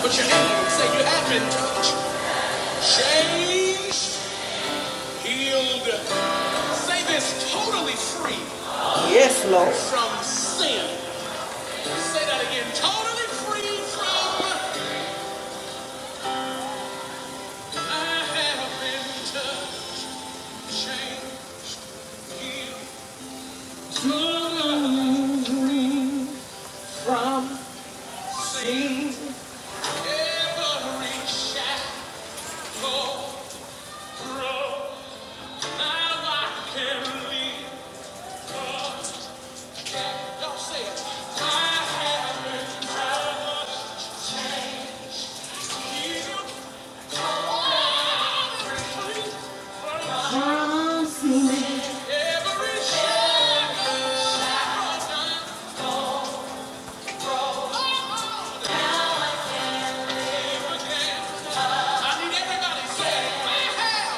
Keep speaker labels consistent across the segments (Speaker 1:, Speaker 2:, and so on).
Speaker 1: Put your hands, say you have been touched, changed, healed. Say this totally free. Yes, Lord. From sin. Say that again. Totally free from I have been touched, changed, healed. Totally free. Every shackle broke. Now I can live. Y'all say it. Every shackle. I need everybody say it. I have.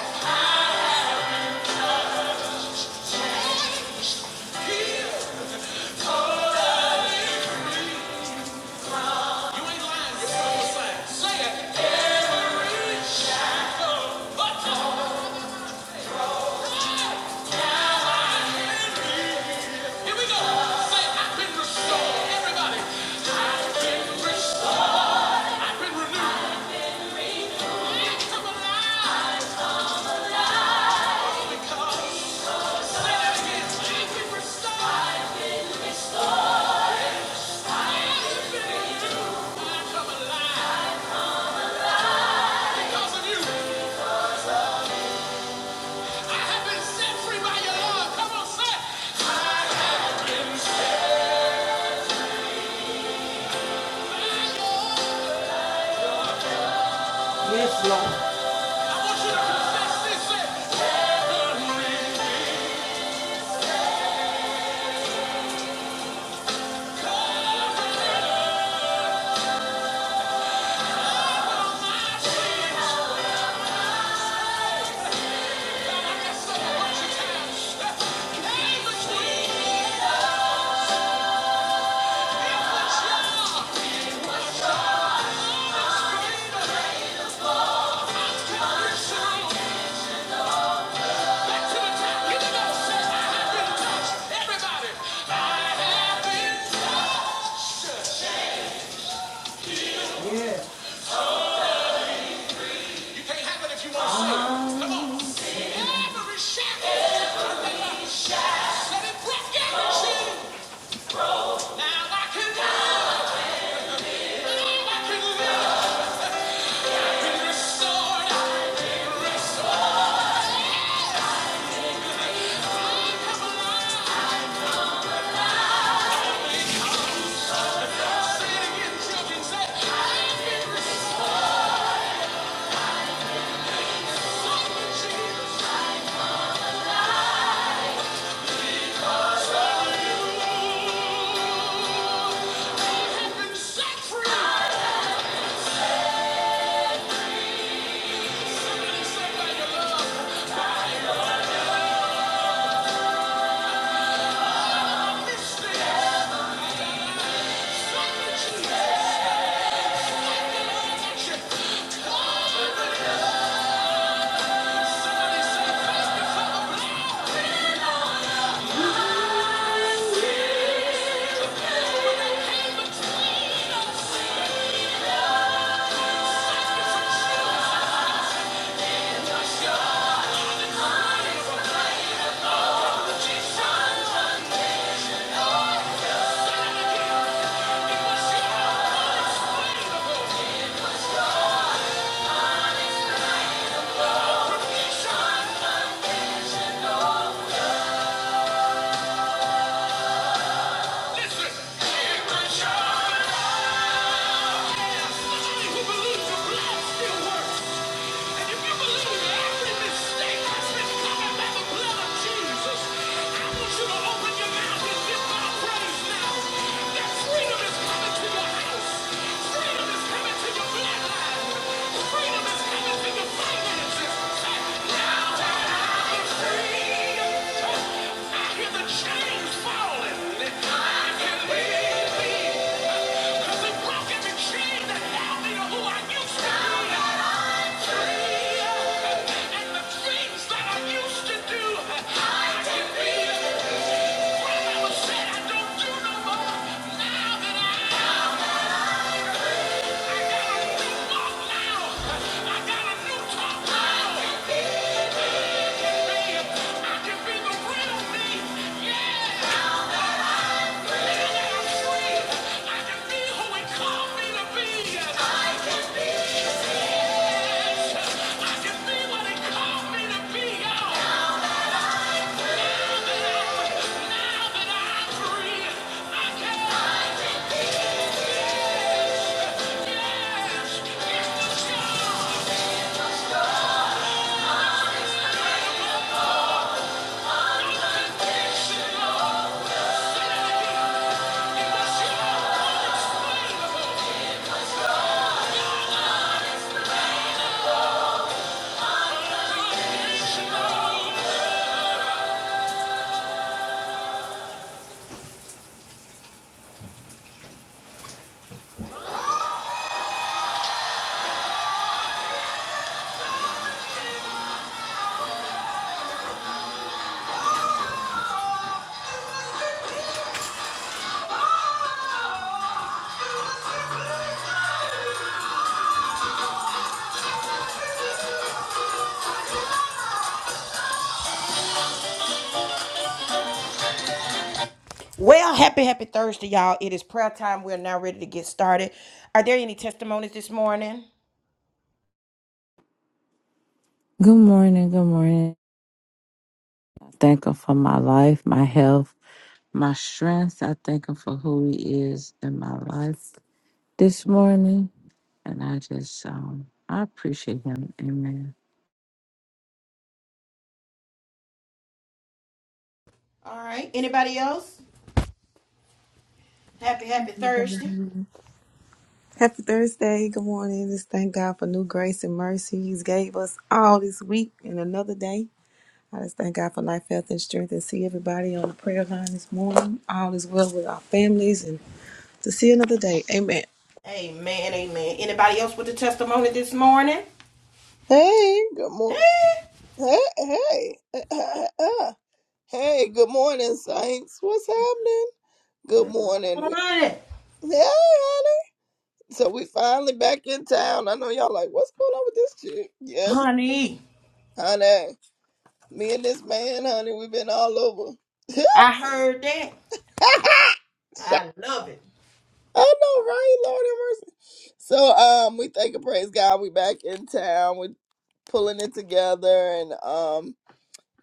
Speaker 1: Yes, Lord. so Set free! Listen. Here we go. I who believes the blood still works. And if you believe every mistake has been covered by the blood of Jesus, I want you to open your mouth and give God praise now. That freedom is coming to your house. Freedom is coming to your bloodline. Freedom is coming to your finances. now that I am free, I hear the chains falling. I can be me. Yeah! I can be who he called me to be. I can be. Well, happy, happy Thursday, y'all. It is prayer time. We are now ready to get started. Are there any testimonies this morning?
Speaker 2: Good morning. Good morning. I thank Him for my life, my health, my strength. I thank Him for who He is in my life this morning. And I just, um, I appreciate Him. Amen.
Speaker 1: All right. Anybody else? Happy, happy Thursday.
Speaker 3: Mm-hmm. Happy Thursday. Good morning. Just thank God for new grace and mercy He's gave us all this week and another day. I just thank God for life, health, and strength and see everybody on the prayer line this morning. All is well with our families and to see another day. Amen.
Speaker 1: Amen, amen. Anybody else with a testimony this morning?
Speaker 4: Hey, good morning. Hey, hey. Uh, uh, uh. hey, good morning, Saints. What's happening? Good morning. We-
Speaker 1: Honey,
Speaker 4: hey, honey. So we finally back in town. I know y'all like, what's going on with this chick? Yes,
Speaker 1: honey,
Speaker 4: honey. Me and this man, honey, we've been all over.
Speaker 1: I heard that.
Speaker 4: Shut-
Speaker 1: I love it.
Speaker 4: I know, right? Lord have mercy. So um, we thank and praise God. We back in town. We pulling it together, and um,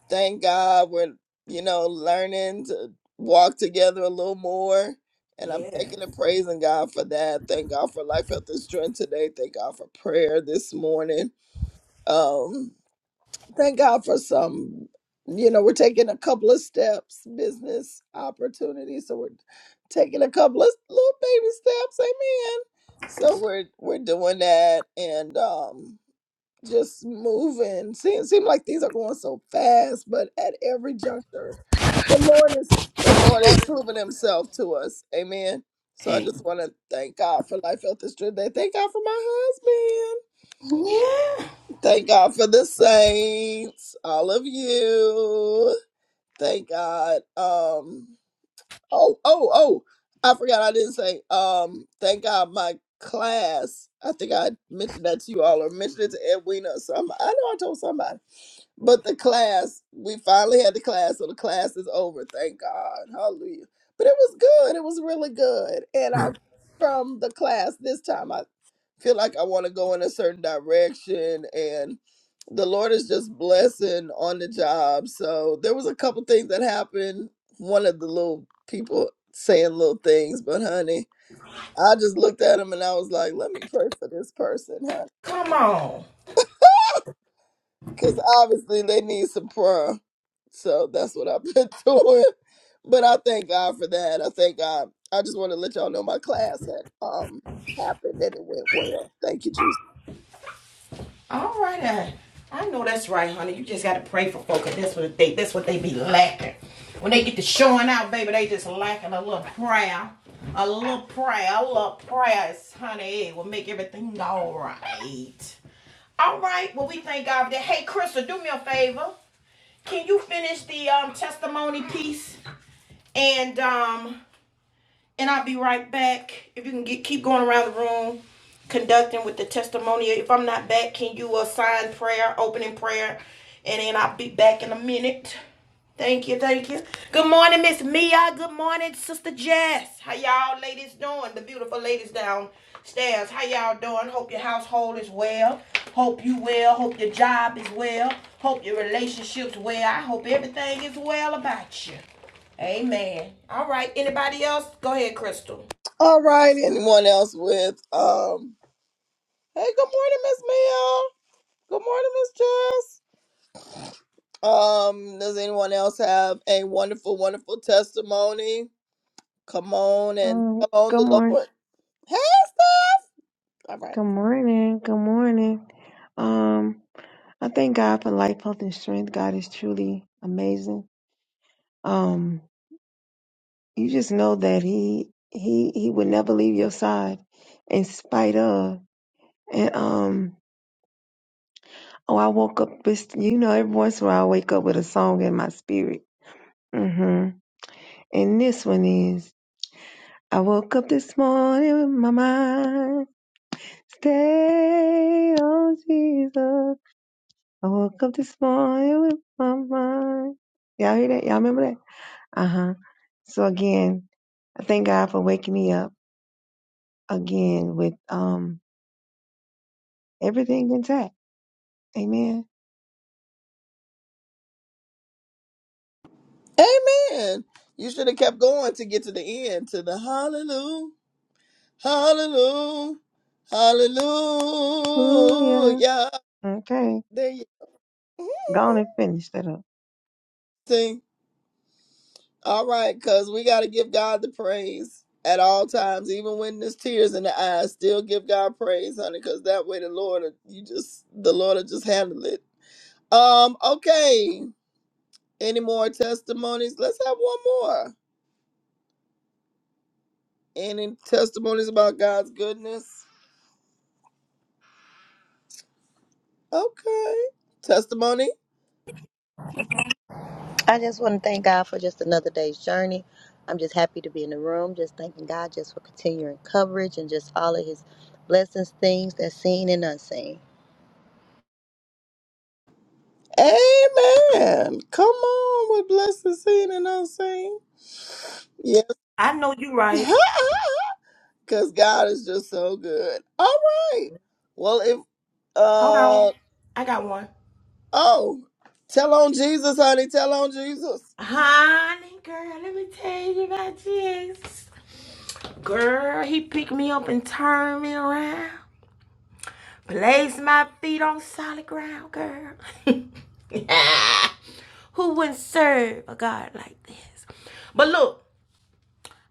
Speaker 4: thank God we're, you know, learning to walk together a little more. And I'm
Speaker 1: Yeah.
Speaker 4: thanking and praising God for that. Thank God for life, health, and strength today. Thank God for prayer this morning. Um, thank God for some, you know, we're taking a couple of steps, business opportunities. So we're taking a couple of little baby steps. Amen. So we're we're doing that. And um just moving. Seem seem like things are going so fast, but at every juncture, the Lord is the Lord is proving Himself to us. Amen. So I just want to thank God for life, health, and strength. Day. Thank God for my husband.
Speaker 1: Yeah.
Speaker 4: Thank God for the saints, all of you. Thank God. Um, Oh, oh, oh. I forgot I didn't say, um, thank God my class, I think I mentioned that to you all or mentioned it to Edwina or something. I know I told somebody. But the class, we finally had the class, so the class is over. Thank God. Hallelujah. But it was good. It was really good. And I from the class this time I feel like I want to go in a certain direction and the Lord is just blessing on the job. So there was a couple things that happened one of the little people saying little things, but honey, I just looked at him and I was like, let me pray for this person, honey.
Speaker 1: Come on.
Speaker 4: Because obviously they need some prayer. So that's what I've been doing. But I thank God for that. I thank God. I just want to let y'all know my class had um happened and it went well. Thank you, Jesus.
Speaker 1: All right, I, I know that's right, honey. You just gotta pray for folk. 'cause That's what they that's what they be lacking. When they get to showing out, baby, they just lacking a little prayer. A little prayer, a little prayer honey, it will make everything all right. All right, well we thank God for that. Hey Crystal, do me a favor. Can you finish the um testimony piece? And um and I'll be right back. If you can get keep going around the room, conducting with the testimony. If I'm not back, can you assign prayer, opening prayer, and then I'll be back in a minute. Thank you, thank you. Good morning, Miss Mia. Good morning, Sister Jess. How y'all ladies doing? The beautiful ladies downstairs. How y'all doing? Hope your household is well. Hope you well. Hope your job is well. Hope your relationships well. I hope everything is well about you. Amen. All right. Anybody else? Go ahead, Crystal.
Speaker 4: All right. Anyone else with um Hey, good morning, Miss Mia. Good morning, Miss Jess. Um, does anyone else have a wonderful, wonderful testimony? Come on and
Speaker 5: Um,
Speaker 4: come on
Speaker 5: good
Speaker 4: the
Speaker 5: morning.
Speaker 4: Lord. Hey, all right.
Speaker 5: Good morning. Good morning. Um, I thank God for life, health, and strength. God is truly amazing. Um, you just know that He He He would never leave your side, in spite of. And um, oh, I woke up. This, you know, every once in a while I wake up with a song in my spirit. hmm And this one is. I woke up this morning with my mind stay on Jesus. I woke up this morning with my mind. Y'all hear that? Y'all remember that? Uh huh. So again, I thank God for waking me up again with um everything intact. Amen.
Speaker 4: Amen. You should have kept going to get to the end, to the hallelujah, hallelujah,
Speaker 5: Ooh
Speaker 4: hallelujah.
Speaker 5: yeah. Okay.
Speaker 4: There you
Speaker 5: Gone and finish that up.
Speaker 4: See, all right, because we got to give God the praise at all times, even when there's tears in the eyes. Still give God praise, honey, because that way the Lord, will- you just the Lord will just handle it. Um, okay. Any more testimonies? Let's have one more. Any testimonies about God's goodness? Okay. Testimony?
Speaker 6: I just want to thank God for just another day's journey. I'm just happy to be in the room, just thanking God just for continuing coverage and just all of his blessings, things that's seen and unseen.
Speaker 4: Amen. Come on with blessed and seen and unseen. Yes.
Speaker 1: I know you right.
Speaker 4: Cause God is just so good. All right. Well, if
Speaker 1: Hold
Speaker 4: uh
Speaker 1: on. I got one.
Speaker 4: oh, tell on Jesus, honey. Tell on Jesus.
Speaker 1: Honey, girl, let me tell you about Jesus. Girl, he picked me up and turned me around. Placed my feet on solid ground, girl. Who wouldn't serve a God like this? But look,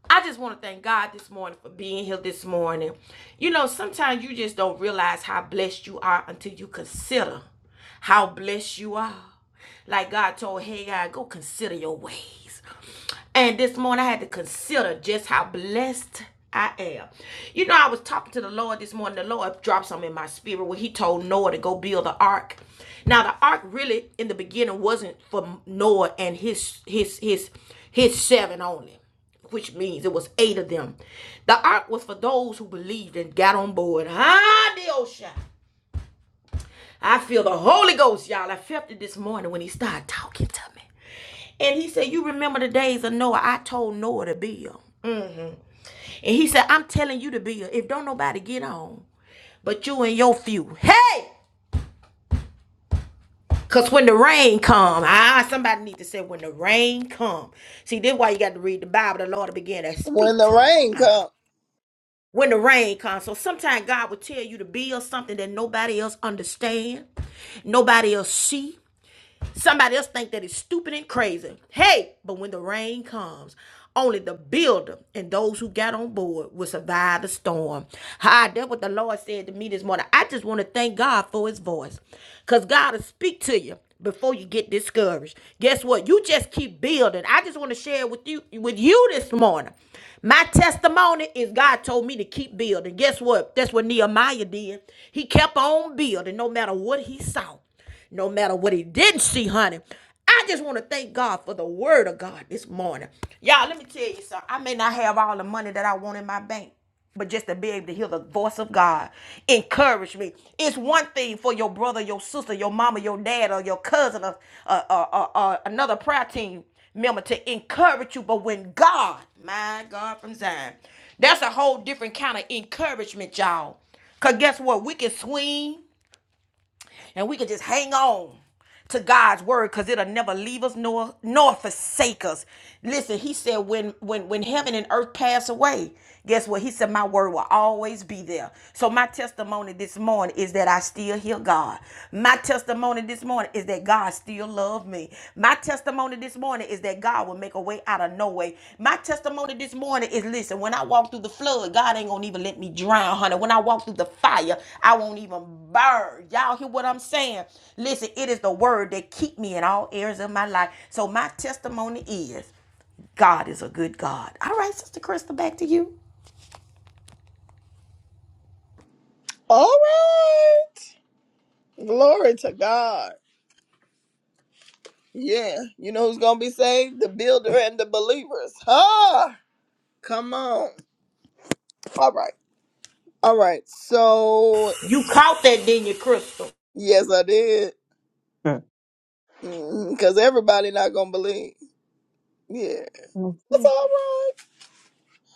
Speaker 1: I just want to thank God this morning for being here this morning. You know, sometimes you just don't realize how blessed you are until you consider how blessed you are. Like God told Haggai, go consider your ways. And this morning I had to consider just how blessed I am. You know, I was talking to the Lord this morning. The Lord dropped something in my spirit when He told Noah to go build the ark. Now, the ark really in the beginning wasn't for Noah and his his his his seven only which means it was eight of them. The ark was for those who believed and got on board. Ah, the ocean. I feel the Holy Ghost, y'all. I felt it this morning when he started talking to me. And he said, You remember the days of Noah? I told Noah to build. And he said, I'm telling you to build. If don't nobody get on, but you and your few. Hey! Cause when the rain come, ah, somebody need to say when the rain come. See, this is why you got to read the Bible. The Lord will begin to
Speaker 4: When
Speaker 1: speak
Speaker 4: the
Speaker 1: to you.
Speaker 4: rain
Speaker 1: Uh-huh.
Speaker 4: comes.
Speaker 1: when the rain comes. So sometimes God will tell you to build something that nobody else understand, nobody else see. Somebody else think that it's stupid and crazy. Hey, but when the rain comes, only the builder and those who got on board will survive the storm. Hi, that's what the Lord said to me this morning. I just want to thank God for his voice. Because God will speak to you before you get discouraged. Guess what? You just keep building. I just want to share with you with you this morning. My testimony is God told me to keep building. Guess what? That's what Nehemiah did. He kept on building no matter what he saw no matter what he didn't see, honey. I just want to thank God for the word of God this morning. Y'all, let me tell you something. I may not have all the money that I want in my bank, but just to be able to hear the voice of God encourage me. It's one thing for your brother, your sister, your mama, your dad, or your cousin, or, or, or, or or another prayer team member to encourage you, but when God, my God from Zion, that's a whole different kind of encouragement, y'all. Because guess what? We can swing and we can just hang on to God's word because it'll never leave us nor nor forsake us. Listen, he said when when when heaven and earth pass away, guess what? He said my word will always be there. So my testimony this morning is that I still hear God. My testimony this morning is that God still loves me. My testimony testimony this morning is that God will make a way out of no way. My testimony this morning is listen, when I walk through the flood, God ain't gonna even let me drown, honey. When I walk through the fire, I won't even burn. Y'all hear what I'm saying? Listen, it is the word that keep me in all areas of my life. So my testimony is God is a good God. All right, Sister Crystal, back to you.
Speaker 4: All right. Glory to God. Yeah, you know who's gonna be saved? The builder and the believers. Huh? Come on. All right. All right. So
Speaker 1: You caught that, didn't you, Crystal?
Speaker 4: yes, I did.
Speaker 5: Huh.
Speaker 4: Because everybody not gonna believe. Yeah, that's
Speaker 5: Okay.
Speaker 4: all right.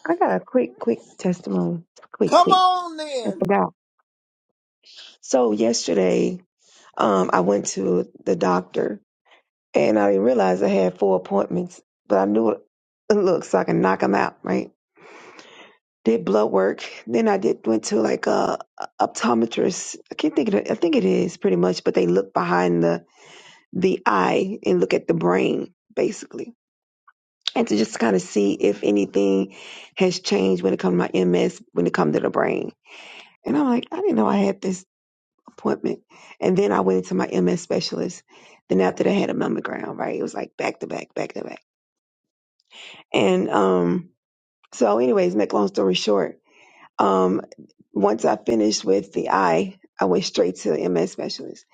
Speaker 5: I got a quick, quick testimony. Quick,
Speaker 4: Come
Speaker 5: quick.
Speaker 4: on
Speaker 5: I
Speaker 4: then.
Speaker 5: forgot. So yesterday, um, I went to the doctor and I didn't realize I had four appointments, but I knew it. Look, so I can knock them out, right? did blood work. Then I did went to like a, a optometrist. I can't think of it. I think it is pretty much, but they look behind the the eye and look at the brain basically, and to just kind of see if anything has changed when it comes to my MS when it comes to the brain. And I'm like, I didn't know I had this appointment. And then I went into my MS specialist. Then after that, I had a mammogram. Right, it was like back to back, back to back. And um, so, anyways, make long story short, um, once I finished with the eye, I went straight to the MS specialist.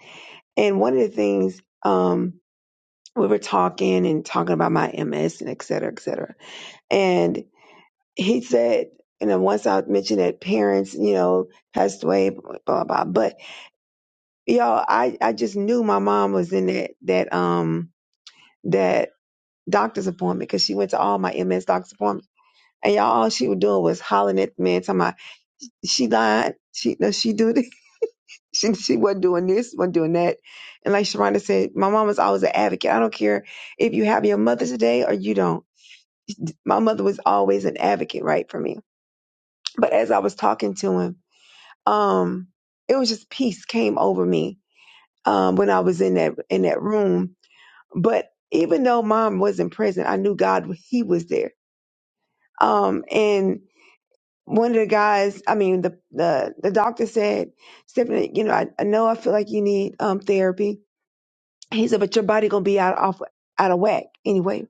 Speaker 5: And one of the things um, we were talking and talking about my MS and et cetera, et cetera. And he said, and then once I mentioned that parents, you know, passed away, blah blah. blah. But y'all, I I just knew my mom was in that that um that doctor's appointment because she went to all my MS doctor's appointments. And y'all, all she was doing was hollering at the man, talking about she lied, she no, she do this. She, she wasn't doing this, wasn't doing that. And like Sharonda said, my mom was always an advocate. I don't care if you have your mother today or you don't. My mother was always an advocate, right, for me. But as I was talking to him, um, it was just peace came over me um, when I was in that in that room. But even though mom wasn't present, I knew God He was there. Um, and one of the guys, I mean, the the, the doctor said, Stephanie, you know, I, I know I feel like you need um, therapy He said, but your body gonna be out off out of whack anyway,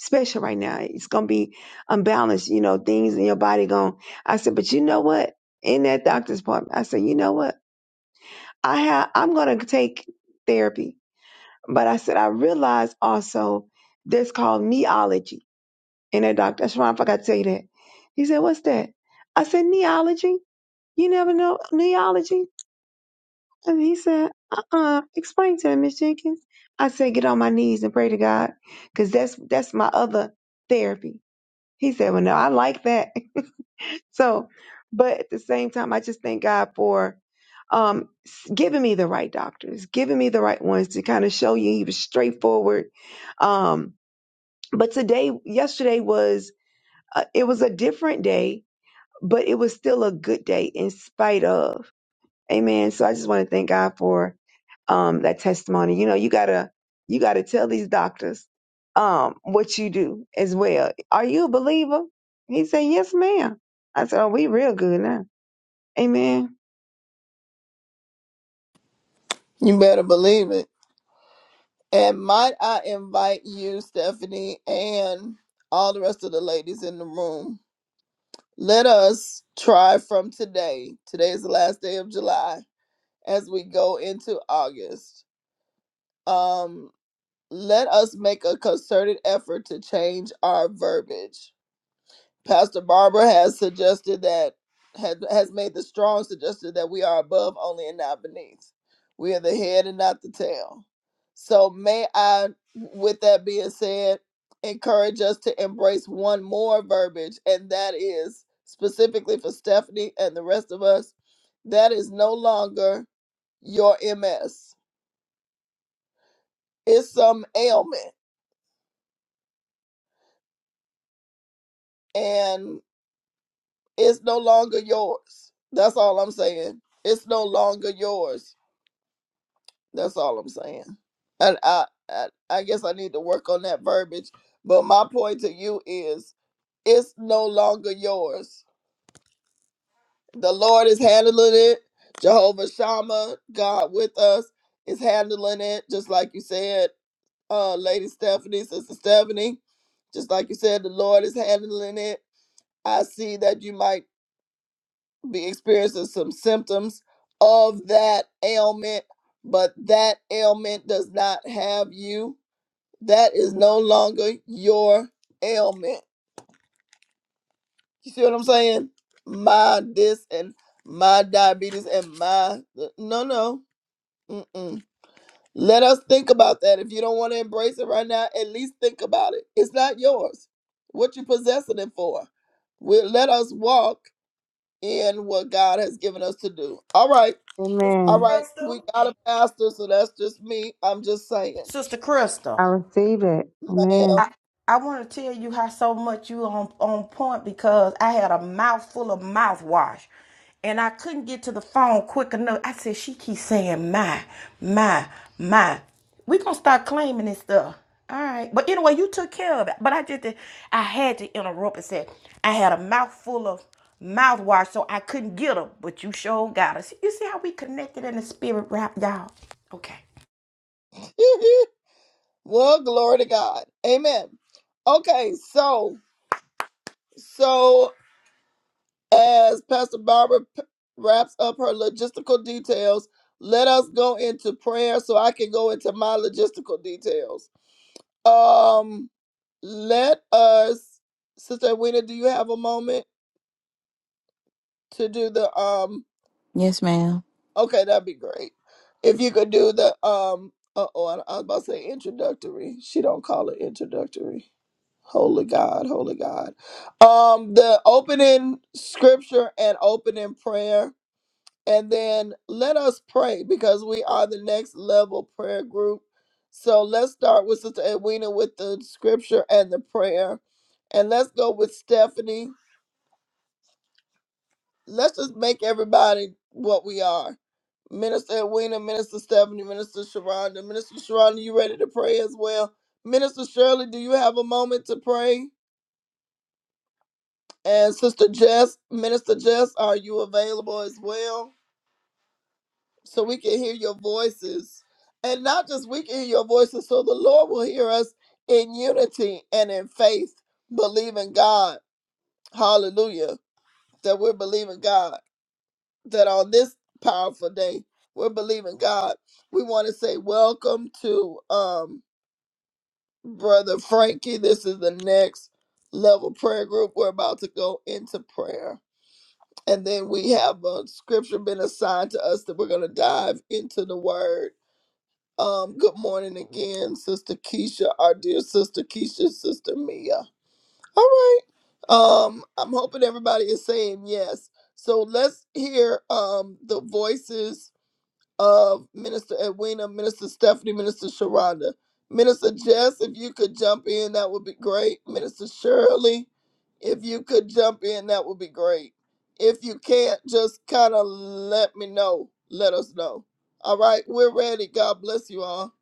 Speaker 5: especially right now. It's gonna be unbalanced, you know, things in your body going. I said, but you know what? In that doctor's appointment, I said, you know what? I have I'm gonna take therapy. But I said, I realized also this called neology in that doctor. That's why I forgot to tell you that. He said, What's that? I said, Neology? You never know neology? And he said, uh-uh, explain to him, Miss Jenkins. I said, get on my knees and pray to God, because that's that's my other therapy. He said, well, no, I like that. so, but at the same time, I just thank God for um, s- giving me the right doctors, giving me the right ones to kind of show you he was straightforward. Um, but today, yesterday was, uh, it was a different day, but it was still a good day in spite of. Amen. So I just want to thank God for um, that testimony. You know, you gotta you gotta tell these doctors um, what you do as well. Are you a believer? He said, Yes, ma'am. I said, Oh, we real good now. Amen.
Speaker 4: You better believe it. And might I invite you, Stephanie, and all the rest of the ladies in the room. Let us try from today. Today is the last day of July as we go into August. um. let us make a concerted effort to change our verbiage. Pastor Barbara has suggested that has, has made the strong suggestion that we are above only and not beneath. We are the head and not the tail. So may I, with that being said, encourage us to embrace one more verbiage, and that is specifically for Stephanie and the rest of us. That is no longer your MS. It's some ailment. And It's no longer yours. That's all I'm saying. It's no longer yours. That's all I'm saying. And I, I, I guess I need to work on that verbiage. But my point to you is, it's no longer yours. The Lord is handling it. Jehovah Shammah, God with us, is handling it. Just like you said, uh, Lady Stephanie, Sister Stephanie, just like you said, the Lord is handling it. I see that you might be experiencing some symptoms of that ailment, but that ailment does not have you. That is no longer your ailment. You see what I'm saying? My this and my diabetes and my no no. Mm-mm. Let us think about that. If you don't want to embrace it right now, at least think about it. It's not yours. What you possessing it for? We let us walk in what God has given us to do. All right.
Speaker 1: Sister
Speaker 4: All
Speaker 5: Amen.
Speaker 4: right, we
Speaker 1: Crystal.
Speaker 4: got a pastor, so that's just me. I'm just saying,
Speaker 1: Sister
Speaker 5: I
Speaker 1: Crystal.
Speaker 5: receive it. Amen.
Speaker 1: I
Speaker 4: ma'am.
Speaker 1: I want to tell you how so much you on on point because I had a mouthful of mouthwash, and I couldn't get to the phone quick enough. I said she keeps saying my my my. We gonna start claiming this stuff. All right, but anyway, you took care of it. But I just I had to interrupt and said I had a mouthful of mouthwash, so I couldn't get her. But you sure got us. You see how we connected in the spirit, rap, y'all. Okay,
Speaker 4: well, glory to God. Amen. Okay, so so as Pastor Barbara p- wraps up her logistical details, let us go into prayer so I can go into my logistical details. Um, let us, Sister Wina, do you have a moment to do the um
Speaker 2: Yes, ma'am.
Speaker 4: Okay, that'd be great. If you could do the um uh oh I I was about to say introductory. She don't call it introductory. Holy God, holy God. Um the opening scripture and opening prayer and then let us pray because we are the next level prayer group. So let's start with Sister Edwina with the scripture and the prayer. And let's go with Stephanie let's just make everybody what we are. Minister Edwina, Minister Stephanie, Minister Sharonda. Minister Sharonda, you ready to pray as well? Minister Shirley, do you have a moment to pray? And Sister Jess, Minister Jess, are you available as well? So we can hear your voices. And not just we can hear your voices, so the Lord will hear us in unity and in faith, believing God. Hallelujah. That we're believing God. that on this powerful day we're believing God. We want to say welcome to um brother Frankie. This is the next level prayer group. We're about to go into prayer. And then we have a scripture been assigned to us that we're going to dive into the word. Um, good morning again, Sister Keisha, our dear Sister Keisha, Sister Mia. All right. Um, I'm hoping everybody is saying yes. So let's hear um the voices of Minister Edwina, Minister Stephanie, Minister Sharonda. Minister Jess, if you could jump in, that would be great. Minister Shirley, if you could jump in, that would be great. If you can't, just kind of let me know. Let us know. All right, we're ready. God bless you all.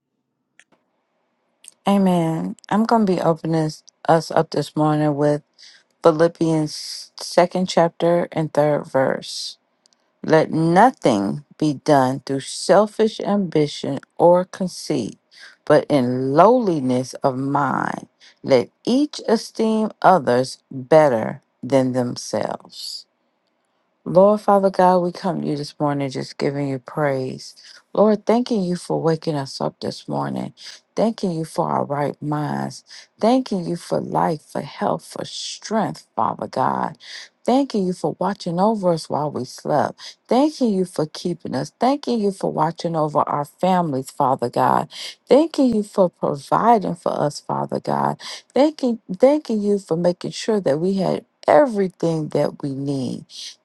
Speaker 2: Amen. I'm going to be opening us us up this morning with Philippians second chapter and third verse. Let nothing be done through selfish ambition or conceit, but in lowliness of mind, let each esteem others better than themselves. Lord Father God, we come to you this morning just giving you praise. Lord, thanking you for waking us up this morning. Thanking you for our right minds. Thanking you for life, for health, for strength, Father God. Thanking you for watching over us while we slept. Thanking you for keeping us. Thanking you for watching over our families, Father God. Thanking you for providing for us, Father God. Thanking, thanking you for making sure that we had everything that we need.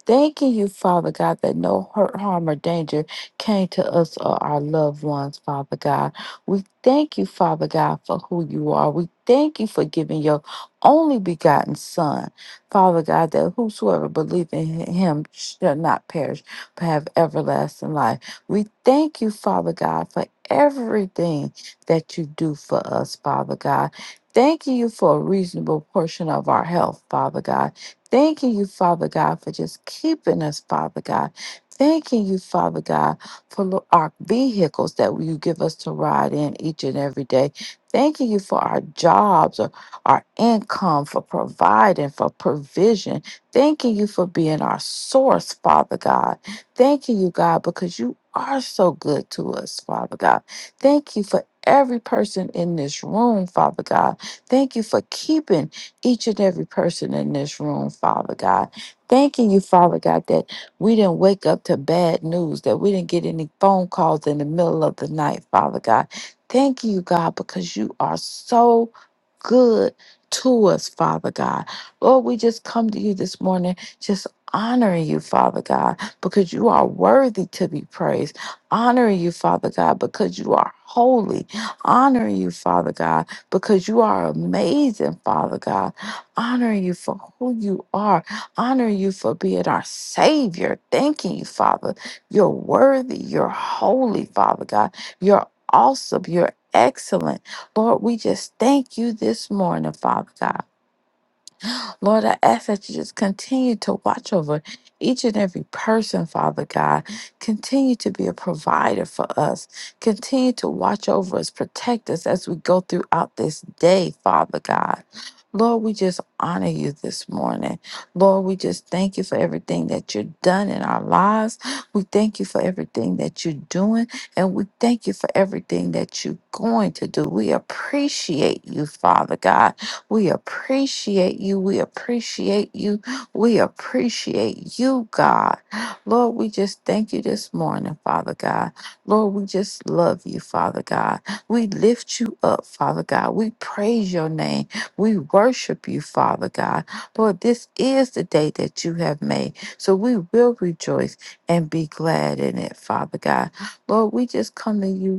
Speaker 2: Thanking you, Father God, that no hurt, harm, or danger came to us or our loved ones, Father God. We thank you, Father God, for who you are. We thank you for giving your only begotten Son, Father God, that whosoever believes in him shall not perish but have everlasting life. We thank you, Father God, for everything that you do for us, Father God. Thank you for a reasonable portion of our health, Father God. Thanking you, Father God, for just keeping us, Father God. Thanking you, Father God, for lo- our vehicles that you give us to ride in each and every day. Thanking you for our jobs, or our income, for providing, for provision. Thanking you for being our source, Father God. Thanking you, God, because you are so good to us, Father God. Thank you for every person in this room, Father God. Thank you for keeping each and every person in this room, Father God. Thanking you, Father God, that we didn't wake up to bad news, that we didn't get any phone calls in the middle of the night, Father God. Thank you, God, because you are so good to us, Father God. Lord, we just come to you this morning, just honoring you, Father God, because you are worthy to be praised. Honoring you, Father God, because you are holy. Honoring you, Father God, because you are amazing, Father God honor you for who you are, honor you for being our Savior. Thanking you, Father. You're worthy, you're holy, Father God. You're awesome, you're excellent. Lord, we just thank you this morning, Father God. Lord, I ask that you just continue to watch over each and every person, Father God. Continue to be a provider for us. Continue to watch over us, protect us as we go throughout this day, Father God. Lord, we just honor you this morning. Lord, we just thank you for everything that you've done in our lives. We thank you for everything that you're doing, and we thank you for everything that you're going to do. We appreciate you, Father God. We appreciate you. We appreciate you. We appreciate you, God. Lord, we just thank you this morning, Father God. Lord, we just love you, Father God. We lift you up, Father God. We praise your name. We worship you, Father God. Lord, this is the day that you have made. So we will rejoice and be glad in it, Father God. Lord, we just come to you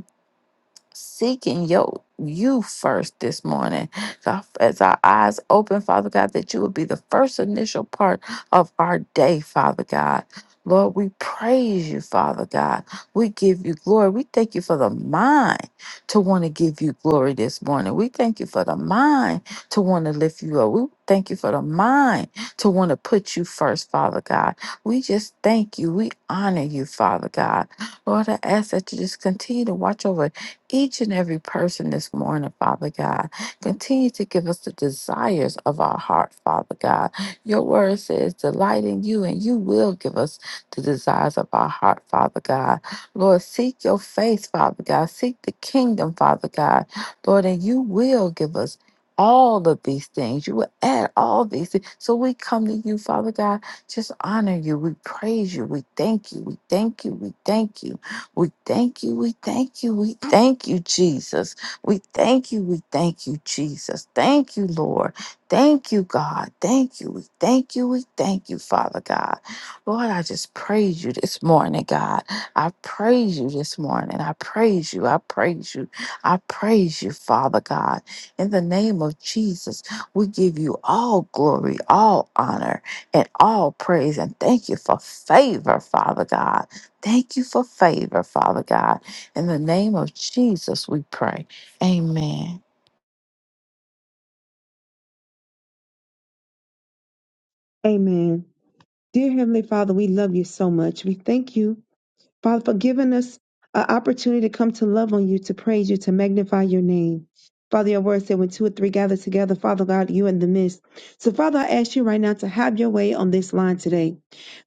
Speaker 2: seeking your you first this morning God, as our eyes open father god that you would be the first initial part of our day father god lord we praise you father god we give you glory we thank you for the mind to want to give you glory this morning we thank you for the mind to want to lift you up we thank you for the mind to want to put you first father god we just thank you we honor you father god lord i ask that you just continue to watch over each and every person this morning, Father God. Continue to give us the desires of our heart, Father God. Your word says, delight in you, and you will give us the desires of our heart, Father God. Lord, seek your face, Father God. Seek the kingdom, Father God. Lord, and you will give us all of these things. You will add all these things. So we come to you, Father God, just honor you. We praise you. We thank you. We thank you. We thank you. We thank you. We thank you. We thank you, Jesus. We thank you. We thank you, Jesus. Thank you, Lord. Thank you, God. Thank you. We thank you. We thank you, Father God. Lord, I just praise you this morning, God. I praise you this morning. I praise you. I praise you. I praise you, Father God. In the name of Jesus, we give you all glory, all honor, and all praise. And thank you for favor, Father God. Thank you for favor, Father God. In the name of Jesus, we pray. Amen.
Speaker 5: Amen. Dear Heavenly Father, we love you so much. We thank you Father, for giving us an opportunity to come to love on you, to praise you, to magnify your name. Father, your word said when two or three gather together, Father God, you in the midst. So, Father, I ask you right now to have your way on this line today.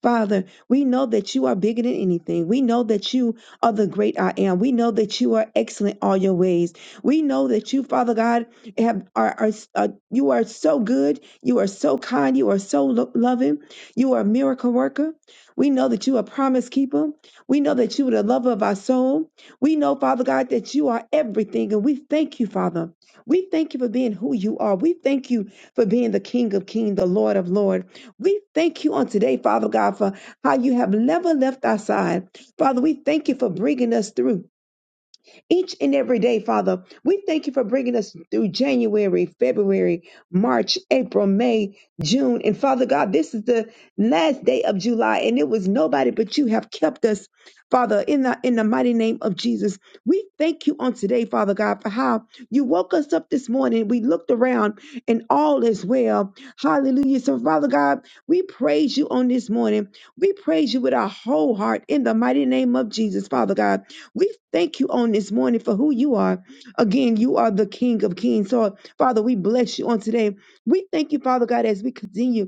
Speaker 5: Father, we know that you are bigger than anything. We know that you are the great I am. We know that you are excellent all your ways. We know that you, Father God, have are, are uh, you are so good. You are so kind. You are so lo- loving. You are a miracle worker. We know that you are a promise keeper. We know that you are the lover of our soul. We know, Father God, that you are everything. And we thank you, Father. We thank you for being who you are. We thank you for being the King of Kings, the Lord of Lords. We thank you on today, Father God, for how you have never left our side. Father, we thank you for bringing us through each and every day, Father. We thank you for bringing us through January, February, March, April, May, June. And Father God, this is the last day of July, and it was nobody but you have kept us, Father, in the, in the mighty name of Jesus. We thank you on today, Father God, for how you woke us up this morning. We looked around, and all is well. Hallelujah. So, Father God, we praise you on this morning. We praise you with our whole heart in the mighty name of Jesus, Father God. We thank you on this morning for who you are. Again, you are the King of Kings. So, Father, we bless you on today. We thank you, Father God, as we continue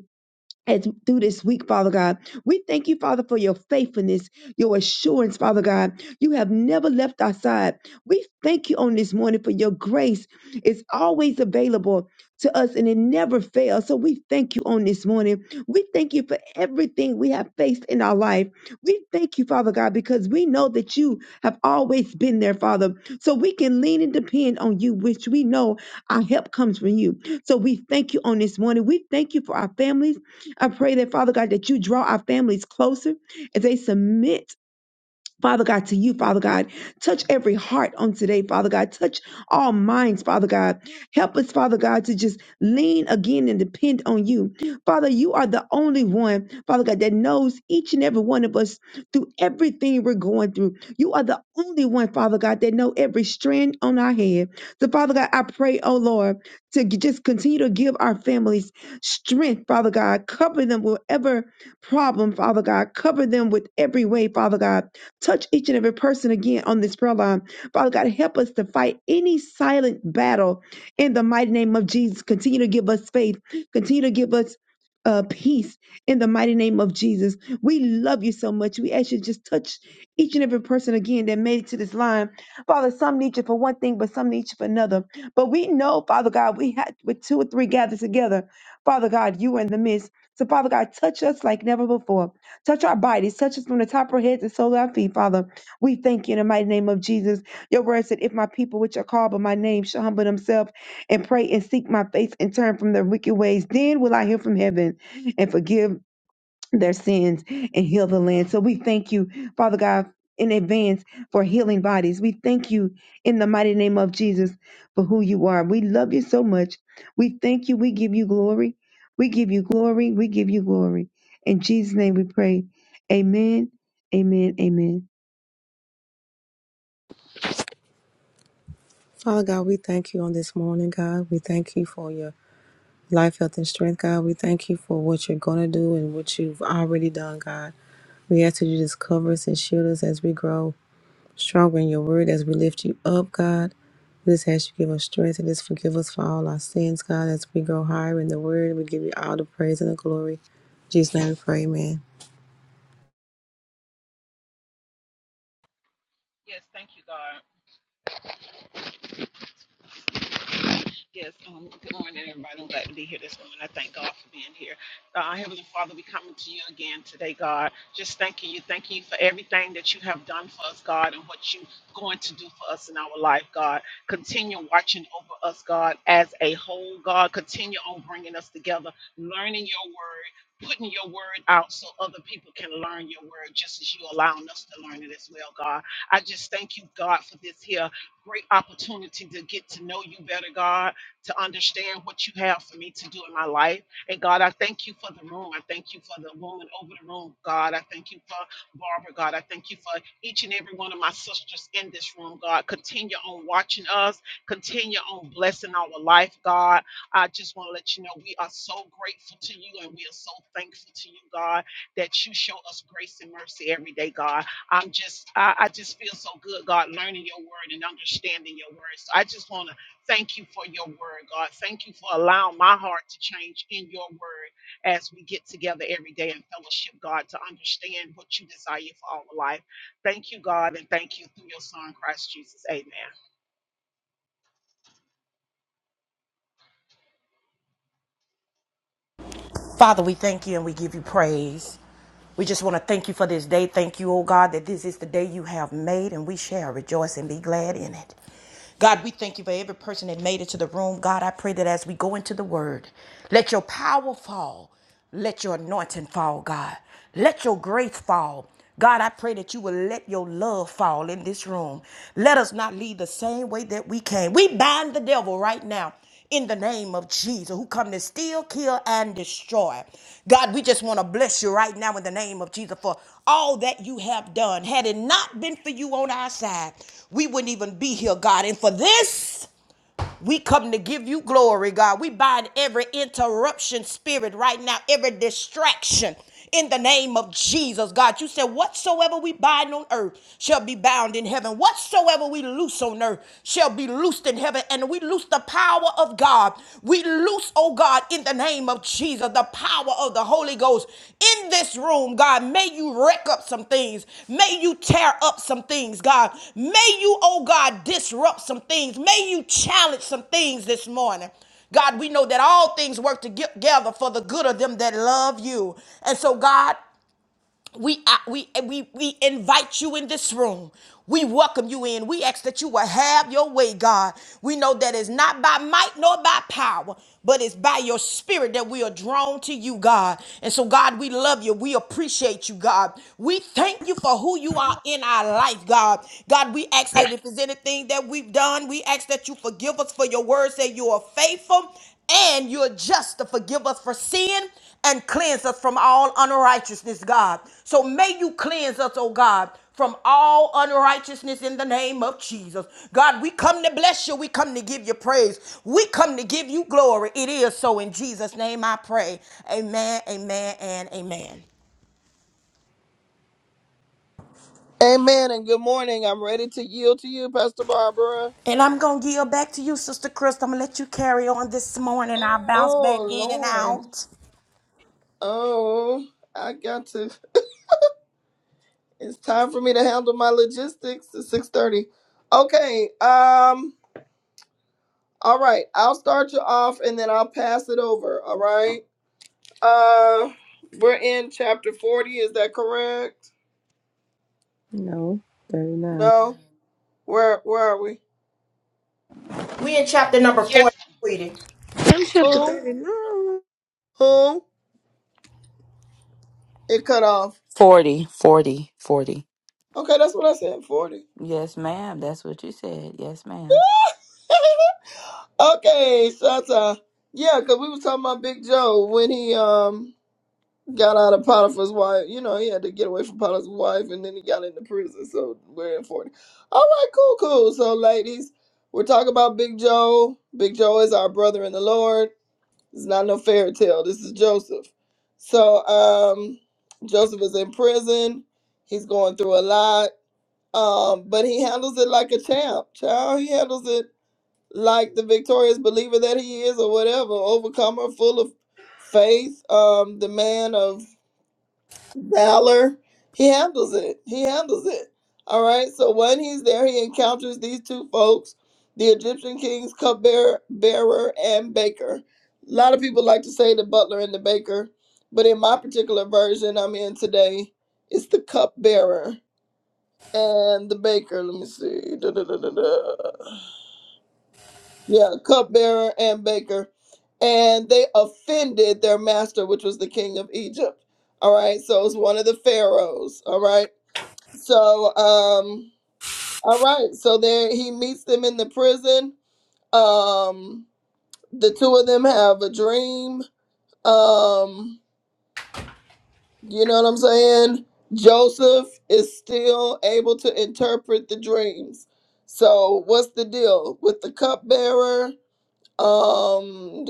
Speaker 5: as through this week, Father God. We thank you, Father, for your faithfulness, your assurance, Father God. You have never left our side. We thank you on this morning for your grace. It's always available to us and it never fails. So we thank you on this morning. We thank you for everything we have faced in our life. We thank you, Father God, because we know that you have always been there, Father. So we can lean and depend on you, which we know our help comes from you. So we thank you on this morning. We thank you for our families. I pray that, Father God, that you draw our families closer as they submit Father God, to you, Father God. Touch every heart on today, Father God. Touch all minds, Father God. Help us, Father God, to just lean again and depend on you. Father, you are the only one, Father God, that knows each and every one of us through everything we're going through. You are the only one, Father God, that know every strand on our head. So, Father God, I pray, oh Lord, to g- just continue to give our families strength, Father God. Cover them with every problem, Father God. Cover them with every way, Father God. Touch each and every person again on this prayer line. Father God, help us to fight any silent battle in the mighty name of Jesus. Continue to give us faith. Continue to give us uh, peace in the mighty name of Jesus. We love you so much. We ask you to just touch each and every person again that made it to this line. Father, some need you for one thing, but some need you for another. But we know, Father God, we had with two or three gathered together. Father God, you are in the midst. So, Father God, touch us like never before. Touch our bodies. Touch us from the top of our heads and sole of our feet, Father. We thank you in the mighty name of Jesus. Your word said, If my people which are called by my name shall humble themselves and pray and seek my face and turn from their wicked ways, then will I hear from heaven and forgive their sins and heal the land. So we thank you, Father God, in advance for healing bodies. We thank you in the mighty name of Jesus for who you are. We love you so much. We thank you. We give you glory. We give you glory. We give you glory. In Jesus' name we pray. Amen. Amen. Amen.
Speaker 3: Father God, we thank you on this morning, God. We thank you for your life, health, and strength, God. We thank you for what you're going to do and what you've already done, God. We ask that you just cover us and shield us as we grow. stronger in your word as we lift you up, God. We just ask you to give us strength and just forgive us for all our sins, God, as we go higher in the word. We give you all the praise and the glory. In Jesus' name we pray, amen.
Speaker 7: Yes, thank you, God. Yes, um, good morning, everybody. I'm glad to be here this morning. I thank God for being here. Uh, Heavenly Father, we coming to you again today, God. Just thanking you, thanking you for everything that you have done for us, God, and what you're going to do for us in our life, God. Continue watching over us, God, as a whole, God. Continue on bringing us together, learning your word, putting your word out so other people can learn your word just as you allowing us to learn it as well, God. I just thank you, God, for this here great opportunity to get to know you better, God to understand what you have for me to do in my life. And God, I thank you for the room. I thank you for the woman over the room. God, I thank you for Barbara. God, I thank you for each and every one of my sisters in this room. God, continue on watching us, continue on blessing our life. God, I just want to let you know we are so grateful to you and we are so thankful to you, God, that you show us grace and mercy every day, God. I'm just, I, I just feel so good, God, learning your word and understanding your word. So I just want to Thank you for your word, God. Thank you for allowing my heart to change in your word as we get together every day in fellowship, God, to understand what you desire for our life. Thank you, God, and thank you through your son, Christ Jesus. Amen.
Speaker 1: Father, we thank you and we give you praise. We just want to thank you for this day. Thank you, oh God, that this is the day you have made and we shall rejoice and be glad in it. God, we thank you for every person that made it to the room. God, I pray that as we go into the word, let your power fall. Let your anointing fall, God. Let your grace fall. God, I pray that you will let your love fall in this room. Let us not leave the same way that we came. We bind the devil right now in the name of Jesus who come to steal, kill, and destroy. God, we just want to bless you right now in the name of Jesus for all that you have done. Had it not been for you on our side, we wouldn't even be here, God. And for this, we come to give you glory, God. We bind every interruption spirit right now, every distraction in the name of Jesus, God. You said, Whatsoever we bind on earth shall be bound in heaven. Whatsoever we loose on earth shall be loosed in heaven. And we loose the power of God. We loose, oh God, in the name name of Jesus, the power of the Holy Ghost in this room, God. May you wreck up some things. May you tear up some things, God. May you, oh God, disrupt some things. May you challenge some things this morning. God, we know that all things work together for the good of them that love you. And so, God, we, uh, we, uh, we, we invite you in this room. We welcome you in. We ask that you will have your way, God. We know that it's not by might nor by power, but it's by your spirit that we are drawn to you, God. And so, God, we love you. We appreciate you, God. We thank you for who you are in our life, God. God, we ask that if there's anything that we've done, we ask that you forgive us for your words, that you are faithful and you're just to forgive us for sin and cleanse us from all unrighteousness, God. So may you cleanse us, oh God. From all unrighteousness in the name of Jesus. God, we come to bless you. We come to give you praise. We come to give you glory. It is so in Jesus' name I pray. Amen, amen, and amen.
Speaker 4: Amen and good morning. I'm ready to yield to you, Pastor Barbara.
Speaker 1: And I'm going to yield back to you, Sister Crystal. I'm going to let you carry on this morning. I'll bounce back
Speaker 4: Oh,
Speaker 1: in and
Speaker 4: Lord.
Speaker 1: out.
Speaker 4: Oh, I got to. It's time for me to handle my logistics. It's six thirty. Okay. Um. All right. I'll start you off, and then I'll pass it over. All right. Uh, we're in chapter forty. Is that correct?
Speaker 3: No, 39.
Speaker 4: No. Where Where are we?
Speaker 1: We in chapter number four,
Speaker 7: Yes,
Speaker 1: sweetie.
Speaker 3: John chapter
Speaker 4: Who?
Speaker 3: 39.
Speaker 4: Who? It cut off.
Speaker 2: 40, 40, 40.
Speaker 4: Okay, that's what I said. Forty.
Speaker 2: Yes, ma'am. That's what you said. Yes, ma'am.
Speaker 4: Okay, Shanta. Yeah, cause we was talking about Big Joe when he um got out of Potiphar's wife. You know, he had to get away from Potiphar's wife, and then he got into prison. So we're in forty. All right, cool, cool. So, ladies, we're talking about Big Joe. Big Joe is our brother in the Lord. It's not no fairy tale. This is Joseph. So, um, Joseph is in prison. He's going through a lot, um, but he handles it like a champ. Child, he handles it like the victorious believer that he is, or whatever, overcomer, full of faith. Um, the man of valor. He handles it. He handles it. All right. So when he's there, he encounters these two folks, the Egyptian king's cupbearer bearer and baker. A lot of people like to say the butler and the baker, but in my particular version I'm in today, it's the cupbearer and the baker. Let me see. Da, da, da, da, da. Yeah, cupbearer and baker. And they offended their master, which was the king of Egypt. All right. So it was one of the pharaohs. All right. So um, all right. So there he meets them in the prison. Um, the two of them have a dream. Um, you know what I'm saying? Joseph is still able to interpret the dreams. So what's the deal with the cupbearer? Um,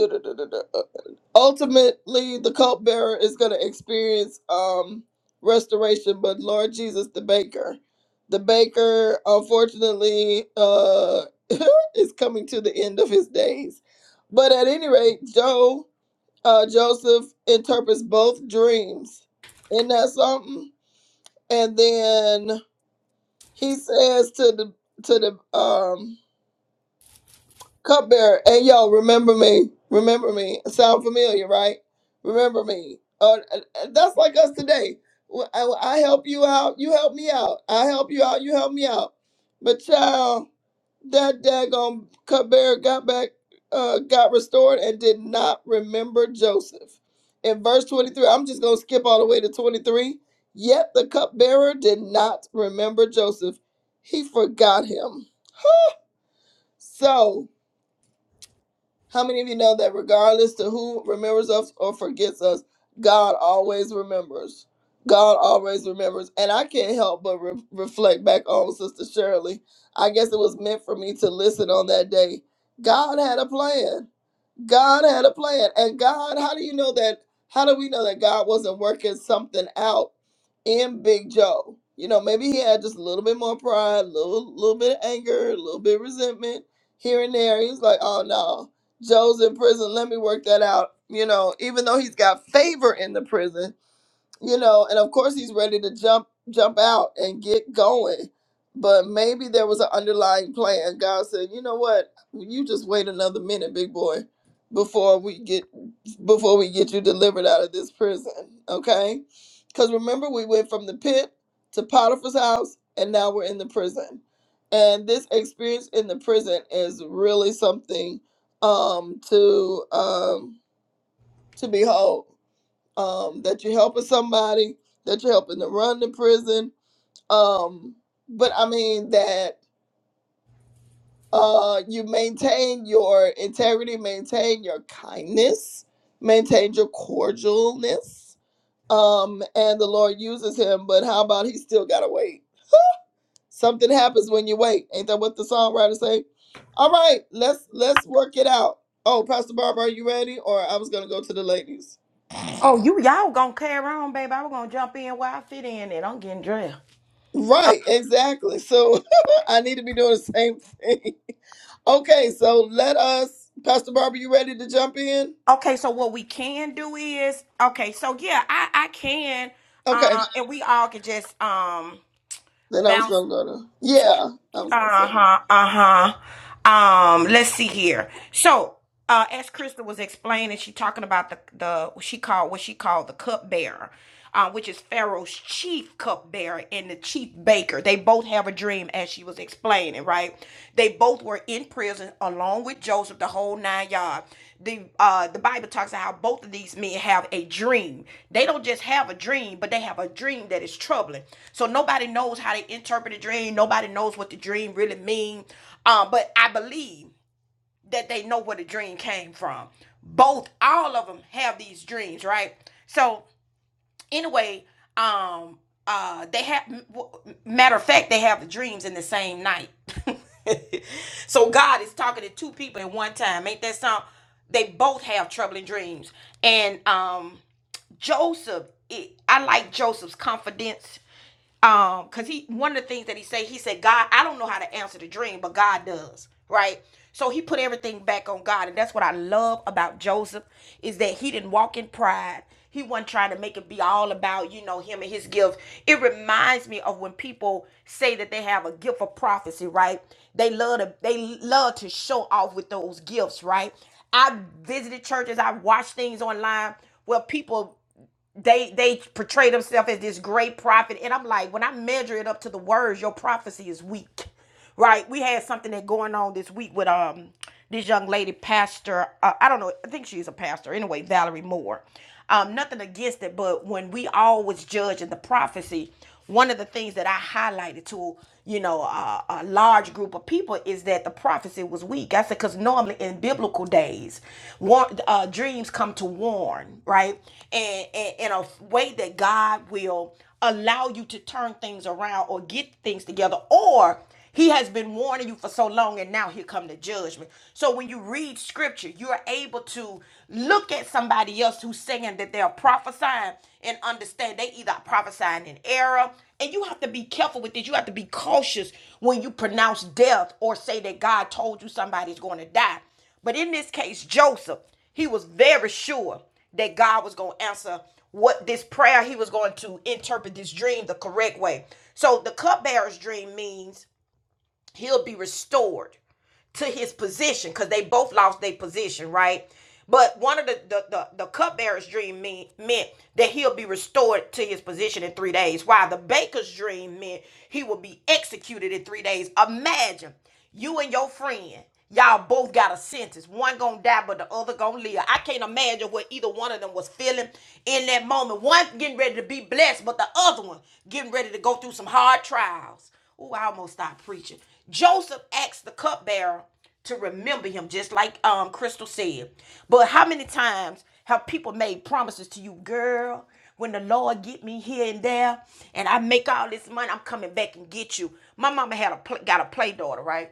Speaker 4: ultimately the cupbearer is going to experience um restoration but lord jesus the baker the baker unfortunately uh is coming to the end of his days but at any rate joe uh joseph interprets both dreams isn't that something and then he says to the to the um cupbearer. Hey, yo, remember me. Remember me. Sound familiar, right? Remember me. Uh, uh, uh, that's like us today. Wh- I, I help you out. You help me out. I help you out. You help me out. But child, that daggone cupbearer got back, uh, got restored and did not remember Joseph. In verse 23, I'm just going to skip all the way to 23. Yet the cupbearer did not remember Joseph. He forgot him. So, how many of you know that regardless to who remembers us or forgets us, God always remembers. God always remembers. And I can't help but re- reflect back on Sister Shirley. I guess it was meant for me to listen on that day. God had a plan. God had a plan. And God, how do you know that? How do we know that God wasn't working something out in Big Joe? You know, maybe he had just a little bit more pride, a little, little bit of anger, a little bit of resentment here and there. He was like, oh no, Joe's in prison. Let me work that out. You know, even though he's got favor in the prison, you know and of course he's ready to jump jump out and get going but maybe there was an underlying plan god said you know what you just wait another minute big boy before we get before we get you delivered out of this prison okay because remember we went from the pit to potiphar's house and now we're in the prison and this experience in the prison is really something um to um to behold um, that you're helping somebody, that you're helping to run the prison. Um, but I mean that uh, you maintain your integrity, maintain your kindness, maintain your cordialness. Um, and the Lord uses him, but how about he still gotta wait? Something happens when you wait. Ain't that what the songwriter say? All right, let's let's work it out. Oh, Pastor Barbara, are you ready? Or I was gonna go to the ladies.
Speaker 1: Oh, you y'all gonna carry on, baby. I'm gonna jump in where I fit in and I'm getting dressed.
Speaker 4: Right, exactly. So I need to be doing the same thing. Okay, so let us, Pastor Barbara, you ready to jump in?
Speaker 1: Okay, so what we can do is okay, so yeah, I I can
Speaker 4: Okay,
Speaker 1: uh and we all can just um
Speaker 4: then I was
Speaker 1: bounce
Speaker 4: gonna go to, yeah, I was gonna say.
Speaker 1: uh-huh, uh-huh. Um let's see here. So, uh as Crystal was explaining, she talking about the the what she called what she called the cupbearer. Uh, which is Pharaoh's chief cupbearer and the chief baker. They both have a dream, as she was explaining, right? They both were in prison along with Joseph, the whole nine yards. The uh the Bible talks about how both of these men have a dream. They don't just have a dream, but they have a dream that is troubling. So nobody knows how they interpret the dream. Nobody knows what the dream really means. Um, but I believe that they know where the dream came from. Both, all of them have these dreams, right? So anyway um uh they have matter of fact they have the dreams in the same night so god is talking to two people at one time ain't that something they both have troubling dreams and um joseph it, i like joseph's confidence um because he one of the things that he said he said god i don't know how to answer the dream but god does right so he put everything back on god and that's what i love about joseph is that he didn't walk in pride he wasn't trying to make it be all about you know him and his gift it reminds me of when people say that they have a gift of prophecy right they love to they love to show off with those gifts right i visited churches i watched things online where people they they portray themselves as this great prophet and i'm like when i measure it up to the words your prophecy is weak right we had something that going on this week with um this young lady pastor uh, i don't know i think she's a pastor anyway valerie moore um nothing against it but when we always judge in the prophecy one of the things that i highlighted to you know, a, a large group of people is that the prophecy was weak. I said, because normally in biblical days, war, uh, dreams come to warn, right? And, and in a way that God will allow you to turn things around or get things together, or he has been warning you for so long, and now here come the judgment. So when you read scripture, you are able to look at somebody else who's saying that they are prophesying and understand they either are prophesying in error. And you have to be careful with this. You have to be cautious when you pronounce death or say that God told you somebody's going to die. But in this case, Joseph, he was very sure that God was going to answer what this prayer. He was going to interpret this dream the correct way. So the cupbearer's dream means he'll be restored to his position because they both lost their position, right? But one of the the the, the cupbearer's dream mean, meant that he'll be restored to his position in three days, while the baker's dream meant he will be executed in three days. Imagine you and your friend. Y'all both got a sentence. One gonna die, but the other gonna live. I can't imagine what either one of them was feeling in that moment. One getting ready to be blessed, but the other one getting ready to go through some hard trials. Ooh, I almost stopped preaching. Joseph asked the cupbearer to remember him, just like um Crystal said. But how many times have people made promises to you, girl? When the Lord get me here and there, and I make all this money, I'm coming back and get you. My mama had a pl- got a play daughter, right?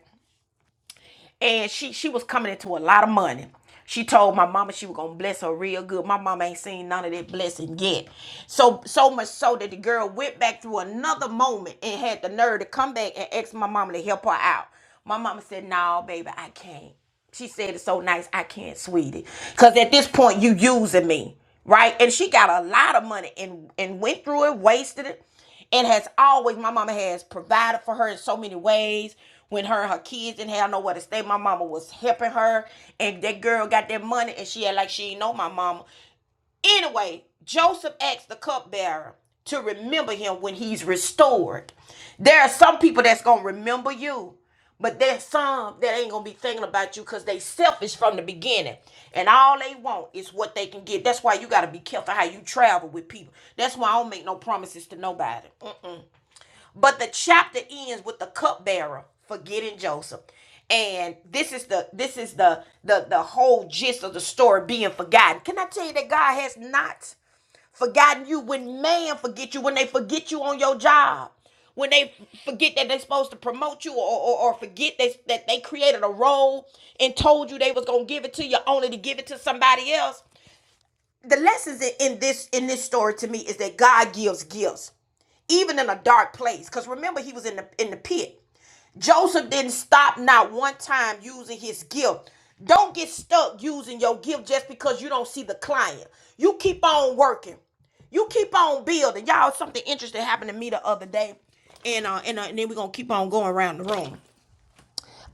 Speaker 1: and she she was coming into a lot of money. She told my mama she was gonna bless her real good. My mama ain't seen none of that blessing yet. So so much so that the girl went back through another moment and had the nerve to come back and ask my mama to help her out. My mama said, "No, baby, I can't." She said it so nice, I can't, sweetie. Cause at this point you using me, right? And she got a lot of money and and went through it, wasted it and has always my mama has provided for her in so many ways when her and her kids didn't have nowhere to stay my mama was helping her and that girl got that money and she had like she ain't know my mama anyway joseph asked the cupbearer to remember him when he's restored there are some people that's gonna remember you but there's some that ain't gonna be thinking about you because they selfish from the beginning. And all they want is what they can get. That's why you gotta be careful how you travel with people. That's why I don't make no promises to nobody. But the chapter ends with the cupbearer forgetting Joseph. And this is the this is the the the whole gist of the story being forgotten. Can I tell you that God has not forgotten you when man forget you, when they forget you on your job, when they forget that they're supposed to promote you or, or, or forget that, that they created a role and told you they was gonna give it to you only to give it to somebody else. The lessons in in this in this story to me is that God gives gifts even in a dark place because remember he was in the in the pit joseph didn't stop not one time using his gift don't get stuck using your gift just because you don't see the client you keep on working you keep on building y'all something interesting happened to me the other day and uh and, uh, and then we're gonna keep on going around the room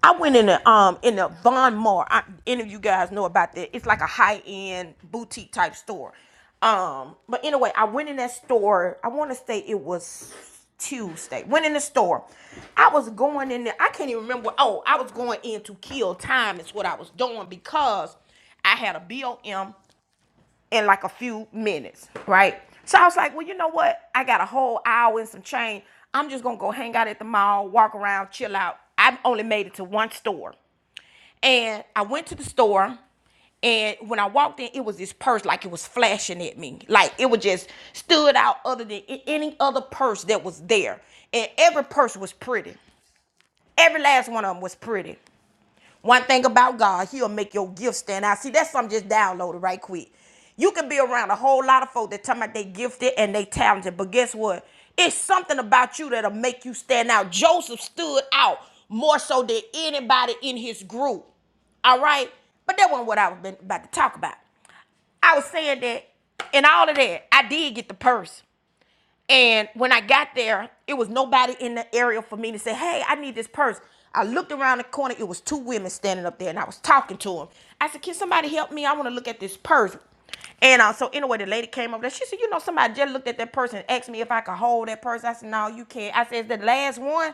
Speaker 1: I went in a um in a Von Maur. I, any of you guys know about that? It's like a high end boutique type store. Um, but anyway, I went in that store. I want to say it was Tuesday. Went in the store. I was going in there. I can't even remember. Oh, I was going in to kill time. Is what I was doing because I had a BOM in like a few minutes, right? So I was like, well, you know what? I got a whole hour and some change. I'm just gonna go hang out at the mall, walk around, chill out. I only made it to one store. And I went to the store and when I walked in, it was this purse like it was flashing at me. Like it was just stood out other than any other purse that was there. And every purse was pretty. Every last one of them was pretty. One thing about God, He'll make your gift stand out. See, that's something just downloaded right quick. You can be around a whole lot of folk that talking about they gifted and they talented, but guess what? It's something about you that'll make you stand out. Joseph stood out more so than anybody in his group. All right? But that wasn't what I was about to talk about. I was saying that in all of that, I did get the purse. And when I got there, it was nobody in the area for me to say, hey, I need this purse. I looked around the corner, it was two women standing up there, and I was talking to them. I said, can somebody help me? I want to look at this purse. And uh, so anyway, the lady came over there. She said, you know, somebody just looked at that purse and asked me if I could hold that purse. I said, no, you can't. I said, is that the last one?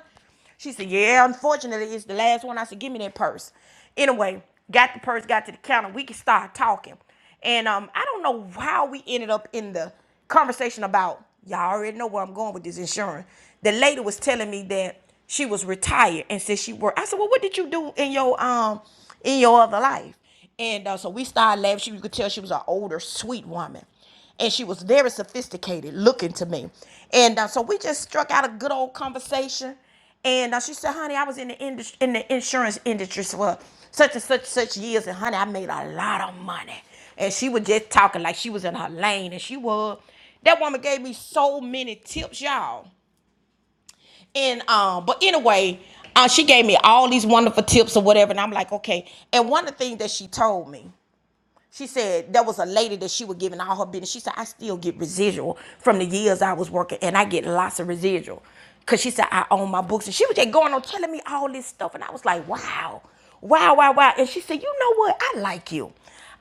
Speaker 1: She said, Yeah, unfortunately, it's the last one. I said, Give me that purse. Anyway, got the purse, got to the counter. We could start talking. And um, I don't know how we ended up in the conversation about y'all already know where I'm going with this insurance. The lady was telling me that she was retired and said she worked. I said, well, what did you do in your um in your other life? And uh, so we started laughing. She, you could tell she was an older, sweet woman and she was very sophisticated looking to me. And uh, so we just struck out a good old conversation. And uh, she said, honey, I was in the industry, in the insurance industry for such and such such years, and honey, I made a lot of money. And she was just talking like she was in her lane, and she was. That woman gave me so many tips, y'all. And um, but anyway, uh, she gave me all these wonderful tips or whatever, and I'm like, okay. And one of the things that she told me. She said there was a lady that she was giving all her business. She said, I still get residual from the years I was working, and I get lots of residual. Cause she said, I own my books. And she was just going on telling me all this stuff. And I was like, wow. Wow, wow, wow. And she said, You know what? I like you.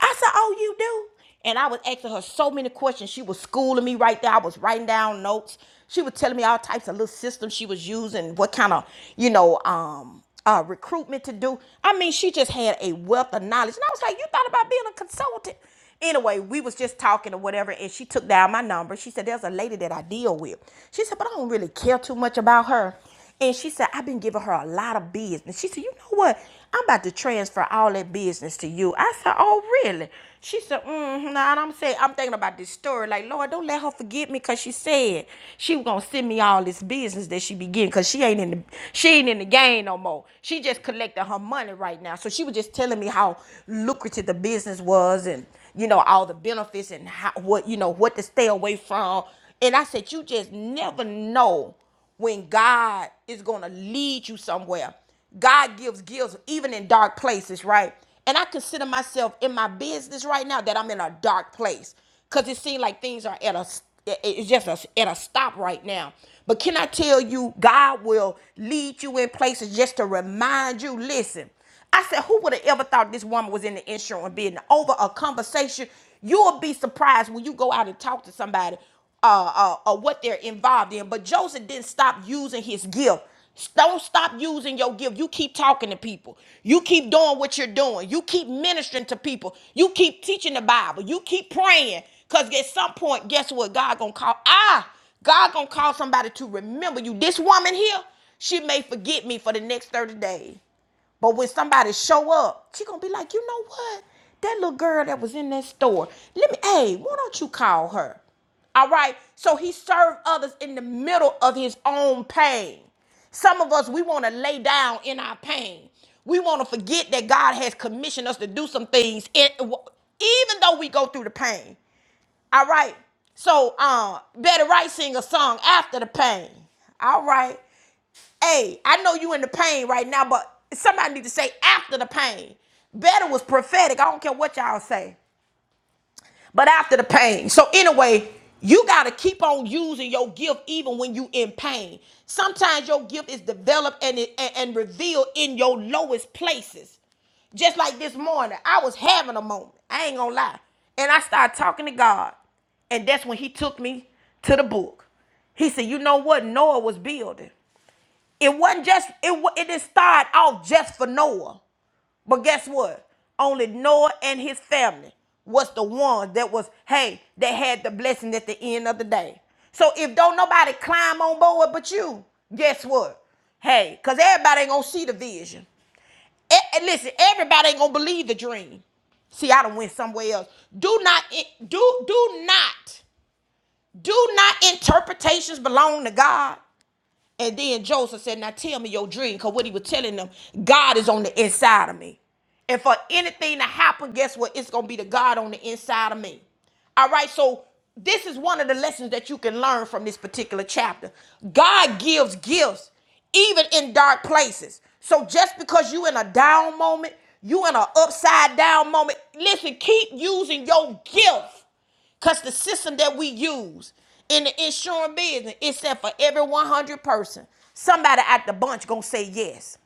Speaker 1: I said, Oh, you do? And I was asking her so many questions. She was schooling me right there. I was writing down notes. She was telling me all types of little systems she was using, what kind of, you know, um, uh, recruitment to do. I mean, she just had a wealth of knowledge. And I was like, you thought about being a consultant? Anyway, we was just talking or whatever, and she took down my number. She said, there's a lady that I deal with. She said, but I don't really care too much about her. And she said, I've been giving her a lot of business. She said, You know what? I'm about to transfer all that business to you. I said, Oh, really? She said, Mm-hmm. And I'm saying, I'm thinking about this story. Like, Lord, don't let her forget me because she said she was gonna send me all this business that she be getting because she ain't in the she ain't in the game no more. She just collecting her money right now. So she was just telling me how lucrative the business was and you know all the benefits and how, what you know what to stay away from. And I said, You just never know when God is going to lead you somewhere. God gives gifts even in dark places, right? And I consider myself in my business right now that I'm in a dark place because it seems like things are at a it- it's just a, at a stop right now. But can I tell you, God will lead you in places just to remind you. Listen, I said, who would have ever thought this woman was in the insurance business over a conversation? You'll be surprised when you go out and talk to somebody uh, uh, uh, what they're involved in. But Joseph didn't stop using his gift. Don't stop using your gift. You keep talking to people. You keep doing what you're doing. You keep ministering to people. You keep teaching the Bible. You keep praying. Cause at some point, guess what? God gonna call. Ah, God gonna call somebody to remember you. This woman here, she may forget me for the next 30 days. But when somebody show up, she gonna be like, you know what? That little girl that was in that store. Let me, hey, why don't you call her? All right. So he served others in the middle of his own pain. Some of us, we want to lay down in our pain. We want to forget that God has commissioned us to do some things, in, even though we go through the pain. All right. So, um, Betty Wright sing a song after the pain. All right. Hey, I know you in the pain right now, but somebody need to say after the pain. Better was prophetic. I don't care what y'all say. But after the pain. So anyway, you gotta keep on using your gift even when you in pain. Sometimes your gift is developed and, it, and, and revealed in your lowest places. Just like this morning, I was having a moment. I ain't gonna lie. And I started talking to God. And that's when he took me to the book. He said, You know what? Noah was building. It wasn't just it. It didn't start off just for Noah. But guess what? Only Noah and his family was the ones that was, hey, they had the blessing at the end of the day. So if don't nobody climb on board but you, guess what? Hey, because everybody ain't gonna see the vision. E- and listen, everybody ain't gonna believe the dream. See, I done went somewhere else. Do not do do not do not interpretations belong to God. And then Joseph said, Now tell me your dream. Because what he was telling them, God is on the inside of me. And for anything to happen, guess what? It's going to be the God on the inside of me. All right, so this is one of the lessons that you can learn from this particular chapter. God gives gifts even in dark places. So just because you in a down moment, you in an upside down moment, listen, keep using your gift because the system that we use in the insurance business is that for every 100 person, somebody out the bunch going to say yes.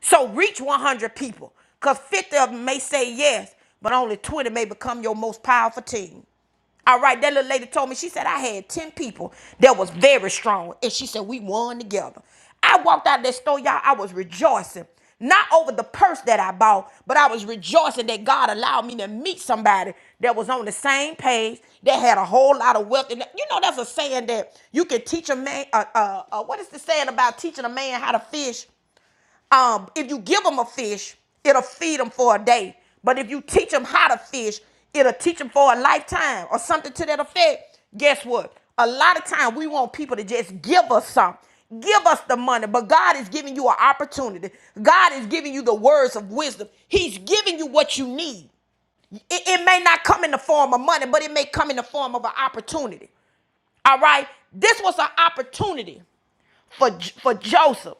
Speaker 1: So reach 100 people because 50 of them may say yes, but only 20 may become your most powerful team. All right, that little lady told me, she said, I had 10 people that was very strong. And she said, we won together. I walked out of that store, y'all, I was rejoicing. Not over the purse that I bought, but I was rejoicing that God allowed me to meet somebody that was on the same page, that had a whole lot of wealth. And you know, that's a saying that you can teach a man, uh, uh, uh, what is the saying about teaching a man how to fish? um, if you give them a fish, it'll feed them for a day. But if you teach them how to fish, it'll teach them for a lifetime or something to that effect. Guess what? A lot of time we want people to just give us some. Give us the money, but God is giving you an opportunity. God is giving you the words of wisdom. He's giving you what you need. It, it may not come in the form of money, but it may come in the form of an opportunity. All right? This was an opportunity for, for Joseph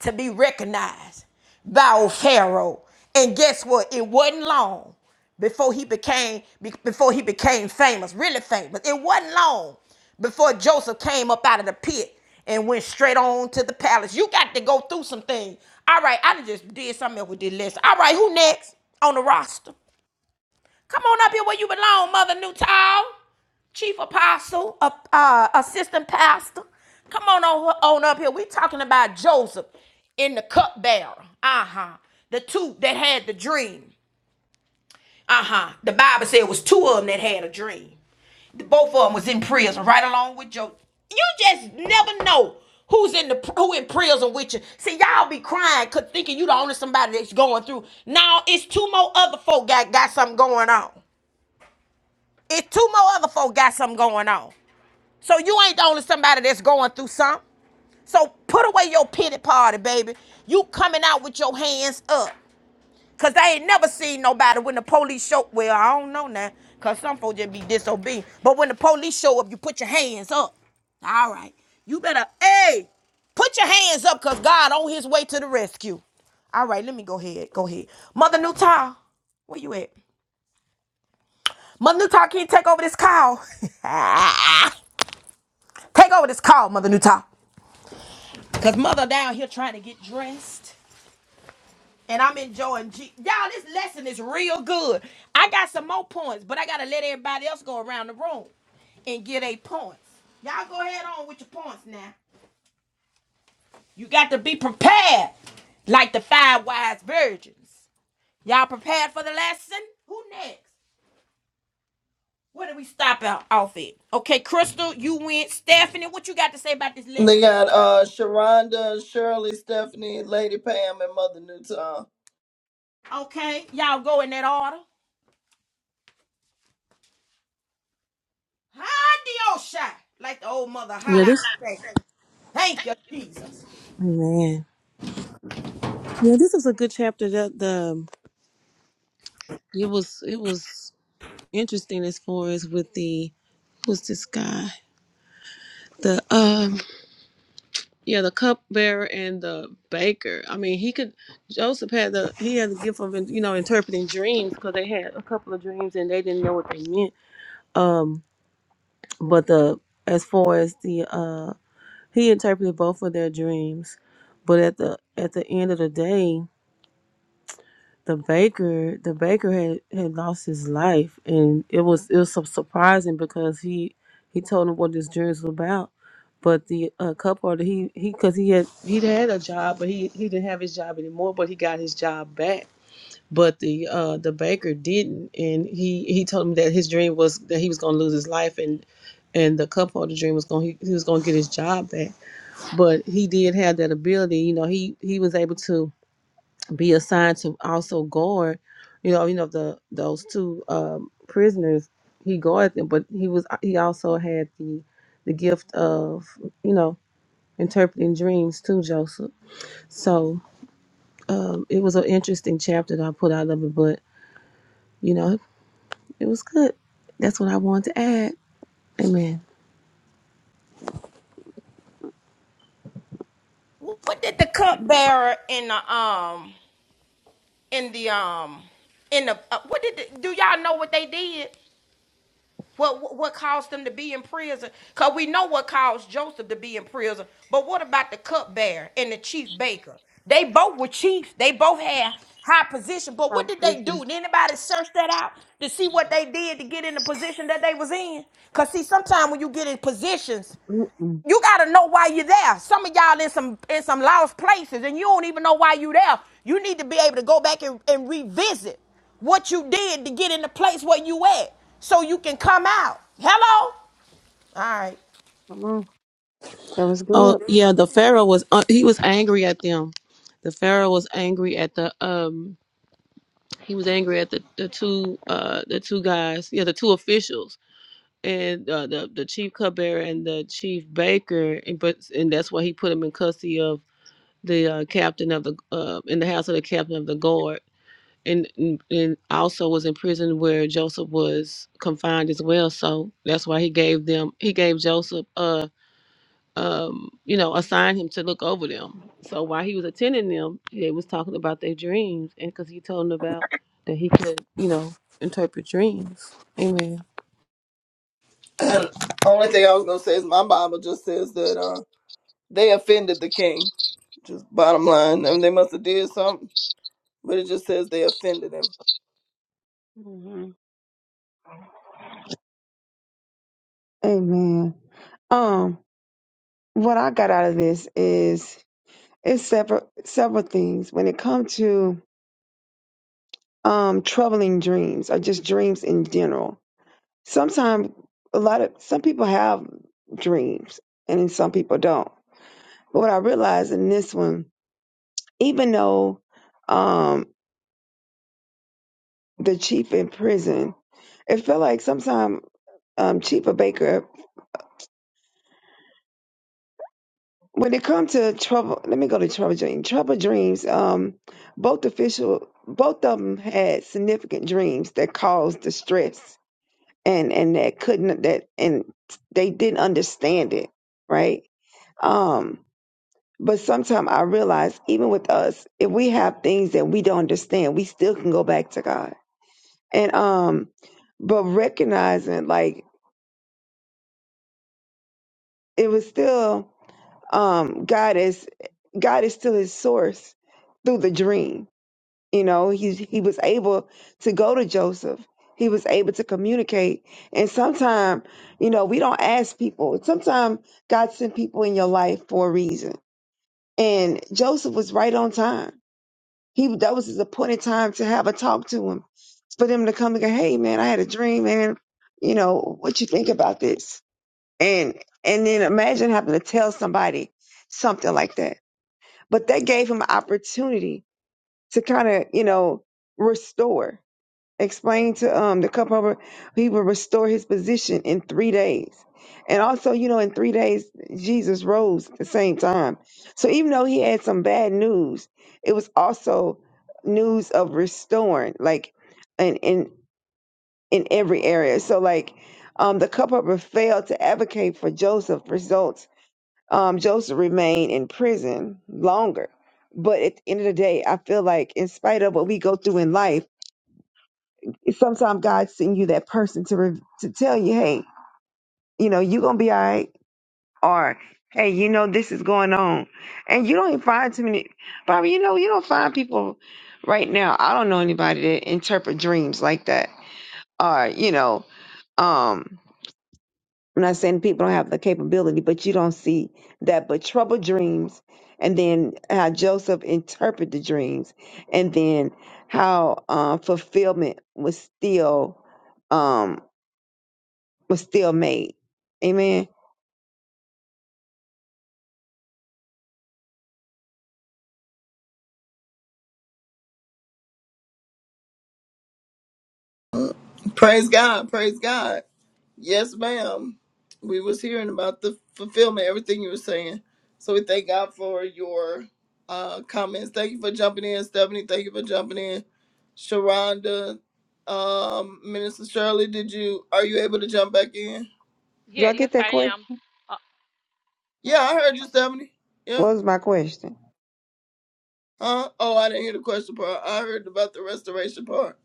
Speaker 1: to be recognized by old Pharaoh. And guess what? It wasn't long before he became be- before he became famous, really famous. It wasn't long before Joseph came up out of the pit and went straight on to the palace. You got to go through some things. All right, I done just did something else with this list. All right, who next on the roster? Come on up here where you belong, Mother Newtown. Chief Apostle, uh, uh, Assistant Pastor. Come on, on on up here. We're talking about Joseph in the cupbearer. Uh huh. The two that had the dream. Uh huh. The Bible said it was two of them that had a dream. The- Both of them was in prison, right along with Joseph. You just never know who's in the who in prison with you. See, y'all be crying, cause thinking you the only somebody that's going through. Now it's two more other folk got got something going on. If two more other folk got something going on. So you ain't the only somebody that's going through something. So put away your pity party, baby. You coming out with your hands up. Cause I ain't never seen nobody when the police show up. well, I don't know now. Cause some folks just be disobedient. But when the police show up, you put your hands up. All right. You better, hey, put your hands up because God on his way to the rescue. All right, let me go ahead. Go ahead. Mother Newtile, where you at? Mother Newtile, can you take over this call? Take over this call, Mother Newtall. Cause mother down here trying to get dressed. And I'm enjoying G y'all, this lesson is real good. I got some more points, but I gotta let everybody else go around the room and get a points. Y'all go ahead on with your points now. You got to be prepared, like the five wise virgins. Y'all prepared for the lesson? Who next? Where do we stop out off it? Okay, Crystal, you went. Stephanie, what you got to say about this
Speaker 4: They
Speaker 1: lesson?
Speaker 4: got uh Sharonda, Shirley, Stephanie, Lady Pam, and Mother Newton.
Speaker 1: Okay, y'all go in that order. Hadiosha, like the old mother
Speaker 3: Yeah,
Speaker 1: holla
Speaker 3: this
Speaker 1: say. Thank you, Jesus.
Speaker 3: Amen. Yeah, this was a good chapter. The, the it was it was interesting as far as with the who's this guy? the um. Yeah, the cupbearer and the baker. I mean, he could. Joseph had the he had the gift of you know interpreting dreams because they had a couple of dreams and they didn't know what they meant. Um, but the as far as the uh, he interpreted both of their dreams, but at the at the end of the day, the baker the baker had, had lost his life and it was it was so surprising because he he told him what his journey was about but the uh, cup holder he he because he had he'd had a job but he he didn't have his job anymore but he got his job back but the uh the baker didn't and he he told him that his dream was that he was going to lose his life and and the cup holder dream was going he, he was going to get his job back but he did have that ability you know he he was able to be assigned to also guard, you know, you know the those two um, prisoners. He guarded them, but he was he also had the the gift of you know interpreting dreams to Joseph. So um, it was an interesting chapter that I put out of it, but you know it was good. That's what I wanted to add. Amen.
Speaker 1: What did the cupbearer in the um in the um in the uh, what did the, do y'all know what they did? What what caused them to be in prison? Cause we know what caused Joseph to be in prison. But what about the cupbearer and the chief baker? They both were chiefs. They both had high position. But what
Speaker 5: Prophet
Speaker 1: did they
Speaker 5: Christie.
Speaker 1: do? Did anybody search that out to see what they did to get in the position that they was in? Cause see, sometimes when you get in positions,
Speaker 5: Mm-mm.
Speaker 1: You gotta know why you're there. Some of y'all in some in some lost places, and you don't even know why you're there. You need to be able to go back and, and revisit what you did to get in the place where you at, so you can come out. Hello. All right.
Speaker 5: Come on. That was
Speaker 3: Oh
Speaker 5: good.
Speaker 3: yeah, the Pharaoh was uh, he was angry at them. The Pharaoh was angry at the um he was angry at the the two uh the two guys yeah the two officials and uh, the the chief cupbearer and the chief baker, and but and that's why he put him in custody of the uh, captain of the uh, in the house of the captain of the guard, and, and and also was in prison where Joseph was confined as well. So that's why he gave them he gave Joseph uh um you know assigned him to look over them. So while he was attending them, they was talking about their dreams, and because he told them about that he could you know interpret dreams. Amen.
Speaker 4: only thing I was gonna say is my Bible just says that uh they offended the king. Just bottom line, I mean, they must have did something. but it just says they offended him.
Speaker 5: hmm Amen. Um, what I got out of this is it's several several things when it comes to um troubling dreams or just dreams in general. Sometimes a lot of some people have dreams and then some people don't. But what I realized in this one, even though um the chief in prison, it felt like sometimes um Chief or Baker when it comes to trouble let me go to trouble dreams. Trouble dreams, um both official both of them had significant dreams that caused distress and and that couldn't that and they didn't understand it right um but sometimes i realize even with us if we have things that we don't understand we still can go back to god and um but recognizing like it was still um god is god is still his source through the dream You know, he he was able to go to Joseph. He was able to communicate. And sometimes, you know, we don't ask people. Sometimes God sent people in your life for a reason. And Joseph was right on time. He that was his appointed time to have a talk to him. For them to come and go, hey man, I had a dream, man. You know, what you think about this? And and then imagine having to tell somebody something like that. But that gave him an opportunity to kind of, you know, restore explain to um the cup holder he will restore his position in three days and also you know in three days jesus rose at the same time so even though he had some bad news it was also news of restoring like in in in every area so like um the cup holder failed to advocate for joseph results um joseph remained in prison longer but at the end of the day i feel like in spite of what we go through in life it's Sometimes God send you that person to re- to tell you, hey, you know, you gonna be all right, or hey, you know, this is going on, and you don't even find too many. Bobby, you know, you don't find people right now. I don't know anybody that interpret dreams like that, or you know, um, I'm not saying people don't have the capability, but you don't see that. But trouble dreams, and then how Joseph interpreted the dreams, and then how uh, fulfillment was still. Um, was still made. Amen.
Speaker 4: Praise God, praise God. Yes, ma'am. We was hearing about the fulfillment, everything you were saying. So we thank God for your uh comments. Thank you for jumping in, Stephanie. Thank you for jumping in. Sharonda, um, Minister Shirley, did you are you able to jump back in?
Speaker 5: Did
Speaker 7: Yeah,
Speaker 5: I
Speaker 7: yes,
Speaker 5: get that
Speaker 7: I
Speaker 5: question?
Speaker 7: am. Uh,
Speaker 4: Yeah,
Speaker 7: oh,
Speaker 4: I
Speaker 7: okay.
Speaker 4: heard you, Stephanie. Yeah.
Speaker 5: What was my question?
Speaker 4: Huh? Oh, I didn't hear the question part. I heard about the restoration part.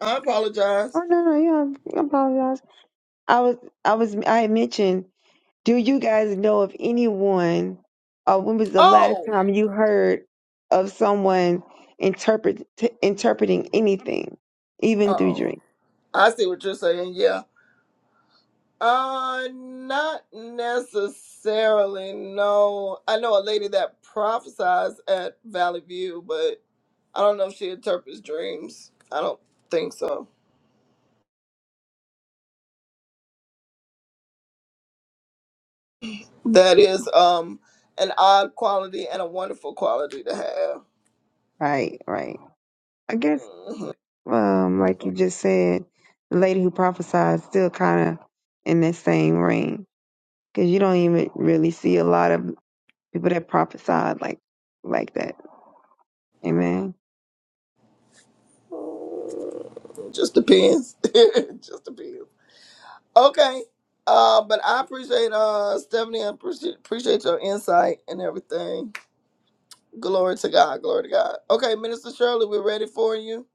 Speaker 4: I apologize.
Speaker 5: Oh no, no, yeah, I apologize. I was, I was, I had mentioned. Do you guys know of anyone? Uh, when was the last
Speaker 4: Oh.
Speaker 5: time you heard of someone interpret t- interpreting anything, even through
Speaker 4: Oh.
Speaker 5: dream?
Speaker 4: I see what you're saying. Yeah. Uh, not necessarily. No, I know a lady that prophesies at Valley View, but I don't know if she interprets dreams. I don't think so. That is um an odd quality and a wonderful quality to have.
Speaker 5: Right, right. I guess, um, like you just said, the lady who prophesied is still kind of in that same range because you don't even really see a lot of people that prophesied like like that. Amen.
Speaker 4: Mhm. Just depends. Just depends. Okay. Uh, but I appreciate uh Stephanie. I appreciate, appreciate your insight and everything. Glory to God. Glory to God. Okay, Minister Shirley, we're ready for you.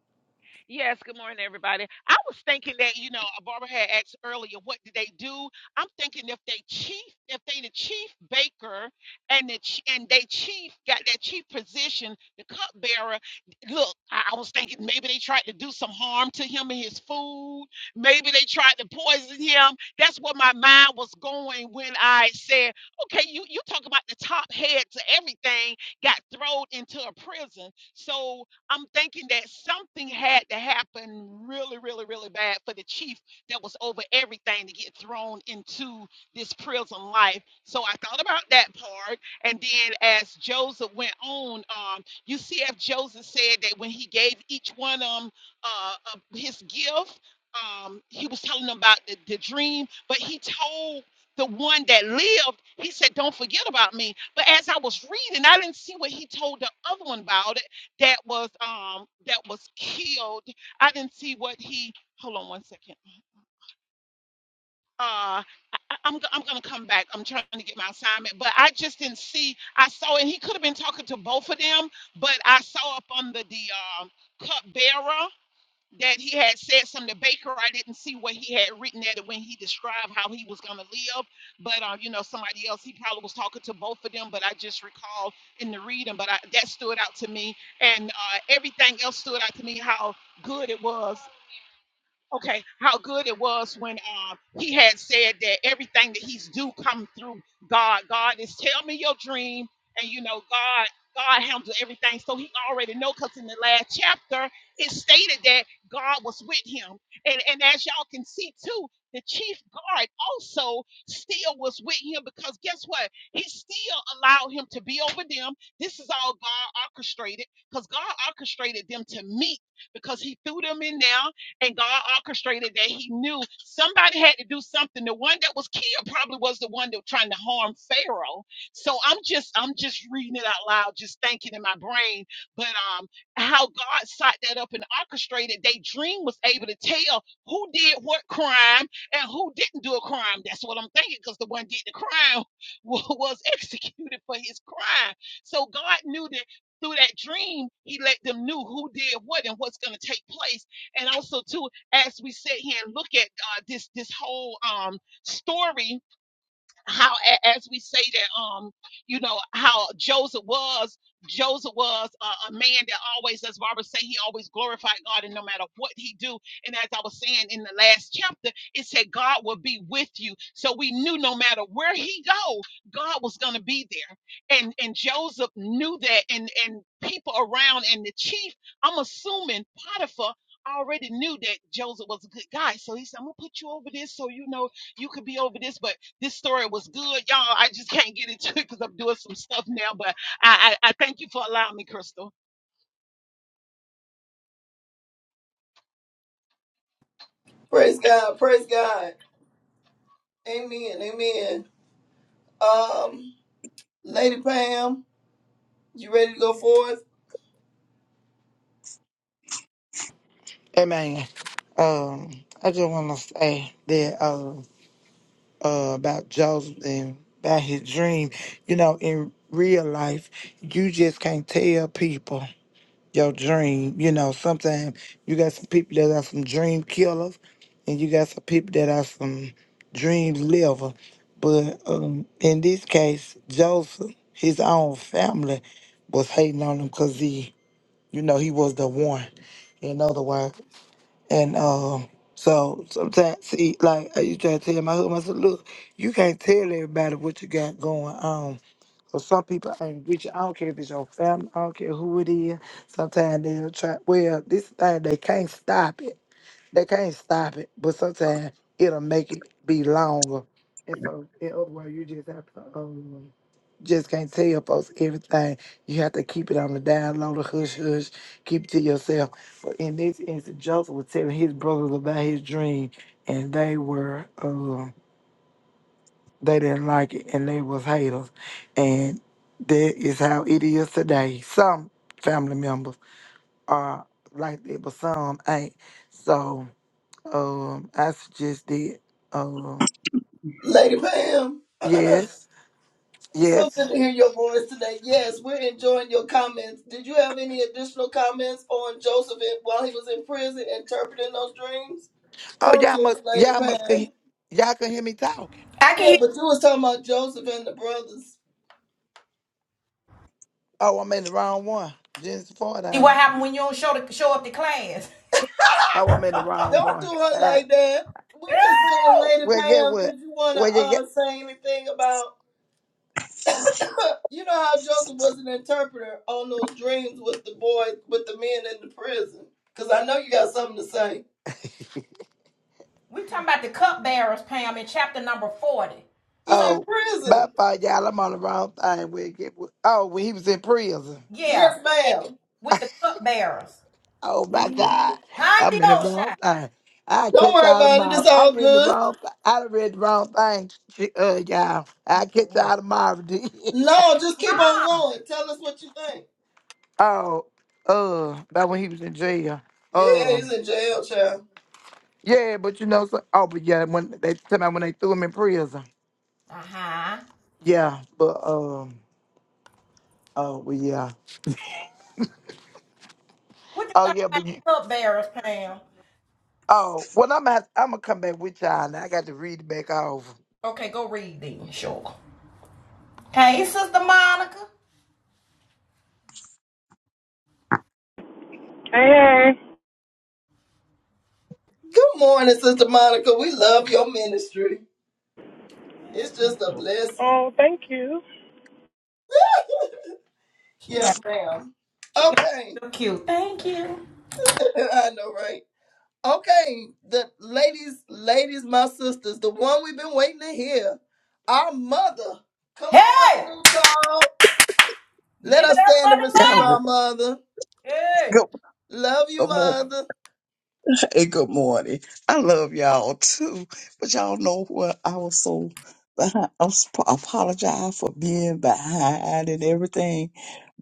Speaker 7: Yes, good morning, everybody. I was thinking that, you know, Barbara had asked earlier, what did they do? I'm thinking if they chief, if they the chief baker and the ch- and they chief got that chief position, the cupbearer. Look, I, I was thinking maybe they tried to do some harm to him and his food. Maybe they tried to poison him. That's where my mind was going when I said, okay, you you talk about the top head to everything got thrown into a prison. So I'm thinking that something had to happen really, really, really bad for the chief that was over everything to get thrown into this prison life. So I thought about that part. And then as Joseph went on, um, you see if Joseph said that when he gave each one of them uh, uh, his gift, um, he was telling them about the, the dream, but he told the one that lived, he said, Don't forget about me. But as I was reading, I didn't see what he told the other one about that was um that was killed. I didn't see what he. Hold on one second. Uh, I, I- am go- I'm gonna come back. I'm trying to get my assignment, but I just didn't see. I saw, and he could have been talking to both of them, but I saw up under the um, cup bearer that he had said something to Baker. I didn't see what he had written at it when he described how he was going to live. But, uh, you know, somebody else, he probably was talking to both of them, but I just recall in the reading, but I, that stood out to me. And uh, everything else stood out to me how good it was okay, how good it was when um, he had said that everything that he's do come through God. God is tell me your dream, and you know God. God handles everything, so he already know. Cause in the last chapter, it stated that God was with him, and and as y'all can see too, the chief guard also still was with him because guess what? He still allowed him to be over them. This is all God orchestrated, cause God orchestrated them to meet because he threw them in there and God orchestrated that he knew somebody had to do something. The one that was killed probably was the one that was trying to harm Pharaoh. So I'm just I'm just reading it out loud, just thinking in my brain. But um how God sought that up and orchestrated, they dream was able to tell who did what crime and who didn't do a crime. That's what I'm thinking, because the one did the crime wa- was executed for his crime. So God knew that through that dream, he let them knew who did what and what's going to take place. And also too, as we sit here and look at uh, this this whole um story how a- as we say that um you know how joseph was joseph was a, a man that always as barbara say he always glorified god and no matter what he do and as i was saying in the last chapter it said god will be with you so we knew no matter where he go god was gonna be there and and joseph knew that and and people around and the chief i'm assuming potiphar already knew that joseph was a good guy so he said i'm gonna put you over this so you know you could be over this, but this story was good, y'all. I just can't get into it because I'm doing some stuff now. But I, I, I thank you for allowing me, Crystal.
Speaker 4: Praise God. Praise God. Amen. Amen. Um, Lady Pam, you ready to go forth?
Speaker 8: Amen. Um, I just want to say that uh, uh, about Joseph and about his dream. You know, in real life, you just can't tell people your dream. You know, sometimes you got some people that are some dream killers, and you got some people that are some dream liver. But um, in this case, Joseph, his own family was hating on him because he, you know, he was the one. In other words. And um, so sometimes, see, like I used to tell my husband, I said, look, you can't tell everybody what you got going on. So some people ain't with you. I don't care if it's your family. I don't care who it is. Sometimes they'll try. Well, this thing they can't stop it. They can't stop it, but sometimes it'll make it be longer. And so, in other words, you just have to um, just can't tell folks everything. You have to keep it on the down low, the hush hush, keep it to yourself. But in this instance, Joseph was telling his brothers about his dream, and they were uh, they didn't like it, and they was haters, and that is how it is today. Some family members are like that, but some ain't. So. Um, I just did. Um,
Speaker 4: Lady Pam.
Speaker 8: yes,
Speaker 4: So good to
Speaker 8: yes.
Speaker 4: hear your voice today. Yes, we're enjoying your comments. Did you have any additional comments on Joseph in- while he was in prison interpreting those dreams?
Speaker 8: Oh,
Speaker 4: Talk to
Speaker 8: y'all
Speaker 4: us
Speaker 8: must,
Speaker 4: later,
Speaker 8: y'all must, can,
Speaker 4: Pam.
Speaker 8: y'all can hear me talking.
Speaker 1: I can
Speaker 4: Yeah,
Speaker 1: hear
Speaker 4: but
Speaker 1: you.
Speaker 4: you was talking about Joseph and the brothers.
Speaker 8: Oh, I'm in the wrong one. Jennifer Ford,
Speaker 1: See what
Speaker 8: ain't it?
Speaker 1: happened when you don't show the, show up to class.
Speaker 8: Oh, I'm in the wrong
Speaker 4: Don't do
Speaker 8: one.
Speaker 4: her
Speaker 8: Uh,
Speaker 4: like that. We just saying,
Speaker 1: Woo!
Speaker 4: Lady
Speaker 8: well, get
Speaker 4: Pam,
Speaker 8: what?
Speaker 4: did you want to
Speaker 8: Well, you
Speaker 4: uh,
Speaker 8: get?
Speaker 4: say anything about, you know how Joseph was an interpreter on those dreams with the boy, with the men in the prison? Because I know you got something to say.
Speaker 1: we talking about the cupbearers, Pam, in chapter number forty.
Speaker 4: He
Speaker 1: So
Speaker 4: in
Speaker 8: Oh, my
Speaker 4: prison.
Speaker 8: fault, y'all. I'm on the wrong thing. Well, get what? Oh, when he was in prison.
Speaker 1: yeah,
Speaker 4: Yes,
Speaker 1: and
Speaker 4: madam
Speaker 1: with the cupbearers,
Speaker 8: Oh my
Speaker 4: Mm-hmm.
Speaker 8: God,
Speaker 1: huh?
Speaker 8: I'm in the
Speaker 1: Diosha.
Speaker 8: wrong thing. I
Speaker 4: Don't
Speaker 8: catch
Speaker 4: worry
Speaker 8: y'all
Speaker 4: about it.
Speaker 8: tomorrow.
Speaker 4: It's
Speaker 8: I
Speaker 4: all
Speaker 8: read the
Speaker 4: good.
Speaker 8: wrong. Th- I done read the wrong thing, sh- uh, y'all. I
Speaker 1: You know
Speaker 8: catch
Speaker 1: what?
Speaker 8: y'all tomorrow.
Speaker 4: No, just keep on
Speaker 1: Ah.
Speaker 4: going. Tell us what you think.
Speaker 8: Oh, uh, that when he was in jail.
Speaker 4: Yeah,
Speaker 8: Uh,
Speaker 4: he's in jail, child.
Speaker 8: yeah, but you know, so, oh, but yeah, when they tell me when they threw him in prison.
Speaker 1: Uh huh.
Speaker 8: Yeah, but um, oh, well, yeah.
Speaker 1: What you think
Speaker 8: Oh,
Speaker 1: about
Speaker 8: yeah,
Speaker 1: the
Speaker 8: but you,
Speaker 1: cupbearers, Pam?
Speaker 8: oh, well, I'm gonna, I'm gonna come back with y'all. Now I got to read it back over.
Speaker 1: Okay, go read then, sure. Hey, Sister Monica.
Speaker 9: Hey. hey.
Speaker 4: Good morning, Sister Monica. We love your ministry.
Speaker 1: Yes,
Speaker 4: It's just a blessing.
Speaker 9: Oh, thank you.
Speaker 1: she
Speaker 4: Yes,
Speaker 1: got
Speaker 4: ma'am.
Speaker 1: she got
Speaker 4: Okay.
Speaker 1: real cute. Thank you.
Speaker 4: I know, right? Okay. The ladies, ladies, my sisters, the one we've been waiting to hear, our mother. Come
Speaker 1: Hey,
Speaker 4: on, Mother Newtall.
Speaker 1: give
Speaker 4: Let
Speaker 1: it
Speaker 4: us
Speaker 1: up
Speaker 4: stand and receive
Speaker 10: Y'all,
Speaker 1: for the
Speaker 4: our
Speaker 1: mother.
Speaker 4: mother.
Speaker 1: Hey,
Speaker 10: good,
Speaker 4: Love you,
Speaker 10: good morning.
Speaker 4: mother.
Speaker 10: Hey, good morning. I love y'all too, but y'all know what? I was so behind. I'm, sp- apologize for being behind and everything.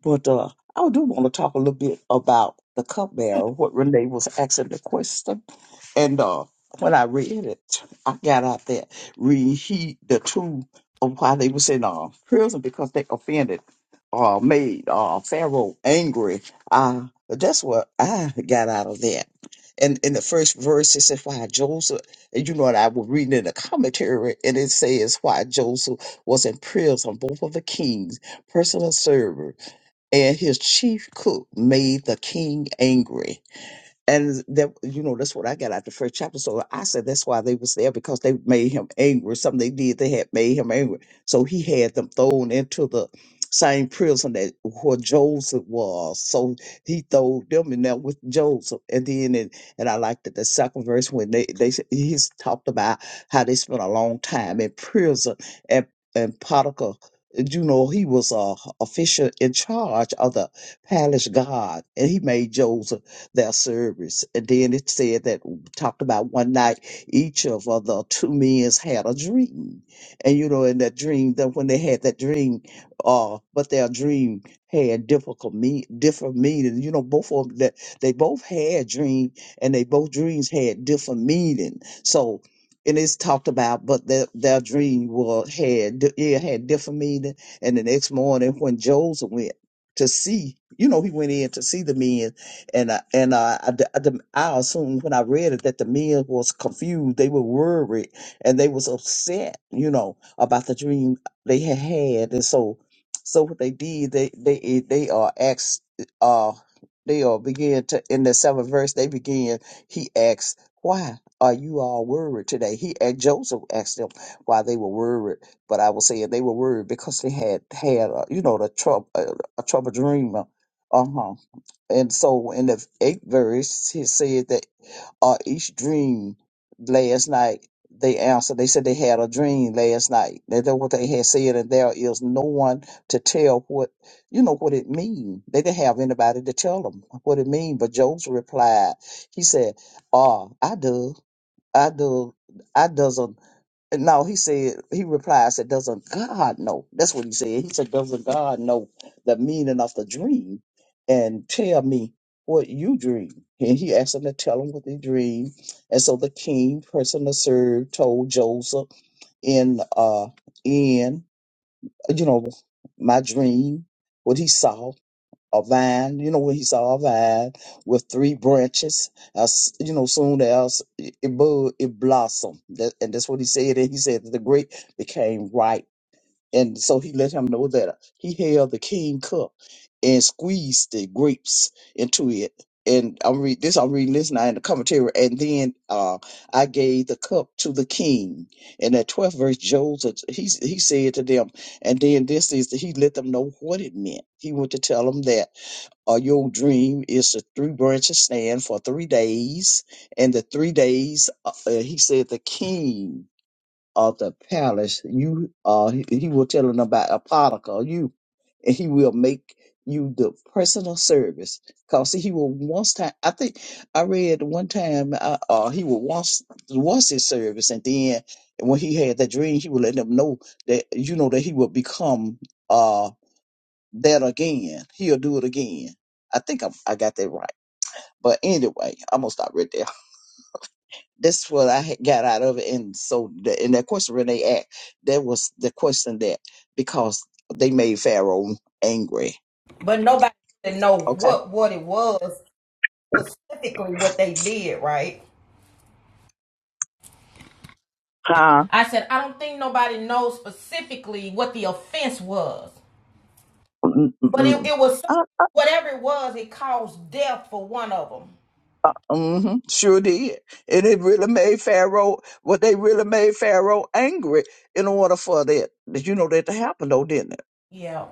Speaker 10: But uh, I do want to talk a little bit about the cupbearer, what Renee was asking the question. And uh, when I read it, I got out there, reheat the truth of why they was in uh, prison because they offended, uh, made uh, Pharaoh angry. Uh, that's what I got out of that. And in the first verse, it says, Why Joseph, and you know what I was reading in the commentary, and it says, Why Joseph was in prison, both of the kings, personal servant and his chief cook made the king angry. And that you know, that's what I got out the first chapter. So I said that's why they was there because they made him angry. Something they did they had made him angry. So he had them thrown into the same prison that where Joseph was. So he threw them in there with Joseph. And then and, and I liked it the second verse when they, they s- he's talked about how they spent a long time in prison and and Potiphar, you know, he was a official in charge of the palace guard and he made Joseph their service. And then it said that talked about one night each of uh, the two men's had a dream, and you know, in that dream, that when they had that dream, uh, but their dream had difficult me different meaning. You know, both of them that they both had dream, and they both dreams had different meaning. So. And it's talked about, but their, their dream was had di- it had different meaning. And the next morning, when Joseph went to see. You know, he went in to see the men and I, and I, I, d- I d- I assumed when I read it that the men was confused, they were worried, and they was upset, you know, about the dream they had had, and so so what they did, they they they uh, asked uh they uh began to in the seventh verse they began. He asked, "Why are you all worried today?" He and Joseph asked them why they were worried, but I was saying they were worried because they had had uh, you know the trouble uh, a troubled dream. Uh huh. And so in the eighth verse, he said that uh, each dream last night, they answered, they said they had a dream last night. That That's what they had said, and there is no one to tell what, you know, what it mean. They didn't have anybody to tell them what it mean. But Job's replied, he said, uh, I do, I do, I doesn't. No, he said, he replied, said, doesn't God know? That's what he said. He said, doesn't God know the meaning of the dream and tell me what you dream? And he asked him to tell him what he dreamed. And so the king, person to serve, told Joseph in, uh, in, you know, my dream, what he saw a vine, you know, when he saw a vine with three branches, as you know, soon as it bud, it blossomed. That, and that's what he said. And he said that the grape became ripe. And so he let him know that he held the king cup and squeezed the grapes into it. And I'm read this. I'm reading this now in the commentary. And then uh, I gave the cup to the king. And that 12th verse, Joseph, he he said to them, and then this is he let them know what it meant. He went to tell them that or your dream is a three branches stand for three days, and the three days, uh, uh, he said, the king of the palace, you, uh, he, he will tell him about a particle, you, and he will make you the personal service. Cause he will once time, I think I read one time, uh, uh he will once once his service, and then when he had that dream, he would let them know that you know that he will become. uh, that again. He'll do it again. I think I'm, I got that right. But anyway, I'm gonna stop right there. That's what I had got out of it. And so, the, and that question Renee asked, that was the question that because they made Pharaoh angry.
Speaker 1: but nobody didn't know
Speaker 10: Okay.
Speaker 1: what what it was specifically what they did, right?
Speaker 10: Huh?
Speaker 1: I said I don't think nobody knows specifically what the offense was, but it,
Speaker 10: Mm-mm-mm.
Speaker 1: it was so,
Speaker 10: Uh,
Speaker 1: whatever it was. It caused death for one of them.
Speaker 10: uh, mm-hmm. Sure did. And it really made Pharaoh, well, they really made Pharaoh angry in order for that, that you know, that to happen though, didn't it?
Speaker 1: Yeah.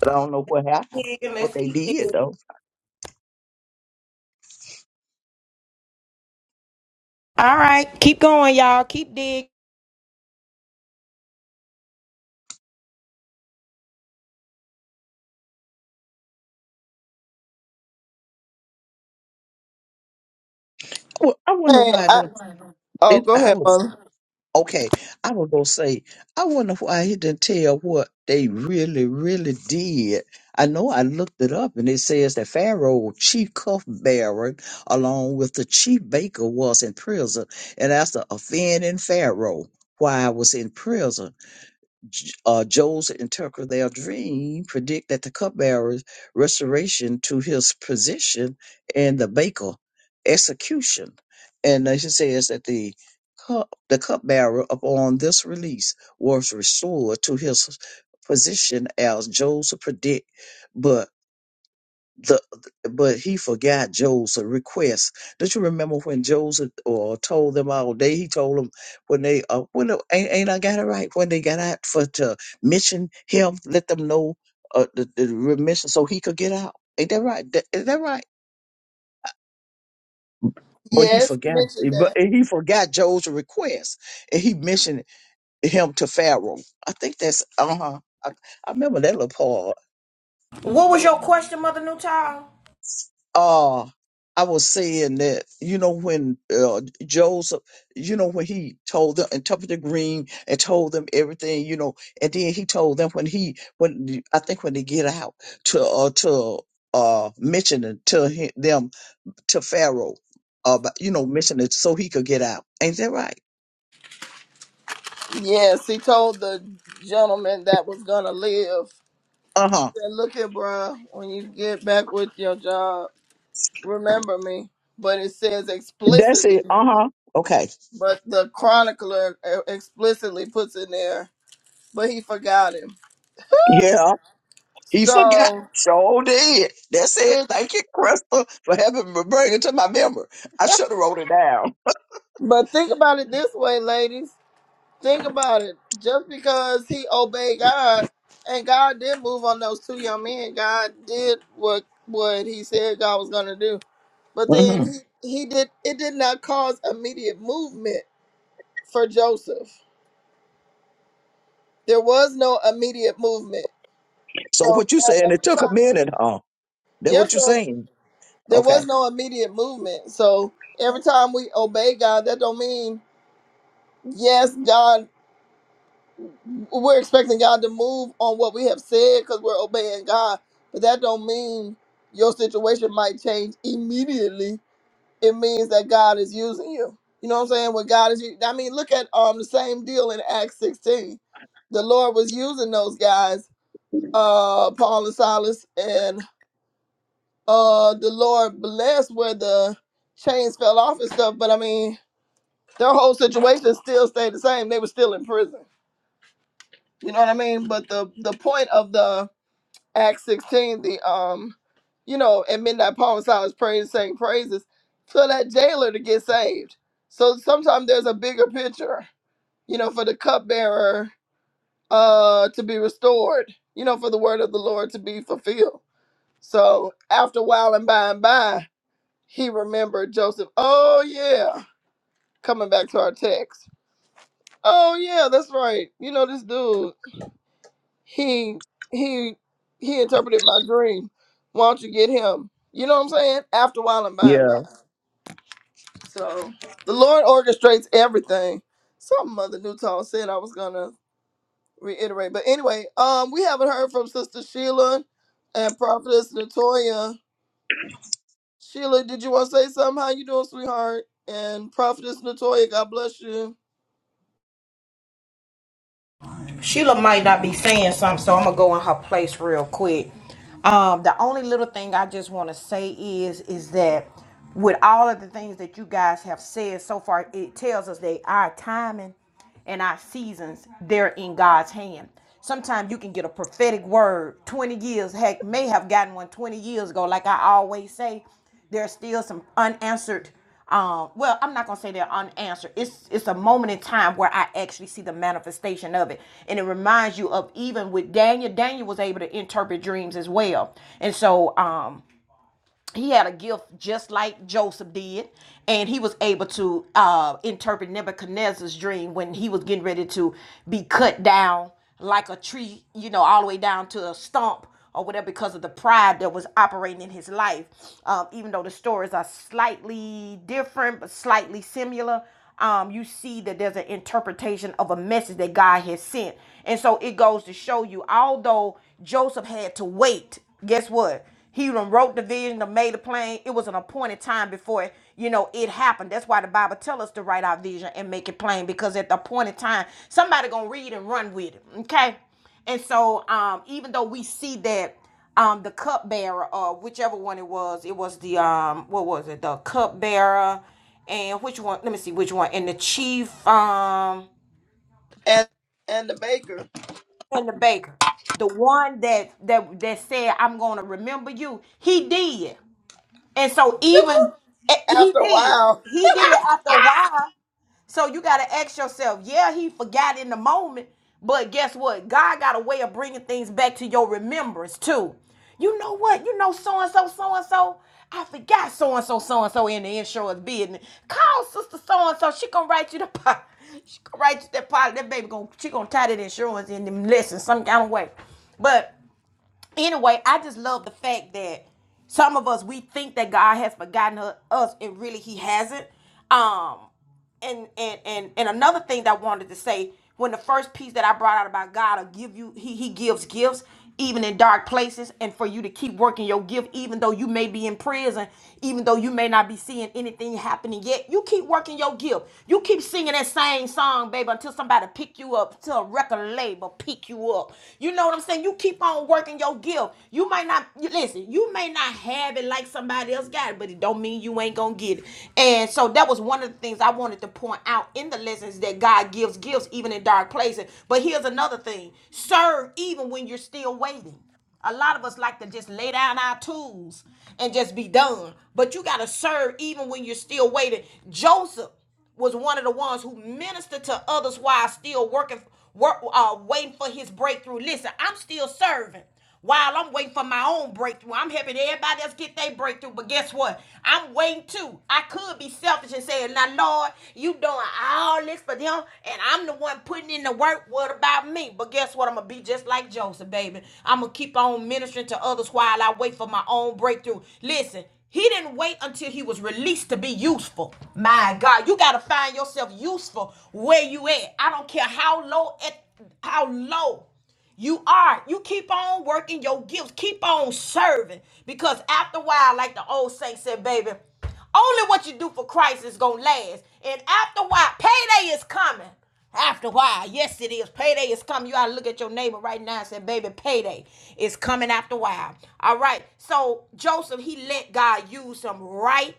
Speaker 10: But I don't know what happened,
Speaker 1: Yeah,
Speaker 10: what
Speaker 1: let's
Speaker 10: they
Speaker 1: keep it.
Speaker 10: did though.
Speaker 1: All right, keep going, y'all. Keep dig.
Speaker 10: Well, I wonder
Speaker 4: Hey,
Speaker 10: why I
Speaker 4: I,
Speaker 10: don't.
Speaker 4: oh,
Speaker 10: It,
Speaker 4: go
Speaker 10: I
Speaker 4: ahead,
Speaker 10: was
Speaker 4: mother.
Speaker 10: okay. I was gonna say, I wonder why he didn't tell what they really, really did. I know I looked it up, and it says that Pharaoh, chief cupbearer, along with the chief baker, was in prison, and that's the offending Pharaoh. Why I was in prison. J- uh, Joel's interpret their dream, predict that the cupbearer's restoration to his position and the baker execution. And as it says that the cup, the cupbearer upon this release was restored to his position as Joseph predict, the but he forgot Joe's request. Don't you remember when Joseph or told them all day? He told them when they uh when the- ain't, ain't I got it right when they got out for to mission him, let them know uh the, the remission so he could get out. Ain't that right? Th- Is that right? But he
Speaker 4: Yes, he
Speaker 10: forgot. eh,
Speaker 4: mentioned
Speaker 10: But
Speaker 4: that.
Speaker 10: and he forgot Joe's request, and he mentioned him to Pharaoh. I think that's uh huh. I, I remember that little part
Speaker 1: What was your question, Mother Newtile?
Speaker 10: uh I was saying that you know when uh, Joseph, you know when he told them and Tupper the Green and told them everything, you know, and then he told them when he when I think when they get out to uh, to uh mention it to him, them to Pharaoh, uh, but, you know, mention it so he could get out. Ain't that right?
Speaker 4: Yes, he told the gentleman that was gonna live.
Speaker 10: Uh huh.
Speaker 4: said, look here, bruh, when you get back with your job, remember me. But it says
Speaker 10: That's it.
Speaker 4: explicitly,
Speaker 10: Uh huh. Okay.
Speaker 4: but the chronicler uh, explicitly puts in there, but he forgot him.
Speaker 10: Yeah. He forgot.
Speaker 4: So,
Speaker 10: Sure did. That's it.
Speaker 4: which,
Speaker 10: Thank you, Crystal, for having me bring it to my memory. I should have wrote it down.
Speaker 4: but think about it this way, ladies. Think about it. Just because he obeyed God, and God did move on those two young men, God did what what He said God was going to do. But then
Speaker 10: hmm
Speaker 4: he, he did. It did not cause immediate movement for Joseph There was no immediate movement.
Speaker 10: So
Speaker 4: So
Speaker 10: what
Speaker 4: e-
Speaker 10: you saying? It
Speaker 4: every
Speaker 10: took a
Speaker 4: time,
Speaker 10: minute, huh? That what
Speaker 4: yes,
Speaker 10: you
Speaker 4: sir,
Speaker 10: saying?
Speaker 4: there was
Speaker 10: Okay.
Speaker 4: no immediate movement. So every time we obey God, that don't mean yes, God. We're expecting God to move on what we have said because we're obeying God, but that don't mean your situation might change immediately. It means that God is using you. You know what I'm saying? When God is, I mean, look at um the same deal in Acts 16. The Lord was using those guys uh Paul and Silas and uh the Lord blessed where the chains fell off and stuff, but I mean their whole situation still stayed the same. They were still in prison. You know what I mean? But the the point of the Acts 16, the um, you know, at midnight Paul and Silas prayed and sang praises for that jailer to get saved. So sometimes there's a bigger picture, you know, for the cupbearer uh to be restored, you know, for the word of the Lord to be fulfilled So after a while and by and by, he remembered Joseph. Oh yeah, coming back to our text. Oh yeah, that's right. You know this dude. He he he interpreted my dream. Why don't you get him? You know what I'm saying? After a while and by and by.
Speaker 10: Yeah.
Speaker 4: So the Lord orchestrates everything. Something Mother Newton said I was gonna reiterate, but anyway, um, we haven't heard from Sister Sheila and Prophetess Natoya. Sheila, did you want to say something? How you doing, sweetheart? And Prophetess Natoya, God bless you.
Speaker 1: Sheila might not be saying something, so I'm gonna go in her place real quick. Um, the only little thing I just want to say is, is that with all of the things that you guys have said so far, it tells us that our timing and our seasons they're in God's hand. Sometimes you can get a prophetic word 20 years, heck, may have gotten one 20 years ago. Like I always say, there's still some unanswered um well i'm not gonna say they're unanswered it's it's a moment in time where i actually see the manifestation of it and it reminds you of even with daniel daniel was able to interpret dreams as well and so um he had a gift just like Joseph did, and he was able to uh, interpret Nebuchadnezzar's dream when he was getting ready to be cut down like a tree, you know, all the way down to a stump or whatever because of the pride that was operating in his life. Um, even though the stories are slightly different but slightly similar, um, you see that there's an interpretation of a message that God has sent. And so it goes to show you, although Joseph had to wait, guess what? He done wrote the vision, done made the plan. It was an appointed time before you know it happened. That's why the Bible tells us to write our vision and make it plain because at the appointed time, somebody gonna read and run with it. Okay, and so um, even though we see that um, the cupbearer or whichever one it was, it was the um, what was it? The cupbearer and which one? Let me see which one. And the chief um
Speaker 4: And and the baker.
Speaker 1: and the baker, the one that that that said, "I'm gonna remember you." He did. And so even eh, he
Speaker 4: After a
Speaker 1: did.
Speaker 4: while.
Speaker 1: He did after a while. So you got to ask yourself, yeah, he forgot in the moment, but guess what? God got a way of bringing things back to your remembrance too. You know what? You know so and so, so and so. I forgot so and so, so and so in the insurance business. Call sister so and so. She gonna write you the pot. She gonna write you that pot. That baby gonna she gonna tie that insurance in them lessons some kind of way. But anyway, I just love the fact that some of us we think that God has forgotten us, and really He hasn't. Um, and and and and another thing that I wanted to say when the first piece that I brought out about God will give you he he gives gifts even in dark places and for you to keep working your gift even though you may be in prison even though you may not be seeing anything happening yet you keep working your gift you keep singing that same song baby until somebody pick you up until a record label pick you up you know what i'm saying you keep on working your gift you might not you, listen you may not not have it like somebody else got it, but it don't mean you ain't gonna get it. And so that was one of the things I wanted to point out in the lessons that God gives gifts even in dark places. But here's another thing: serve even when you're still waiting. A lot of us like to just lay down our tools and just be done. But you gotta serve even when you're still waiting. Joseph was one of the ones who ministered to others while still working, work, uh, waiting for his breakthrough. Listen, I'm still serving while I'm waiting for my own breakthrough. I'm helping everybody else get their breakthrough, but guess what? I'm waiting too. I could be selfish and saying, now, Lord, you doing all this for them, and I'm the one putting in the work. What about me? But guess what? I'm going to be just like Joseph, baby. I'm going to keep on ministering to others while I wait for my own breakthrough. Listen, he didn't wait until he was released to be useful. My God, you got to find yourself useful where you at. I don't care how low at how low you are. You keep on working your gifts. Keep on serving because after a while, like the old saint said, baby. Only what you do for Christ is gonna last. And after a while, payday is coming. After a while, yes it is. Payday is coming. You ought to look at your neighbor right now and say, baby, payday is coming after a while. All right. So Joseph, he let God use him right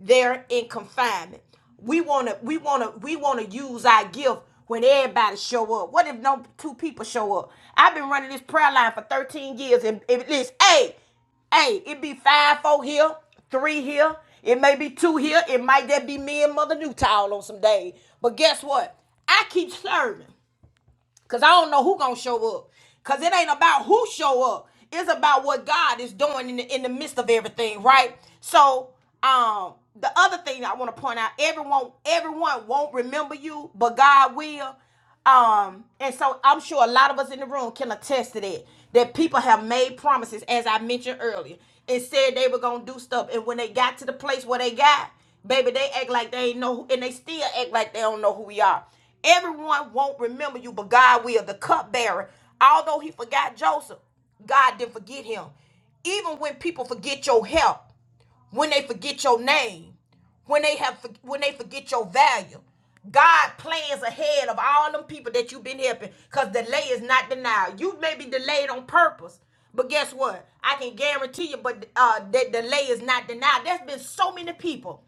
Speaker 1: there in confinement. We wanna, we wanna, we wanna use our gift when everybody show up. What if no two people show up? I've been running this prayer line for 13 years and it is eight. Hey, it be five, four here, three here. It may be two here. It might that be me and Mother Newtile on some days. But guess what? I keep serving. Cause I don't know who gonna show up. Cause it ain't about who show up. It's about what God is doing in the in the midst of everything, right? So um the other thing I want to point out, everyone, everyone won't remember you, but God will. Um, and so I'm sure a lot of us in the room can attest to that. That people have made promises, as I mentioned earlier, and said they were gonna do stuff. And when they got to the place where they got, baby, they act like they ain't know, and they still act like they don't know who we are. Everyone won't remember you, but God will. The cupbearer, although he forgot Joseph, God didn't forget him. Even when people forget your help, when they forget your name, when they have when they forget your value. God plans ahead of all them people that you've been helping because delay is not denied. You may be delayed on purpose, but guess what? I can guarantee you, but uh, that delay is not denied. There's been so many people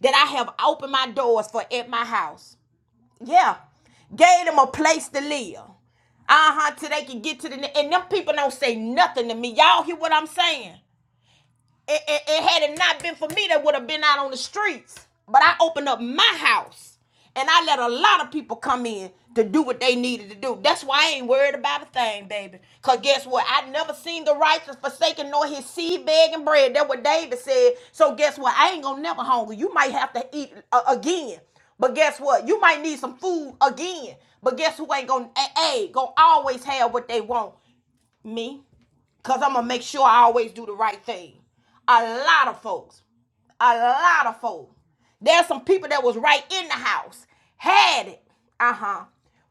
Speaker 1: that I have opened my doors for at my house. Yeah. Gave them a place to live. Uh-huh. Till they can get to the and them people don't say nothing to me. Y'all hear what I'm saying? it, it, it had it not been for me, they would have been out on the streets. But I opened up my house and I let a lot of people come in to do what they needed to do. That's why I ain't worried about a thing, baby. Cause guess what? I never seen the righteous forsaken nor his seed begging bread. That what David said. So guess what? I ain't gonna never hunger. You might have to eat uh, again. But guess what? You might need some food again. But guess who ain't gonna a, gonna always have what they want? Me? Because I'm going to make sure I always do the right thing. A lot of folks, a lot of folks. There's some people that was right in the house, had it. Uh huh.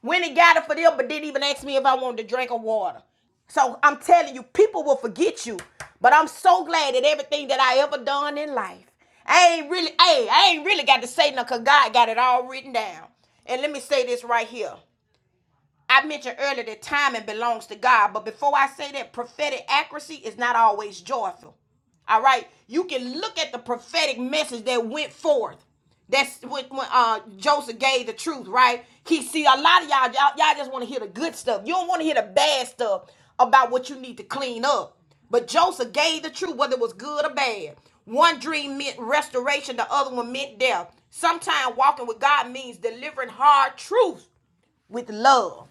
Speaker 1: Went and got it for them, but didn't even ask me if I wanted a drink of water. So I'm telling you, people will forget you. But I'm so glad that everything that I ever done in life, I ain't really, hey, I ain't really got to say nothing 'cause God got it all written down. And let me say this right here. I mentioned earlier that timing belongs to God, but before I say that, prophetic accuracy is not always joyful. All right, you can look at the prophetic message that went forth. That's when, when uh, Joseph gave the truth, right? He see a lot of y'all, y'all, y'all just want to hear the good stuff. You don't want to hear the bad stuff about what you need to clean up. But Joseph gave the truth, whether it was good or bad. One dream meant restoration, the other one meant death. Sometimes walking with God means delivering hard truth with love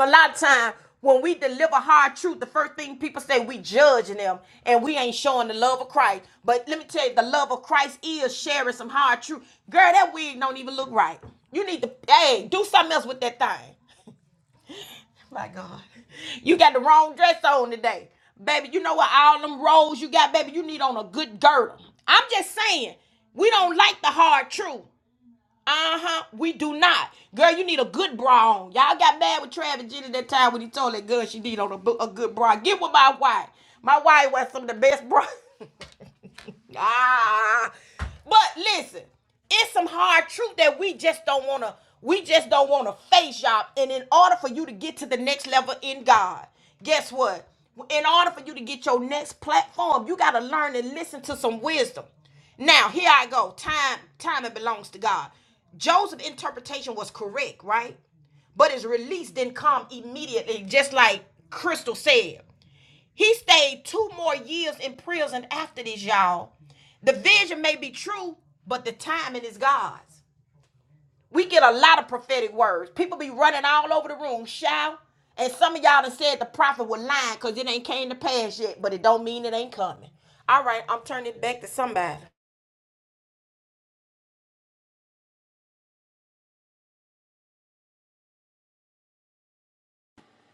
Speaker 1: a lot of time when we deliver hard truth, the first thing people say we judging them and we ain't showing the love of Christ. But let me tell you, the love of Christ is sharing some hard truth. Girl, that wig don't even look right. You need to hey, do something else with that thing. My God. You got the wrong dress on today. Baby, you know what? All them rolls you got, baby, you need on a good girdle. I'm just saying, we don't like the hard truth. Uh-huh. We do not. Girl, you need a good bra on. Y'all got mad with Travis Jenny that time when he told that girl she need on a, a good bra. Get with my wife. My wife was some of the best bra. Ah, but listen, it's some hard truth that we just don't wanna, we just don't wanna face y'all. And in order for you to get to the next level in God, guess what? In order for you to get your next platform, you gotta learn and listen to some wisdom. Now here I go. Time, time it belongs to God. Joseph's interpretation was correct, right? But his release didn't come immediately, just like Crystal said. He stayed two more years in prison after this, y'all. The vision may be true, but the timing is God's. We get a lot of prophetic words. People be running all over the room, shout. And some of y'all done said the prophet was lying because it ain't came to pass yet, but it don't mean it ain't coming. All right, I'm turning it back to somebody.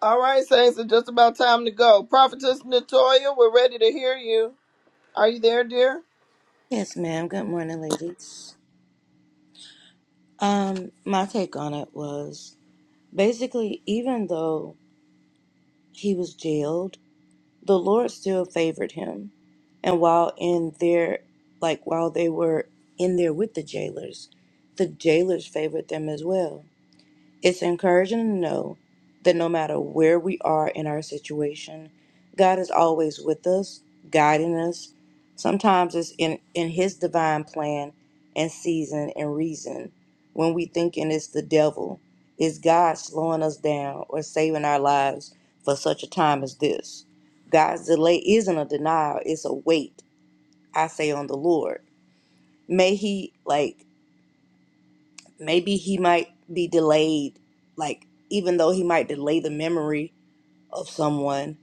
Speaker 4: All right, Saints, it's just about time to go. Prophetess Natoya, we're ready to hear you. Are you there, dear?
Speaker 11: Yes, ma'am. Good morning, ladies. Um, my take on it was basically even though he was jailed, the Lord still favored him. And while in their like while they were in there with the jailers, the jailers favored them as well. It's encouraging to know that no matter where we are in our situation, God is always with us, guiding us. Sometimes it's in, in His divine plan and season and reason. When we thinking it's the devil, is God slowing us down or saving our lives for such a time as this? God's delay isn't a denial, it's a wait, I say on the Lord. May He like maybe he might be delayed like even though he might delay the memory of someone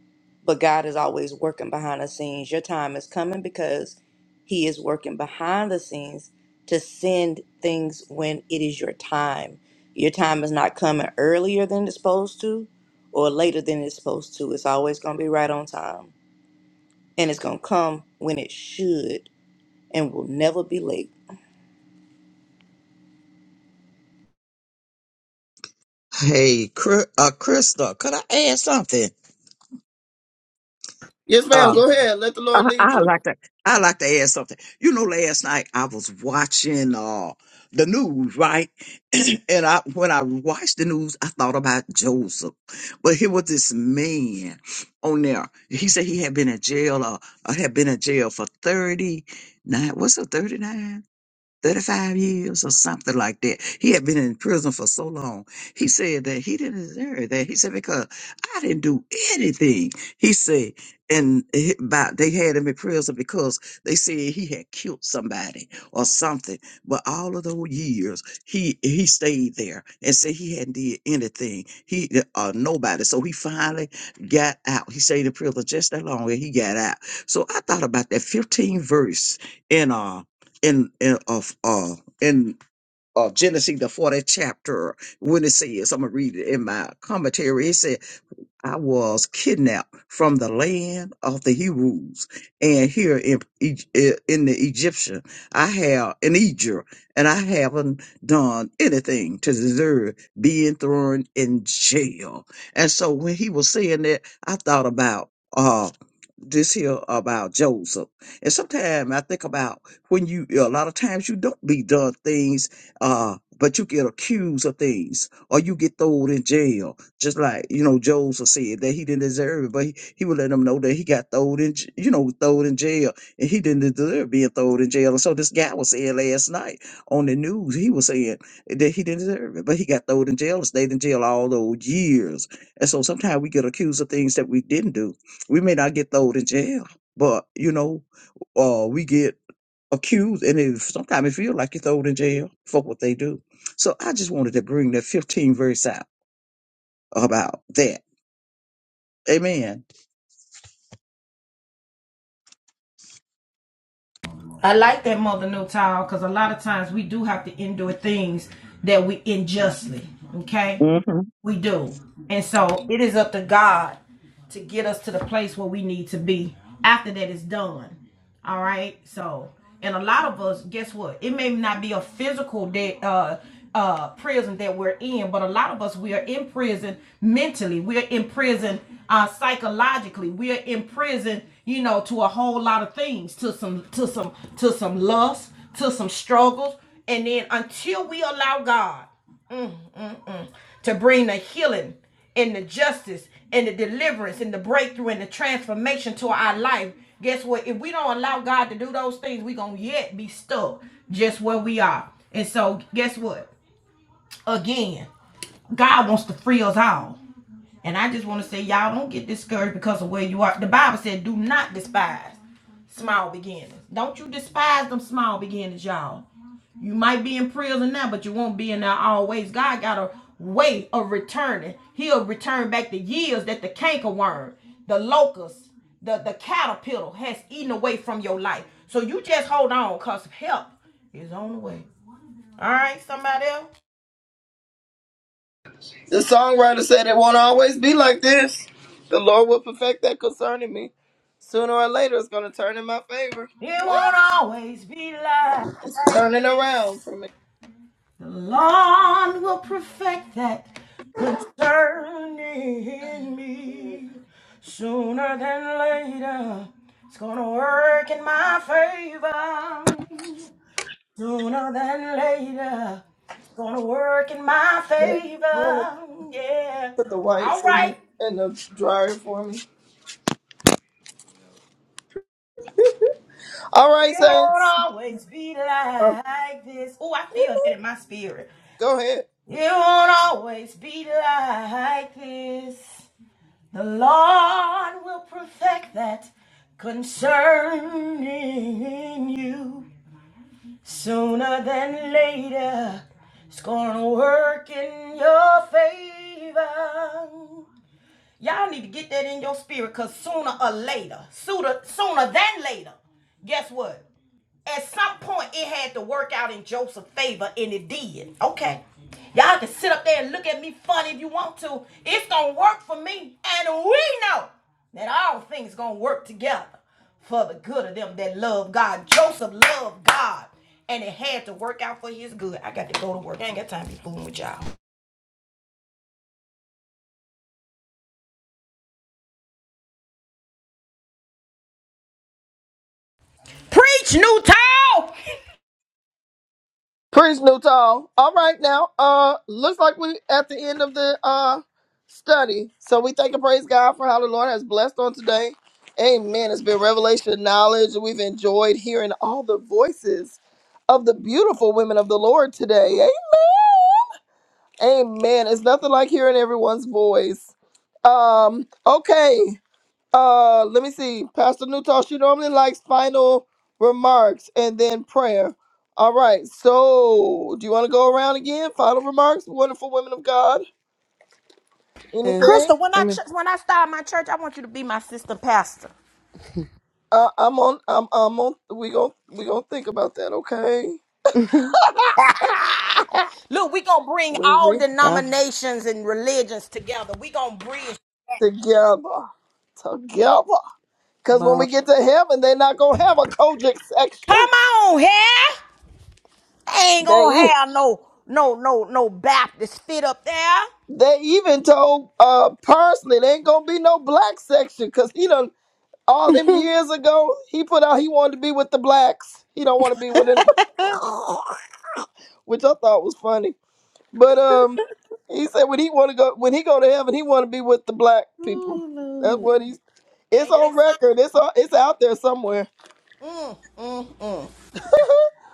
Speaker 11: but god is always working behind the scenes your time is coming because he is working behind the scenes to send things when it is your time your time is not coming earlier than it's supposed to or later than it's supposed to it's always going to be right on time and it's going to come when it should and will never be late
Speaker 10: Hey, Cr- uh, Crystal, could I add something?
Speaker 4: Yes, ma'am.
Speaker 10: Uh,
Speaker 4: Go ahead. Let the
Speaker 10: I,
Speaker 4: Lord lead
Speaker 10: I
Speaker 4: you.
Speaker 10: like to I like to add something. You know, last night I was watching uh the news, right? and I when I watched the news, I thought about Joseph. But here was this man on there. He said he had been in jail uh, uh, had been in jail for 39, what's it, 39? 35 years or something like that. He had been in prison for so long. He said that he didn't deserve that. He said, because I didn't do anything. He said, and he- by, they had him in prison because they said he had killed somebody or something. But all of those years, he he stayed there and said he hadn't did anything. He uh, nobody. So he finally got out. He stayed in prison just that long, and he got out. So I thought about that 15 verse in uh in in of uh in uh Genesis the 40th chapter when it says I'm gonna read it in my commentary. It said, I was kidnapped from the land of the Hebrews and here in Eg- eh, in the Egyptian I have in Egypt and I haven't done anything to deserve being thrown in jail. And so when he was saying that I thought about uh, this here about Joseph. And sometimes I think about when you, a lot of times you don't be done things, uh, but you get accused of things or you get thrown in jail. Just like, you know, Joseph said that he didn't deserve it, but he, he would let them know that he got thrown in, j- you know, thrown in jail and he didn't deserve being thrown in jail. And so this guy was saying last night on the news, he was saying that he didn't deserve it, but he got thrown in jail and stayed in jail all those years. And so sometimes we get accused of things that we didn't do we may not get thrown in jail, but you know, uh, we get accused, and it, sometimes it feel like you're thrown in jail for what they do. So I just wanted to bring that 15 verse out about that. Amen.
Speaker 1: I like that mother no towel because a lot of times we do have to endure things that we unjustly. Okay,
Speaker 10: hmm
Speaker 1: we do, and so it is up to God. to get us to the place where we need to be after that is done. All right. So, and a lot of us, guess what? It may not be a physical that uh uh prison that we're in, but a lot of us we are in prison mentally. We're in prison uh psychologically. We're in prison, you know, to a whole lot of things, to some to some to some lust, to some struggles. And then until we allow God to bring the healing and the justice and the deliverance and the breakthrough and the transformation to our life. Guess what? If we don't allow God to do those things, we're going to yet be stuck just where we are. And so, guess what? Again, God wants to free us all. And I just want to say, y'all don't get discouraged because of where you are. The Bible said, do not despise small beginnings. Don't you despise them small beginnings, y'all. You might be in prison now, but you won't be in there always. God got a way of returning. He'll return back the years that the cankerworm, the locust, the, the caterpillar has eaten away from your life. So you just hold on because help is on the way. All right, somebody else?
Speaker 4: The songwriter said it won't always be like this. The Lord will perfect that concerning me. Sooner or later, it's going to turn in my favor.
Speaker 1: It won't
Speaker 4: What?
Speaker 1: always be like
Speaker 4: Turning around
Speaker 1: this.
Speaker 4: for me.
Speaker 1: The Lord will perfect that concerning me sooner than later. It's gonna work in my favor sooner than later. It's gonna work in my favor. Yeah.
Speaker 4: Put the whites
Speaker 1: All
Speaker 4: in the
Speaker 1: right.
Speaker 4: in the dryer for me. All right,
Speaker 1: It won't
Speaker 4: Saints.
Speaker 1: always be
Speaker 4: Uh,
Speaker 1: like this. Oh, I feel that in my spirit.
Speaker 4: go ahead.
Speaker 1: It won't always be like this. The Lord will perfect that concerning you sooner than later. It's gonna work in your favor. Y'all need to get that in your spirit because sooner or later, sooner, sooner than later, guess what? at some point it had to work out in Joseph's favor, and it did. Okay. Y'all can sit up there and look at me funny if you want to. It's gonna work for me, and we know that all things gonna work together for the good of them that love God. Joseph loved God, and it had to work out for his good. I got to go to work. I ain't got time to be fooling with y'all. Preach, new
Speaker 4: Praise New Tall. All right now. Uh looks like we at the end of the uh study. So we thank and praise God for how the Lord has blessed on today. Amen. It's been revelation knowledge. We've enjoyed hearing all the voices of the beautiful women of the Lord today. Eh? Amen. It's nothing like hearing everyone's voice. Um, okay. Uh, let me see. Pastor Newtall, she normally likes final remarks and then prayer. All right. So, do you want to go around again? Final remarks, wonderful women of God.
Speaker 3: Yeah.
Speaker 4: Anything?
Speaker 1: Crystal, when I
Speaker 3: Amen.
Speaker 1: ch- when I start my church, I want you to be my sister pastor.
Speaker 4: Uh, I'm on. I'm. I'm on. We gon' We gonna think about that. Okay.
Speaker 1: Look, we gonna bring
Speaker 4: We
Speaker 1: all
Speaker 4: we
Speaker 3: Bob,
Speaker 1: denominations and religions together. We gonna bridge.
Speaker 4: together, together. Cause when we
Speaker 3: Bob,
Speaker 4: get to heaven, they're not gonna have a Kojic
Speaker 1: Come
Speaker 4: section.
Speaker 1: on here. Ain't
Speaker 4: They
Speaker 1: gonna
Speaker 4: e,
Speaker 1: have no no no no Baptist fit up there.
Speaker 4: they even told uh Parsley there ain't gonna be no black section because he done All them
Speaker 3: Ooh,
Speaker 4: years ago, he put out he wanted to be with the blacks. He don't want to be with anybody, which I thought was funny. But um, he said when he want to go when he go to heaven, he want to be with the black people.
Speaker 3: Bob,
Speaker 4: That's
Speaker 3: Lord.
Speaker 4: what he's. It's
Speaker 1: Ain't that
Speaker 4: on record. It's on, it's out there somewhere.
Speaker 1: something? Mm, mm,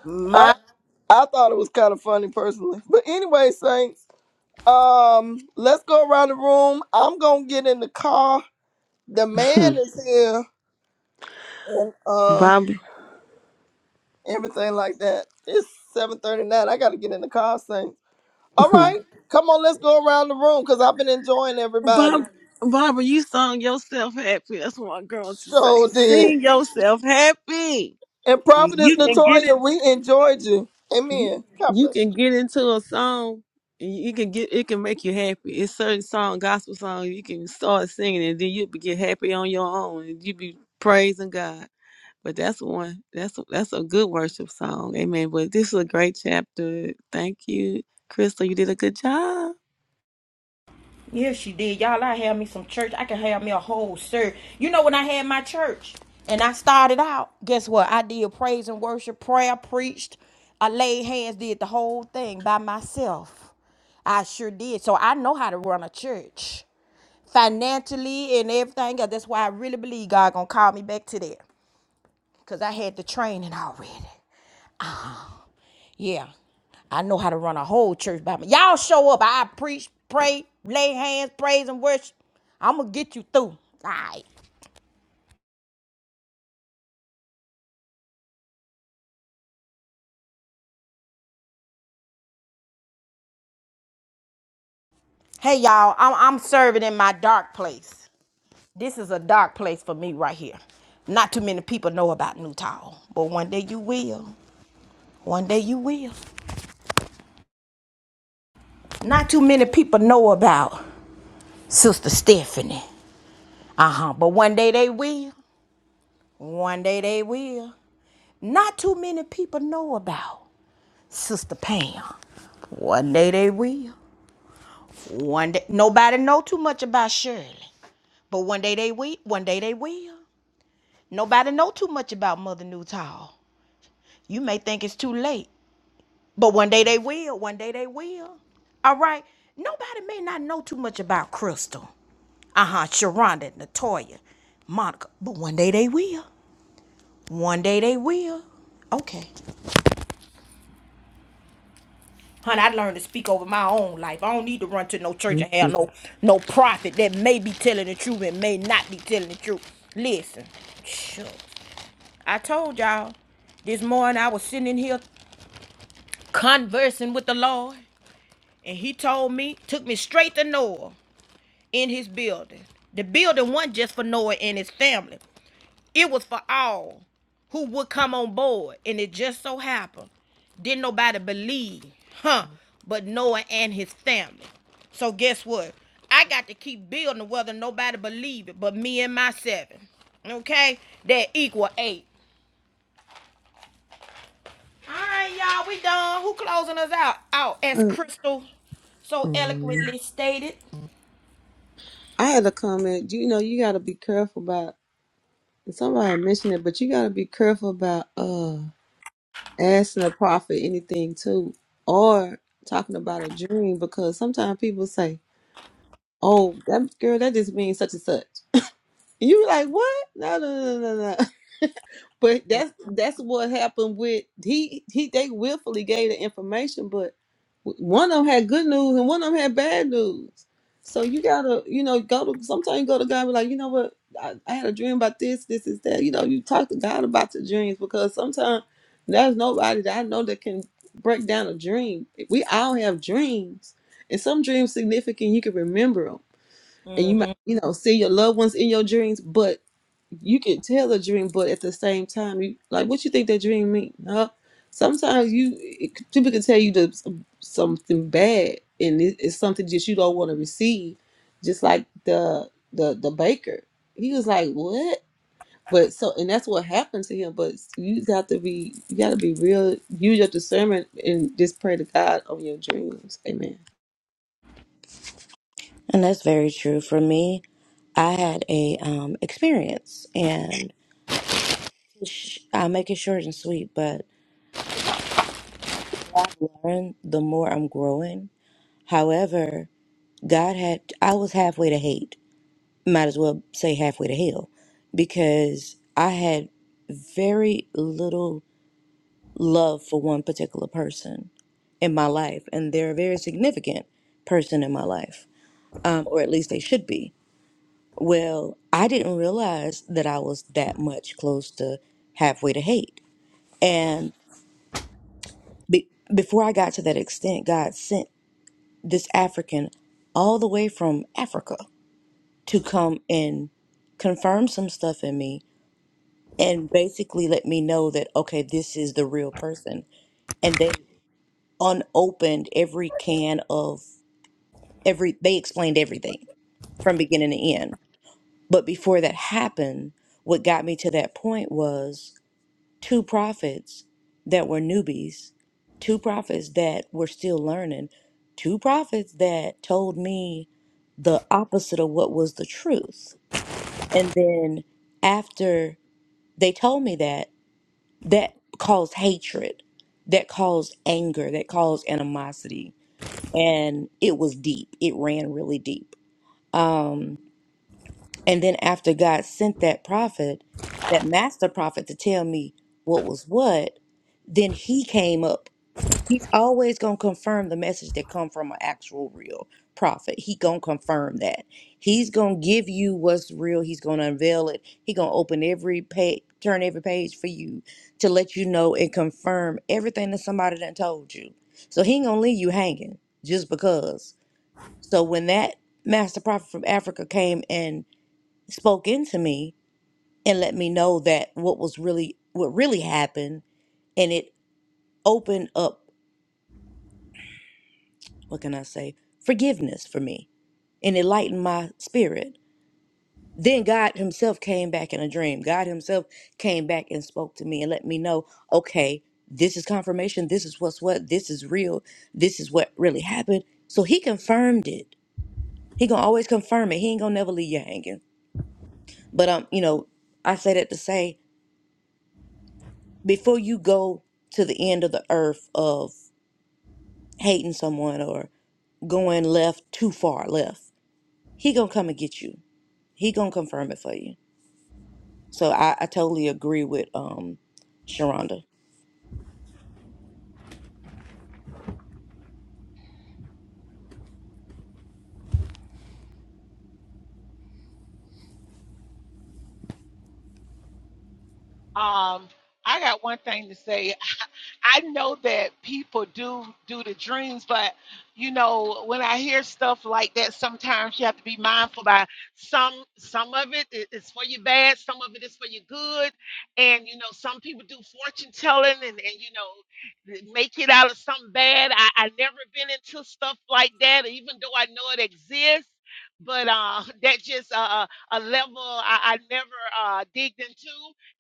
Speaker 1: mm.
Speaker 4: I I thought it was kind of funny personally. But anyway, saints. Um, let's go around the room. I'm gonna get in the car. The man is here, and uh.
Speaker 3: Bob,
Speaker 4: everything like that. It's seven thirty nine. I gotta get in the car soon. All right, come on, let's go around the room because I've been enjoying everybody.
Speaker 3: Bob, Barbara, you sung yourself happy. That's what my girls should say.
Speaker 4: So did
Speaker 3: Sing yourself happy.
Speaker 4: and Prophetess
Speaker 3: You can get it.
Speaker 4: Natoya, we enjoyed you.
Speaker 3: You
Speaker 4: Amen. God
Speaker 3: you
Speaker 4: bless
Speaker 3: can get into a song. and You can get it can make you happy. It's certain song, gospel song. You can start singing and then you'll be get happy on your own and you be praising God. But that's one. That's that's a good worship song. Amen. But this is a great chapter. Thank you, Crystal. You did a good job.
Speaker 1: Yeah, she did. Y'all, I had me some church. I can have me a whole sir. You know, when I had my church and I started out, guess what? I did praise and worship, prayer, preached. I laid hands, did the whole thing by myself. I sure did. So I know how to run a church financially and everything. else. That's why I really believe God gonna call me back to that. Cause I had the training already. Yeah, I know how to run a whole church by me. Y'all show up. I preach, pray, lay hands, praise, and worship. I'm gonna get you through. All right. Hey, y'all. I'm I'm serving in my dark place. This is a dark place for me right here. Not too many people know about New Town, but one day you will. One day you will. Not too many people know about Sister Stephanie. Uh huh. But one day they will. One day they will. Not too many people know about Sister Pam. One day they will. One day nobody know too much about Shirley, but one day they will. One day they will. Nobody know too much about Mother Newtall. You may think it's too late, but one day they will. One day they will. All right. Nobody may not know too much about Crystal. Uh huh. Sharonda, Natoya, Monica, but one day they will. One day they will. Okay. Honey, I learned to speak over my own life. I don't need to run to no church
Speaker 3: Thank
Speaker 1: and have
Speaker 3: you.
Speaker 1: no no prophet that may be telling the truth and may not be telling the truth. Listen, I told y'all this morning I was sitting in here conversing with the Lord, and He told me, took me straight to Noah in His building. The building wasn't just for Noah and his family. It was for all who would come on board. And it just so happened, didn't nobody believe, huh? But Noah and his family. So guess what? I got to keep building whether nobody believe it, but me and my seven. Okay? That equal eight. All right, y'all, we done. Who closing us out? Out as Crystal so
Speaker 3: Mm-mm.
Speaker 1: eloquently stated.
Speaker 3: I had a comment. You know, you got to be careful about. Somebody mentioned it, but you got to be careful about uh asking a prophet anything too, or talking about a dream because sometimes people say, "Oh, that girl, that just means such and such." You like what? No, no, no, no, no. But that's that's what happened with he he. They willfully gave the information, but w- one of them had good news and one of them had bad news. So you gotta, you know, go to sometimes you go to God and be like, you know what, I, I had a dream about this, this is that. You know, you talk to God about your dreams because sometimes there's nobody that I know that can break down a dream. We all have dreams, and some dreams significant. You can remember 'em and you might you know see your loved ones in your dreams but you can tell a dream but at the same time you like what you think that dream mean huh sometimes you it, people can tell you the, something bad and it, it's something that you don't want to receive just like the the the baker he was like what but so and that's what happened to him but you got to be you got to be real use your discernment and just pray to god on your dreams amen
Speaker 11: And that's very true. For me, I had a um, experience, and sh- I'll make it short and sweet. But the more I've learned, the more I'm growing. However, God had I was halfway to hate. Might as well say halfway to hell, because I had very little love for one particular person in my life, and they're a very significant person in my life, um, or at least they should be Well, I didn't realize that I was that much close to halfway to hate. And be before I got to that extent, God sent this African all the way from Africa to come and confirm some stuff in me and basically let me know that, okay, this is the real person. And they unopened every can of every, they explained everything from beginning to end. But before that happened, what got me to that point was. two prophets that were newbies, two prophets that were still learning, two prophets that told me the opposite of what was the truth. And then after they told me that, that caused hatred, that caused anger, that caused animosity. And it was deep. It ran really deep. Um, and then after God sent that prophet, that master prophet to tell me what was what, then he came up. He's always going to confirm the message that come from an actual real prophet. He going to confirm that. He's going to give you what's real. He's going to unveil it. He going to open every page, turn every page for you to let you know and confirm everything that somebody done told you. So he ain't going to leave you hanging just because. So when that master prophet from Africa came and spoke into me and let me know that what was really what really happened and it opened up what can i say forgiveness for me and it lightened my spirit then god himself came back in a dream god himself came back and spoke to me and let me know okay this is confirmation this is what's what this is real this is what really happened so he confirmed it he gonna always confirm it he ain't gonna never leave you hanging but um you know i say that to say before you go to the end of the earth of hating someone or going left too far left he gonna come and get you he gonna confirm it for you so i, I totally agree with um sharonda
Speaker 7: Um, I got one thing to say. I know that people do do the dreams, but you know, when I hear stuff like that, sometimes you have to be mindful by some some of it i- is for your bad, some of it is for your good. And you know, some people do fortune telling and, and you know th- make it out of something bad. I, I never been into stuff like that, even though I know it exists. But uh, that just uh, uh, a level I, I never uh, digged into.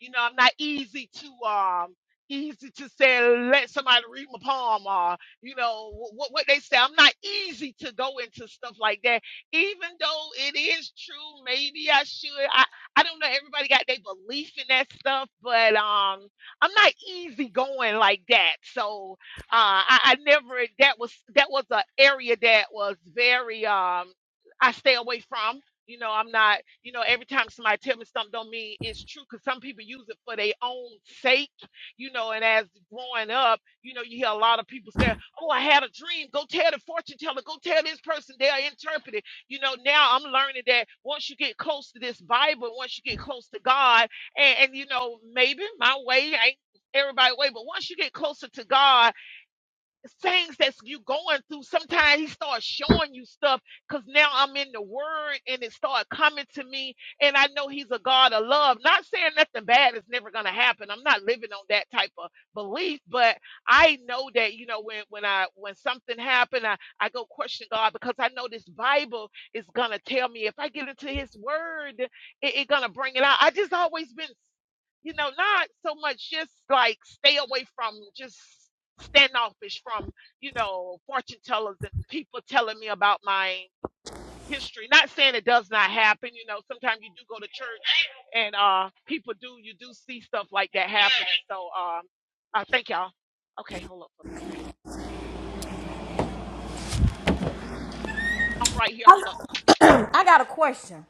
Speaker 7: You know, I'm not easy to. um easy to say let somebody read my palm or you know what what they say i'm not easy to go into stuff like that even though it is true maybe i should i i don't know everybody got their belief in that stuff but um i'm not easy going like that so uh i, I never that was that was an area that was very um i stay away from you know i'm not you know every time somebody tell me something don't mean it's true because some people use it for their own sake you know, and as growing up, you know, you hear a lot of people say, Oh, I had a dream. Go tell the fortune teller, go tell this person, they'll interpret it. You know, now I'm learning that once you get close to this Bible, once you get close to God, and, and you know, maybe my way ain't everybody way, but once you get closer to God things that you going through sometimes he starts showing you stuff because now i'm in the word and it started coming to me and i know he's a god of love not saying nothing bad is never going to happen i'm not living on that type of belief but i know that you know when when i when something happened i i go question god because i know this bible is going to tell me if i get into his word it, it going to bring it out i just always been you know, not so much just like stay away from just standoffish from, you know, fortune tellers and people telling me about my history. Not saying it does not happen, you know, sometimes you do go to church and uh people do you do see stuff like that happening. So um uh thank y'all. Okay, hold up for a second. I'm right here, hold up.
Speaker 1: I got a question.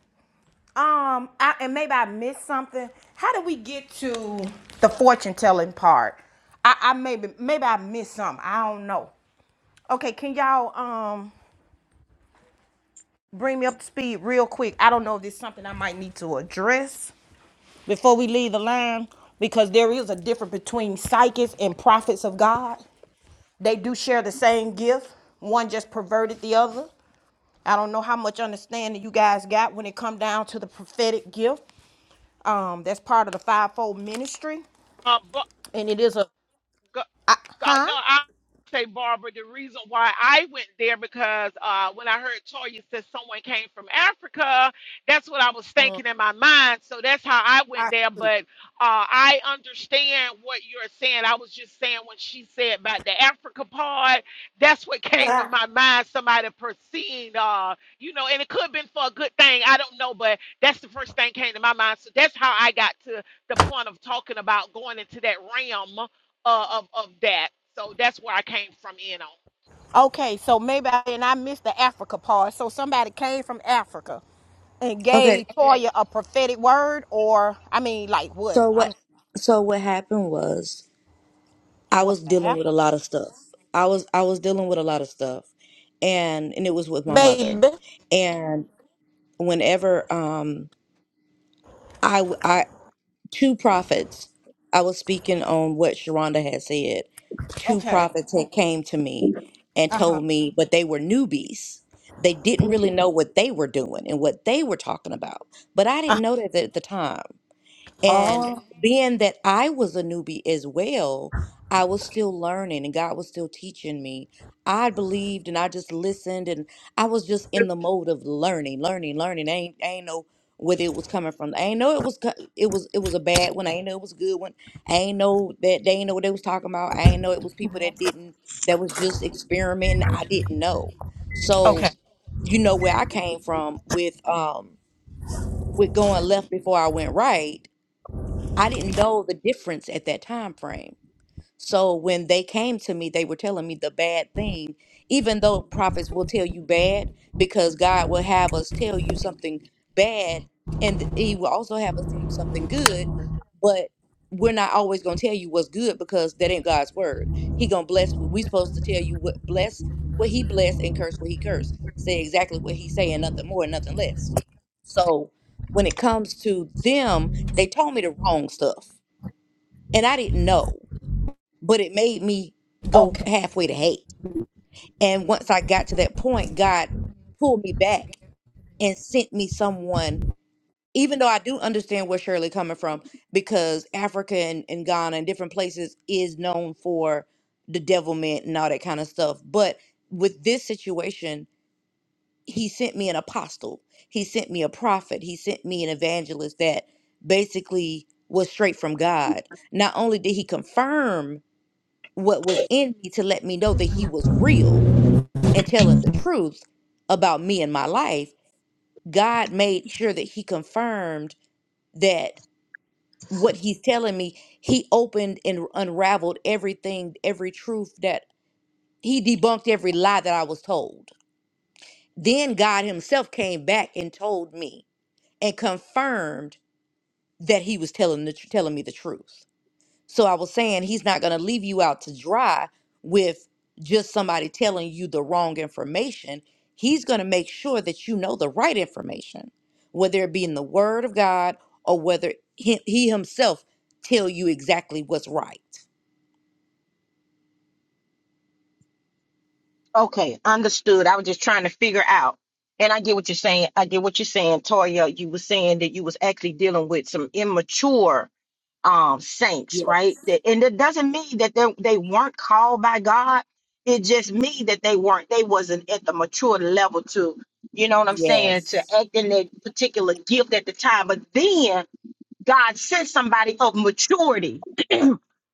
Speaker 1: Um, I, and maybe I missed something. How do we get to the fortune telling part? I, I maybe maybe I missed something. I don't know. Okay, can y'all um bring me up to speed real quick? I don't know if this is something I might need to address before we leave the line because there is a difference between psychics and prophets of God. They do share the same gift. One just perverted the other. I don't know how much understanding you guys got when it come down to the prophetic gift. Um, that's part of the fivefold ministry.
Speaker 7: Uh but
Speaker 1: and it is a
Speaker 7: go, God, no, I say Barbara. The reason why I went there because uh, when I heard Toya said someone came from Africa, that's what I was thinking in my mind. So that's how I went there. But uh, I understand what you're saying. I was just saying when she said about the Africa part, that's what came to my mind. Somebody perceived, uh, you know, and it could have been for a good thing. I don't know, but that's the first thing came to my mind. So that's how I got to the point of talking about going into that realm uh, of, of that. So that's where I came from in on.
Speaker 1: okay so maybe I, and i missed the africa part so somebody came from africa and
Speaker 11: okay
Speaker 1: gave toya a prophetic word or i mean like what
Speaker 11: so
Speaker 1: i'm
Speaker 11: what so what happened was i
Speaker 1: what
Speaker 11: was dealing with a
Speaker 1: happened
Speaker 11: lot of stuff i was i was dealing with a lot of stuff and and it was with my mother
Speaker 1: baby
Speaker 11: and whenever um I w- I two prophets. I was speaking on what Sharonda had said. Two
Speaker 1: okay
Speaker 11: prophets had came to me and
Speaker 1: uh-huh
Speaker 11: told me, but they were newbies. They didn't really know what they were doing and what they were talking about. But I
Speaker 1: uh,
Speaker 11: didn't know that at the time. And
Speaker 1: Oh,
Speaker 11: being that I was a newbie as well, I was still learning and God was still teaching me. I believed and I just listened and I was just in the mode of learning, learning, learning. I ain't, I ain't know whether it was coming from. I ain't know it was co- it was it was a bad one. I ain't know it was a good one. I ain't know that they ain't know what they was talking about. I ain't know it was people that didn't that was just experimenting. I didn't know. So
Speaker 1: okay
Speaker 11: you know where I came from with um with going left before I went right I didn't know the difference at that time frame. So when they came to me, they were telling me the bad thing, even though prophets will tell you bad, because God will have us tell you something bad, and He will also have us tell you something good, but we're not always gonna tell you what's good because that ain't God's word. He gonna bless what we supposed to tell you what bless what he blessed and curse what he cursed. Say exactly what he's saying, nothing more, nothing less. So when it comes to them, they told me the wrong stuff. And I didn't know but it made me go
Speaker 1: okay
Speaker 11: halfway to hate. And once I got to that point, God pulled me back and sent me someone, even though I do understand where Shirley coming from, because Africa and, and Ghana and different places is known for the devilment and all that kind of stuff. But with this situation, he sent me an apostle. He sent me a prophet. He sent me an evangelist that basically was straight from God. Not only did he confirm what was in me to let me know that he was real and telling the truth about me and my life, God made sure that he confirmed that what he's telling me, he opened and unraveled everything, every truth that he debunked every lie that I was told. Then God himself came back and told me and confirmed that he was telling the, telling me the truth. So I was saying he's not going to leave you out to dry with just somebody telling you the wrong information. He's going to make sure that you know the right information, whether it be in the word of God or whether he, he himself tell you exactly what's right.
Speaker 1: okay, understood. I was just trying to figure out. And I get what you're saying. I get what you're saying, Toya. You were saying that you was actually dealing with some immature um, saints,
Speaker 11: Yeah,
Speaker 1: right? That- And it doesn't mean that they, they weren't called by God. It just means that they weren't, they wasn't at the mature level to, you know what I'm saying, to
Speaker 11: yes.
Speaker 1: act in that particular gift at the time. But then God sent somebody of maturity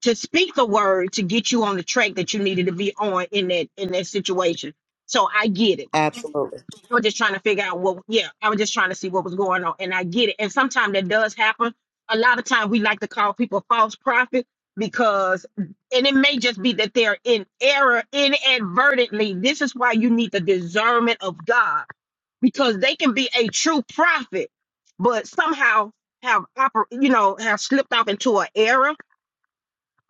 Speaker 1: to speak the word to get you on the track that you needed to be on in that in that situation. So I get it.
Speaker 11: Absolutely.
Speaker 1: I was just trying to figure out what, yeah, I was just trying to see what was going on. And I get it. And sometimes that does happen. A lot of times we like to call people false prophet because, and it may just be that they're in error inadvertently. This is why you need the discernment of God because they can be a true prophet, but somehow have, oper- you know, have slipped off into an error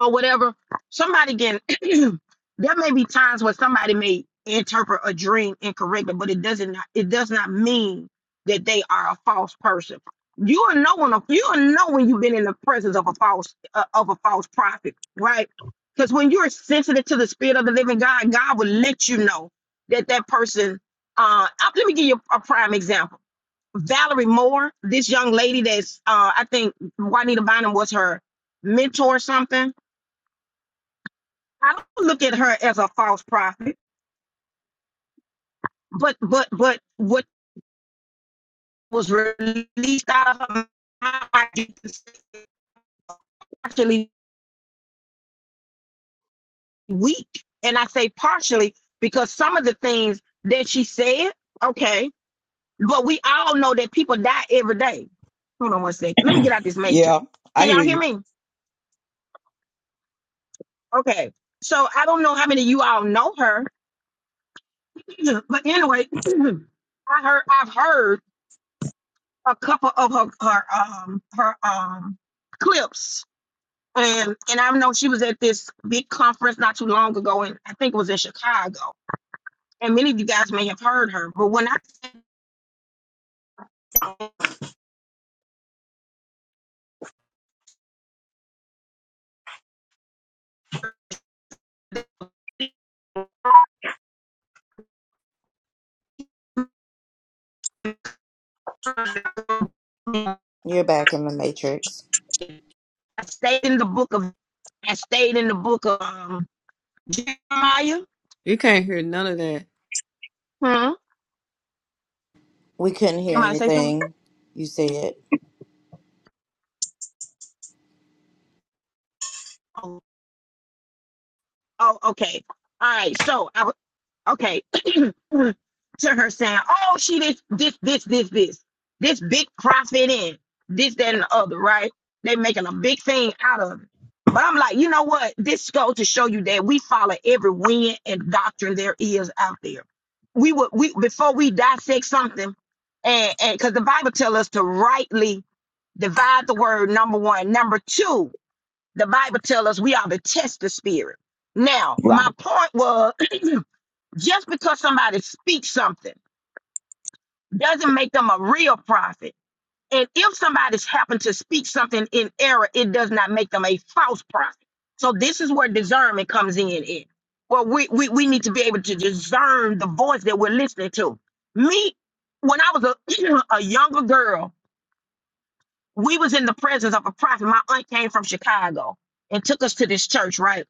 Speaker 1: or whatever. Somebody can. there may be times where somebody may interpret a dream incorrectly, but it doesn't not it does not mean that they are a false person. You will know when a, you will know when you've been in the presence of a false uh, of a false prophet, right? Because when you're sensitive to the spirit of the living God, God will let you know that that person. Uh, uh, let me give you a prime example. Valerie Moore, this young lady that's uh, I think Juanita Bynum was her mentor or something I don't look at her as a false prophet, but but but what was released out of her mouth is partially weak, and I say partially because some of the things that she said, okay, but we all know that people die every day. Hold on one second. Let me get out this matrix.
Speaker 10: Yeah, I
Speaker 1: Can
Speaker 10: hear
Speaker 1: y'all hear
Speaker 10: you.
Speaker 1: me? Okay. So I don't know how many of you all know her, but anyway, I heard I've heard a couple of her her um her um clips and and I know she was at this big conference not too long ago, and I think it was in Chicago. And many of you guys may have heard her, but when I, I
Speaker 11: You're back in the matrix.
Speaker 1: stayed in the book of, I stayed in the book of um, Jeremiah.
Speaker 3: You can't hear none of that.
Speaker 1: Hmm?
Speaker 11: We couldn't hear
Speaker 1: Somebody say something.
Speaker 11: anything you said.
Speaker 1: Oh, oh, okay. All right. So I okay, to her saying, oh, she this, this, this, this, this, this big profit in this, that, and the other, right? They making a big thing out of it. But I'm like, you know what? This goes to show you that we follow every wind and doctrine there is out there. We would we before we dissect something, and and because the Bible tell us to rightly divide the word. Number one, number two, the Bible tell us we are to test the spirit. Now,
Speaker 10: Right.
Speaker 1: my point was Just because somebody speaks something doesn't make them a real prophet. And if somebody's happened to speak something in error, it does not make them a false prophet. So this is where discernment comes in. In well, we, we we need to be able to discern the voice that we're listening to. Me, when I was a, a younger girl, we was in the presence of a prophet. My aunt came from Chicago and took us to this church, right?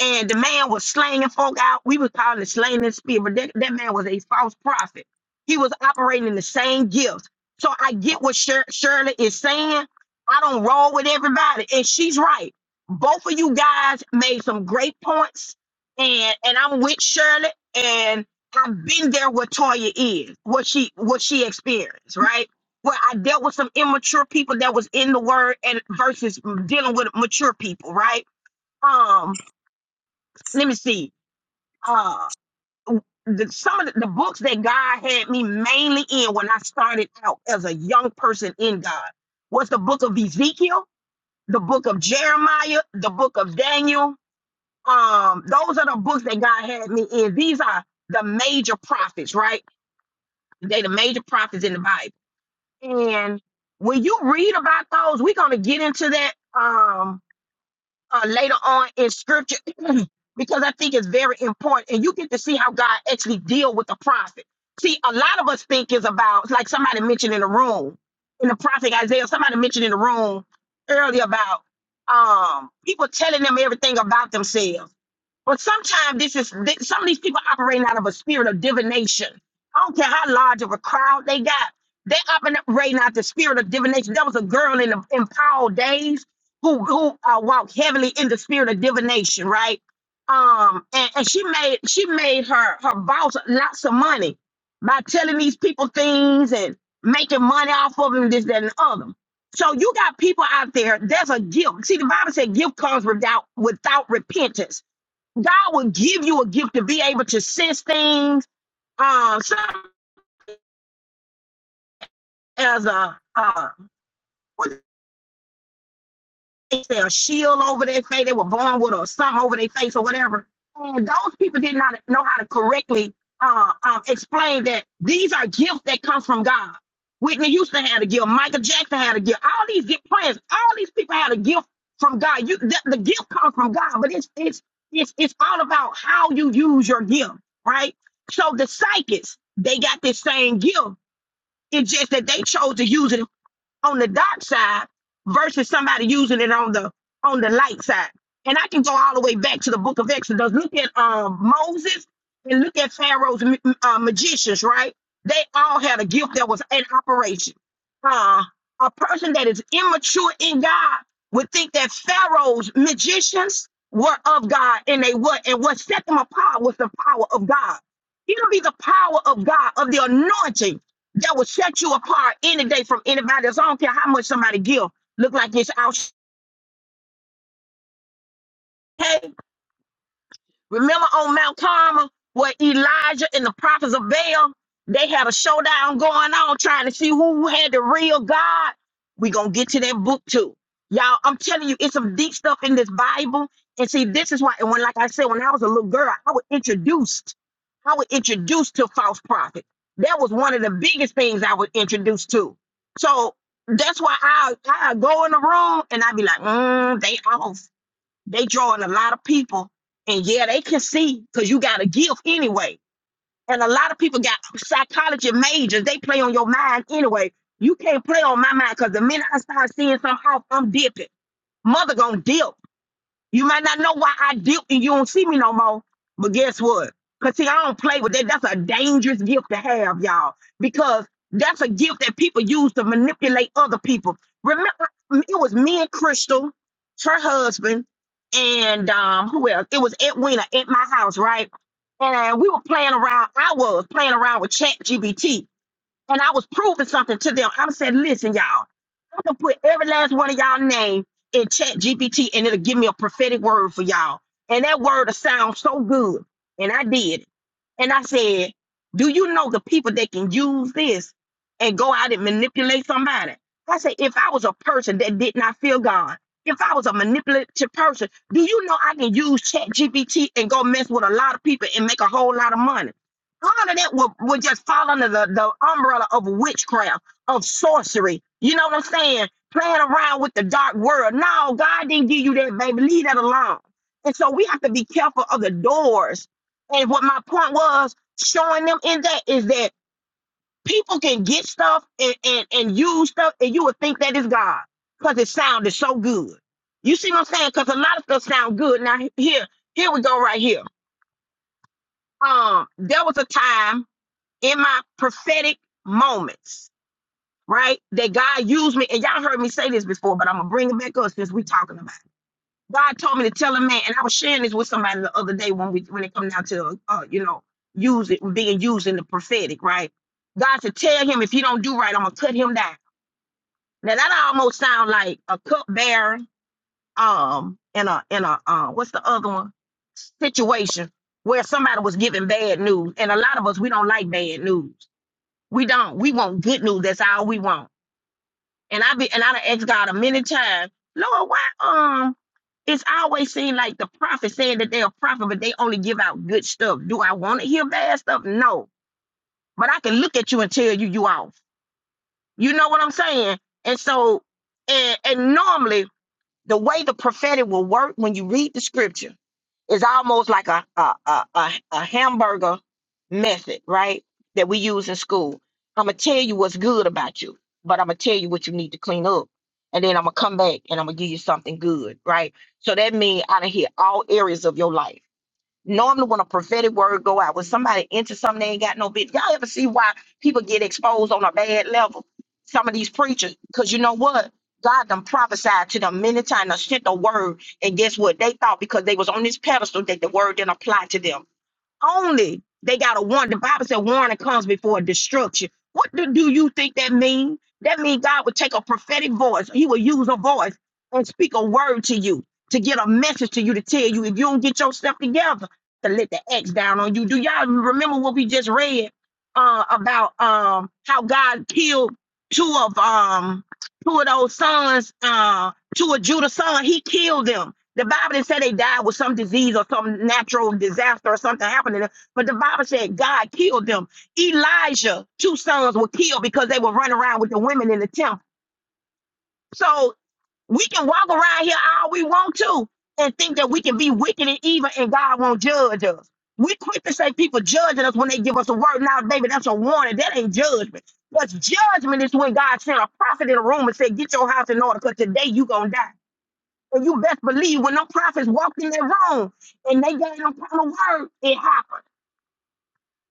Speaker 1: and the man was slaying folk out. We would call it slaying in spirit, but that, that man was a false prophet. He was operating in the same gifts. So I get what Shir- Shirley is saying. I don't roll with everybody, and she's right. Both of you guys made some great points, and and I'm with Shirley, and I've been there where Toya is, what she what she experienced, right? Where I dealt with some immature people that was in the word, and versus dealing with mature people, right? Um let me see. Uh, the, some of the, the books that God had me mainly in when I started out as a young person in God was the book of Ezekiel, the book of Jeremiah, the book of Daniel. Um, those are the books that God had me in. These are the major prophets, right? They the major prophets in the Bible. And when you read about those, we're gonna get into that. Um, uh, later on in scripture because I think it's very important, and you get to see how God actually deal with the prophet. See, a lot of us think is about like somebody mentioned in the room in the prophet Isaiah. Somebody mentioned in the room earlier about um people telling them everything about themselves. But sometimes this is th- some of these people operating out of a spirit of divination. I don't care how large of a crowd they got, they are operating out the spirit of divination. There was a girl in the in Paul days who who uh, walked heavily in the spirit of divination, right? Um, and, and she made she made her her boss lots of money by telling these people things and making money off of them, this, that, and the other. So you got people out there. There's a gift. See, the Bible said, "Gift comes without without repentance." God will give you a gift to be able to sense things. Um, some as a uh, face, their shield over their face, they were born with or something over their face or whatever. And those people did not know how to correctly uh, um, explain that these are gifts that come from God. Whitney Houston had a gift. Michael Jackson had a gift. All these gift players, all these people had a gift from God. You, the, the gift comes from God, but it's it's it's it's all about how you use your gift, right? So the psychics, they got this same gift. It's just that they chose to use it on the dark side versus somebody using it on the on the light side. And I can go all the way back to the book of Exodus. Look at um, Moses and look at Pharaoh's ma- uh, magicians, right? They all had a gift that was an operation. Uh, a person that is immature in God would think that Pharaoh's magicians were of God and they were. And what set them apart was the power of God. It'll be the power of God, of the anointing that will set you apart any day from anybody else. I don't care how much somebody give. Look like it's out. Hey. Remember on Mount Carmel where Elijah and the prophets of Baal, they had a showdown going on trying to see who had the real God. we going to get to that book too. Y'all, I'm telling you, it's some deep stuff in this Bible. And see, this is why, and when, like I said, when I was a little girl, I was introduced. I was introduced to false prophets. That was one of the biggest things I was introduced to. So that's why I I go in the room and I be like, mm, they off. They drawing a lot of people, and yeah, they can see because you got a gift anyway. And a lot of people got psychology majors. They play on your mind anyway. You can't play on my mind because the minute I start seeing something off, I'm dipping. Mother gonna dip. You might not know why I dipped and you don't see me no more. But guess what? Cause see, I don't play with that. That's a dangerous gift to have, y'all. Because that's a gift that people use to manipulate other people. Remember, it was me and Crystal, her husband, and um, who else? It was Edwina at my house, right? And we were playing around. I was playing around with Chat and I was proving something to them. I said, listen, y'all, I am gonna put every last one of y'all name in chat GPT and it'll give me a prophetic word for y'all. And that word will sound so good. And I did it. And I said, do you know the people that can use this and go out and manipulate somebody? I said, if I was a person that did not feel God, if I was a manipulative person, do you know I can use chat GPT and go mess with a lot of people and make a whole lot of money? all of that would, would just fall under the, the umbrella of witchcraft, of sorcery. You know what I'm saying? Playing around with the dark world. No, God didn't give you that, baby. Leave that alone. And so we have to be careful of the doors. And what my point was showing them in that is that people can get stuff and, and, and use stuff, and you would think that is God because it sounded so good. You see what I'm saying? Because a lot of stuff sound good. Now, here, here we go right here. Um, there was a time in my prophetic moments, right? That God used me, and y'all heard me say this before, but I'm gonna bring it back up since we are talking about. It. God told me to tell a man, and I was sharing this with somebody the other day when we when it comes down to uh, you know use it being used in the prophetic, right? God said, tell him if he don't do right, I'm gonna cut him down. Now that almost sound like a cupbearer, um, in a in a uh, what's the other one situation where somebody was giving bad news, and a lot of us we don't like bad news. We don't. We want good news. That's all we want. And I be and I done asked God a many times, Lord, why um it's always seemed like the prophet saying that they're a prophet, but they only give out good stuff. Do I want to hear bad stuff? No. But I can look at you and tell you you off. You know what I'm saying? And so and, and normally the way the prophetic will work when you read the scripture. It's almost like a a a, a, a hamburger method, right? That we use in school. I'm gonna tell you what's good about you, but I'm gonna tell you what you need to clean up, and then I'm gonna come back and I'm gonna give you something good, right? So that means out of here all areas of your life normally when a prophetic word go out, when somebody into something they ain't got no bit, y'all ever see why people get exposed on a bad level? Some of these preachers, because you know what? God done prophesied to them many times, done sent a word, and guess what? They thought because they was on this pedestal that the word didn't apply to them only they got to warn. The Bible said warning comes before destruction. What do, do you think that means? That means God would take a prophetic voice. He would use a voice and speak a word to you to get a message to you to tell you if you don't get yourself together to let the X down on you. Do y'all remember what we just read uh, about um, how God killed two of um, two of those sons, uh, two of Judah's sons? He killed them the Bible didn't say they died with some disease or some natural disaster or something happened to them. But the Bible said God killed them. Elijah, two sons were killed because they were running around with the women in the temple. So we can walk around here all we want to and think that we can be wicked and evil and God won't judge us. We quick to say people judging us when they give us a word. Now, baby, that's a warning. That ain't judgment. What's judgment is when God sent a prophet in a room and said, get your house in order because today you going to die. And you best believe when them prophets walked in that room and they gave them kind of word, it happened.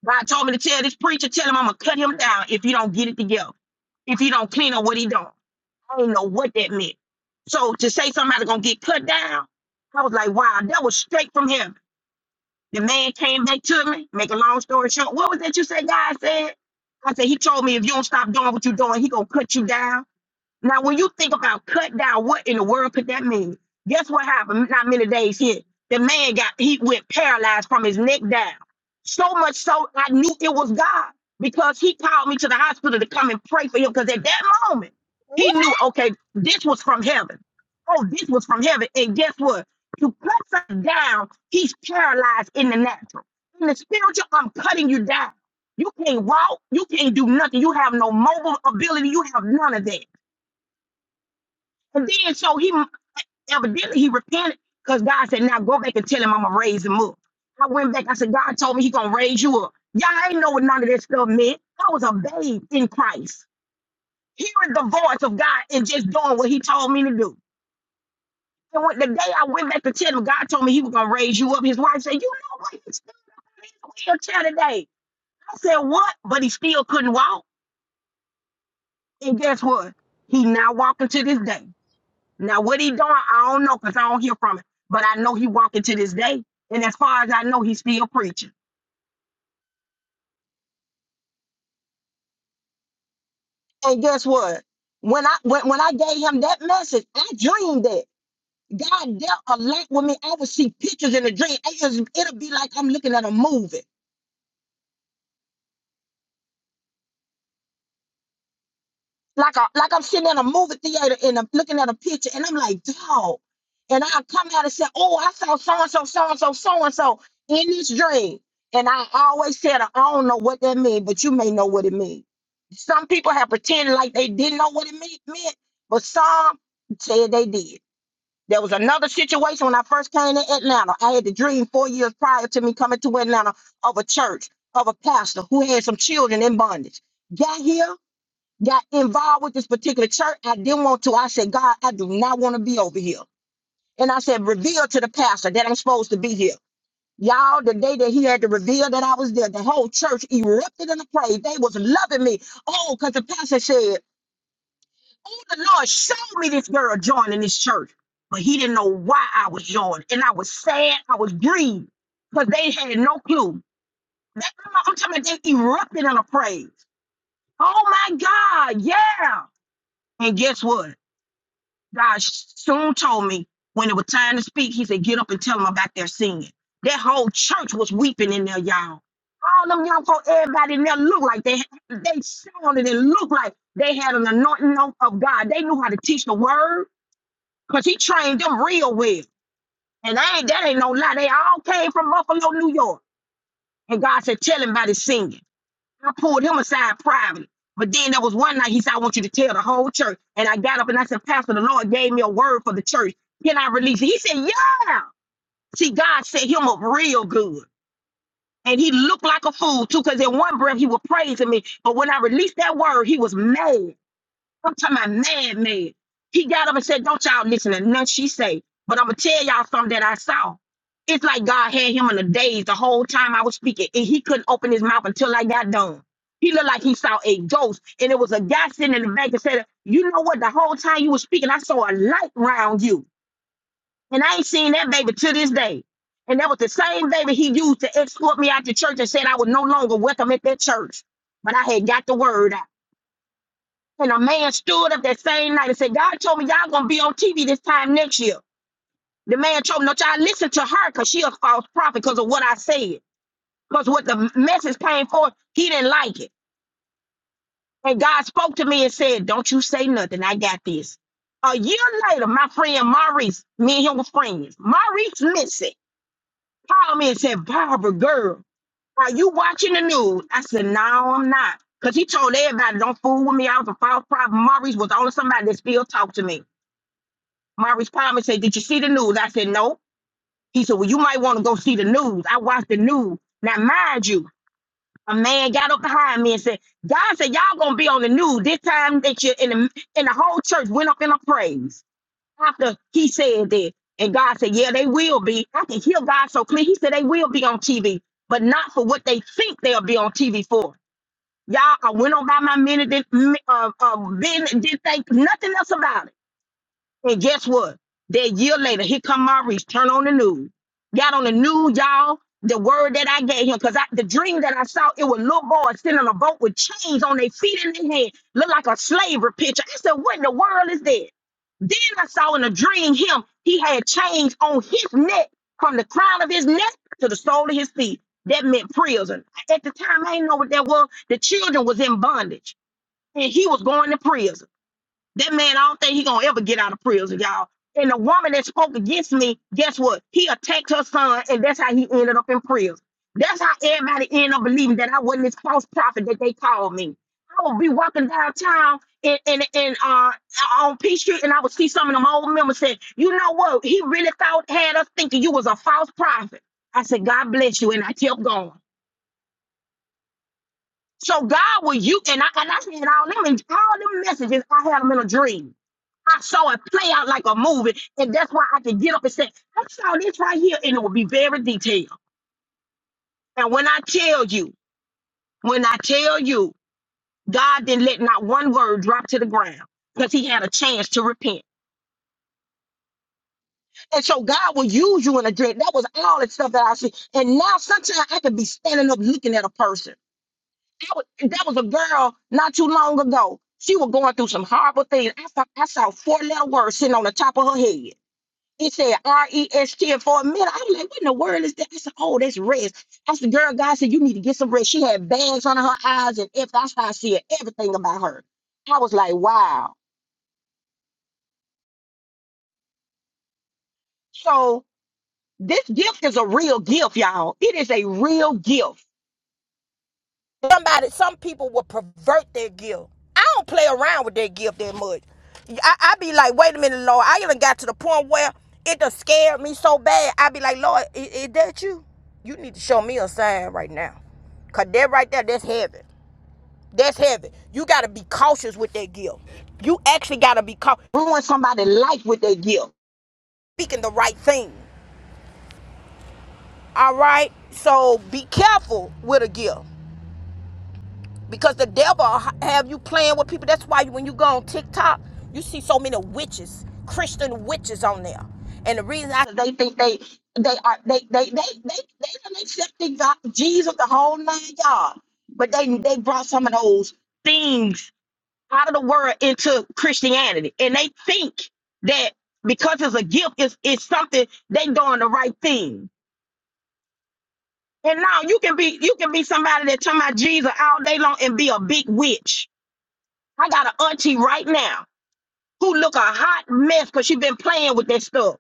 Speaker 1: God told me to tell this preacher, tell him I'm gonna cut him down if you don't get it together. If you don't clean up what he done. I didn't know what that meant. So to say somebody gonna get cut down, I was like, wow, that was straight from him. The man came back to me, make a long story short. What was that you said God said? I said, he told me if you don't stop doing what you're doing, he gonna cut you down. Now, when you think about cut down, what in the world could that mean? Guess what happened? Not many days here. The man got he went paralyzed from his neck down. So much so I knew it was God because he called me to the hospital to come and pray for him. Because at that moment,
Speaker 4: you.
Speaker 1: he knew, okay, this was from heaven. Oh, this was from heaven. And guess what? You cut something down, he's paralyzed in the natural. In the spiritual, I'm cutting you down. You can't walk, you can't do nothing. You have no mobile ability, you have none of that. And then so he evidently he repented because God said, Now go back and tell him I'm gonna raise him up. I went back, I said, God told me he gonna raise you up. Y'all ain't know what none of that stuff meant. I was a babe in Christ, hearing the voice of God and just doing what he told me to do. And when the day I went back to tell him, God told me he was gonna raise you up, his wife said, You know what? He's still in his wheelchair today. I said, What? But he still couldn't walk. And guess what? He now walking to this day. Now, what he doing, I don't know because I don't hear from him. But I know he walking to this day, and as far as I know, he's still preaching. And guess what? When I when, when I gave him that message, I dreamed that God dealt a lot with me. I would see pictures in the dream. It is, it'll be like I'm looking at a movie. like a like I'm sitting in a movie theater and I'm looking at a picture and I'm like, dog. And I come out and say, oh, I saw so and so, so and so, so and so in this dream. And I always said, I don't know what that means, but you may know what it means. Some people have pretended like they didn't know what it mea- meant, but some said they did. There was another situation when I first came to Atlanta. I had the dream four years prior to me coming to Atlanta of a church, of a pastor who had some children in bondage. Got here, got involved with this particular church. I didn't want to. I said, God, I do not want to be over here. And I said, reveal to the pastor that I'm supposed to be here. Y'all, the day that he had to reveal that I was there, the whole church erupted in the praise. They was loving me. Oh, because the pastor said, Oh, the Lord showed me this girl joining this church. But he didn't know why I was joining. And I was sad. I was grieved because they had no clue. They, I'm talking about they erupted in a praise. Oh my God, yeah. And guess what? God soon told me when it was time to speak, he said, get up and tell them about their sin." That whole church was weeping in there, y'all. All them young folk, everybody in there looked like they they sounded and looked like they had an anointing of of God. They knew how to teach the word because he trained them real well. And I ain't that ain't no lie. They all came from Buffalo, New York. And God said, tell him about his singing. I pulled him aside privately. But then there was one night he said, I want you to tell the whole church. And I got up and I said, Pastor, the Lord gave me a word for the church. Can I release it? He said, Yeah. See, God set him up real good. And he looked like a fool too, because in one breath he was praising me. But when I released that word, he was mad. I'm talking about mad, mad. He got up and said, Don't y'all listen to nothing she say. But I'm gonna tell y'all something that I saw. It's like God had him in a daze the whole time I was speaking, and he couldn't open his mouth until I got done. He looked like he saw a ghost, and it was a guy sitting in the back that said, You know what? The whole time you were speaking, I saw a light round you. And I ain't seen that baby to this day. And that was the same baby he used to escort me out the church and said I was no longer welcome at that church. But I had got the word out. And a man stood up that same night and said, God told me y'all gonna be on TV this time next year. The man told me, no, y'all listen to her because she a false prophet because of what I said. Because what the message came for, he didn't like it. And God spoke to me and said, Don't you say nothing. I got this. A year later, my friend Maurice, me and him were friends. Maurice Missy called me and said, Barbara, girl, are you watching the news? I said, No, I'm not. Because he told everybody, Don't fool with me. I was a false prophet. Maurice was the only somebody that still talked to me. Maurice Palmer said, Did you see the news? I said, No. He said, Well, you might want to go see the news. I watched the news. Now, mind you, a man got up behind me and said, God said, Y'all gonna be on the news this time that you are in the in the whole church went up in a praise after he said that. And God said, Yeah, they will be. I can hear God so clear. He said they will be on TV, but not for what they think they'll be on TV for. Y'all, I went on by my minute, didn't, mm, uh, uh, business, didn't think nothing else about it. And guess what? That year later, here come Maurice, turn on the news. Got on the news, y'all. The word that I gave him, because I, the dream that I saw, it was little boys sitting on a boat with chains on their feet and their hand, Looked like a slavery picture. I said, What in the world is that? Then I saw in a dream him, he had chains on his neck from the crown of his neck to the sole of his feet. That meant prison. At the time, I didn't know what that was. The children was in bondage and he was going to prison. That man, I don't think he gonna ever get out of prison, y'all. And the woman that spoke against me, guess what? He attacked her son, and that's how he ended up in prison. That's how everybody ended up believing that I wasn't this false prophet that they called me. I would be walking downtown in in, in uh on P Street, and I would see some of them old members say, "You know what? He really thought had us thinking you was a false prophet." I said, "God bless you," and I kept going. So God will you and I and I said all them all them messages I had them in a dream. I saw it play out like a movie, and that's why I could get up and say, I saw this right here, and it would be very detailed. And when I tell you, when I tell you, God didn't let not one word drop to the ground because he had a chance to repent. And so God will use you in a dream. That was all the stuff that I see. And now sometimes I could be standing up looking at a person. That was, that was a girl not too long ago. She was going through some horrible things. I saw, I saw four letter words sitting on the top of her head. It said R E S T. And for a minute, I was like, what in the world is that? I said, oh, that's rest. I said, girl, God said, you need to get some rest. She had bags under her eyes, and if that's how I see it, everything about her. I was like, wow. So this gift is a real gift, y'all. It is a real gift. somebody some people will pervert their gift i don't play around with their gift that much i, I be like wait a minute lord i even got to the point where it done scared me so bad i be like lord is, is that you you need to show me a sign right now because that right there that's heavy that's heavy you got to be cautious with that gift you actually got to be cautious ruin somebody's life with that gift speaking the right thing all right so be careful with a gift because the devil have you playing with people. That's why when you go on TikTok, you see so many witches, Christian witches on there. And the reason I they think they they are they they they they they done accepted God, Jesus the whole nine yards, but they they brought some of those things out of the world into Christianity, and they think that because it's a gift, it's it's something they doing the right thing. And now you can be you can be somebody that talking about Jesus all day long and be a big witch I got an auntie right now who look a hot mess because she been playing with that stuff.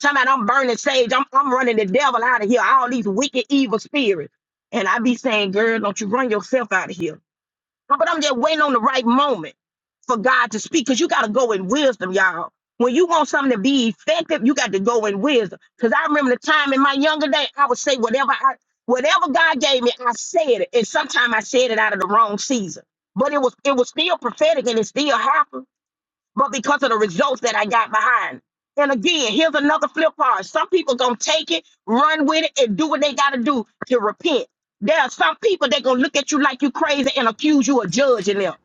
Speaker 1: Talking about I'm burning sage. I'm, I'm running the devil out of here. All these wicked, evil spirits. And I be saying, girl, don't you run yourself out of here. But I'm just waiting on the right moment for God to speak because you got to go in wisdom, y'all. When you want something to be effective, you got to go in wisdom. Because I remember the time in my younger day, I would say whatever I, whatever God gave me, I said it. And sometimes I said it out of the wrong season. But it was it was still prophetic and it still happened but because of the results that I got behind. And again, here's another flip part. Some people gonna take it, run with it, and do what they gotta do to repent. There are some people that gonna look at you like you crazy and accuse you of judging them.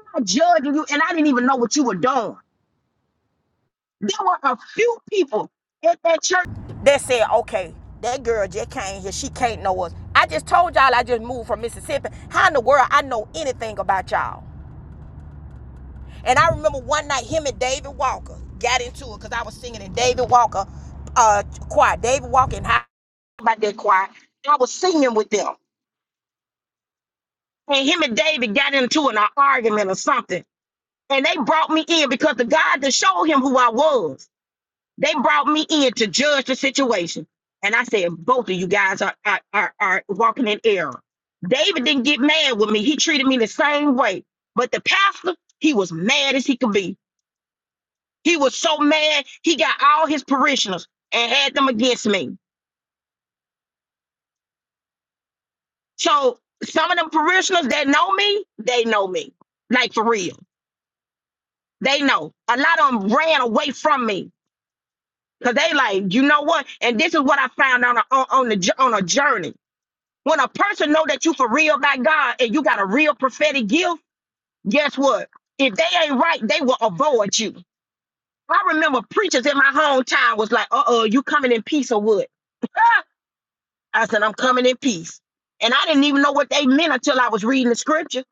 Speaker 1: I'm not judging you, and I didn't even know what you were doing. There were a few people at that church that said, okay, that girl just came here. She can't know us. I just told y'all I just moved from Mississippi. How in the world I know anything about y'all? And I remember one night him and David Walker got into it because I was singing in David Walker uh choir. David Walker and how about that choir. I was singing with them. And him and David got into an argument or something. And they brought me in because the God that showed him who I was, they brought me in to judge the situation. And I said, both of you guys are, are, are, are walking in error. David didn't get mad with me. He treated me the same way. But the pastor, he was mad as he could be. He was so mad, he got all his parishioners and had them against me. So some of them parishioners that know me, they know me. Like for real. They know. A lot of them ran away from me. Cause they like, you know what? And this is what I found on a, on, on the jour- on a journey. When a person know that you for real by God and you got a real prophetic gift, guess what? If they ain't right, they will avoid you. I remember preachers in my hometown was like, uh-oh, you coming in peace or what? I said, I'm coming in peace. And I didn't even know what they meant until I was reading the scripture.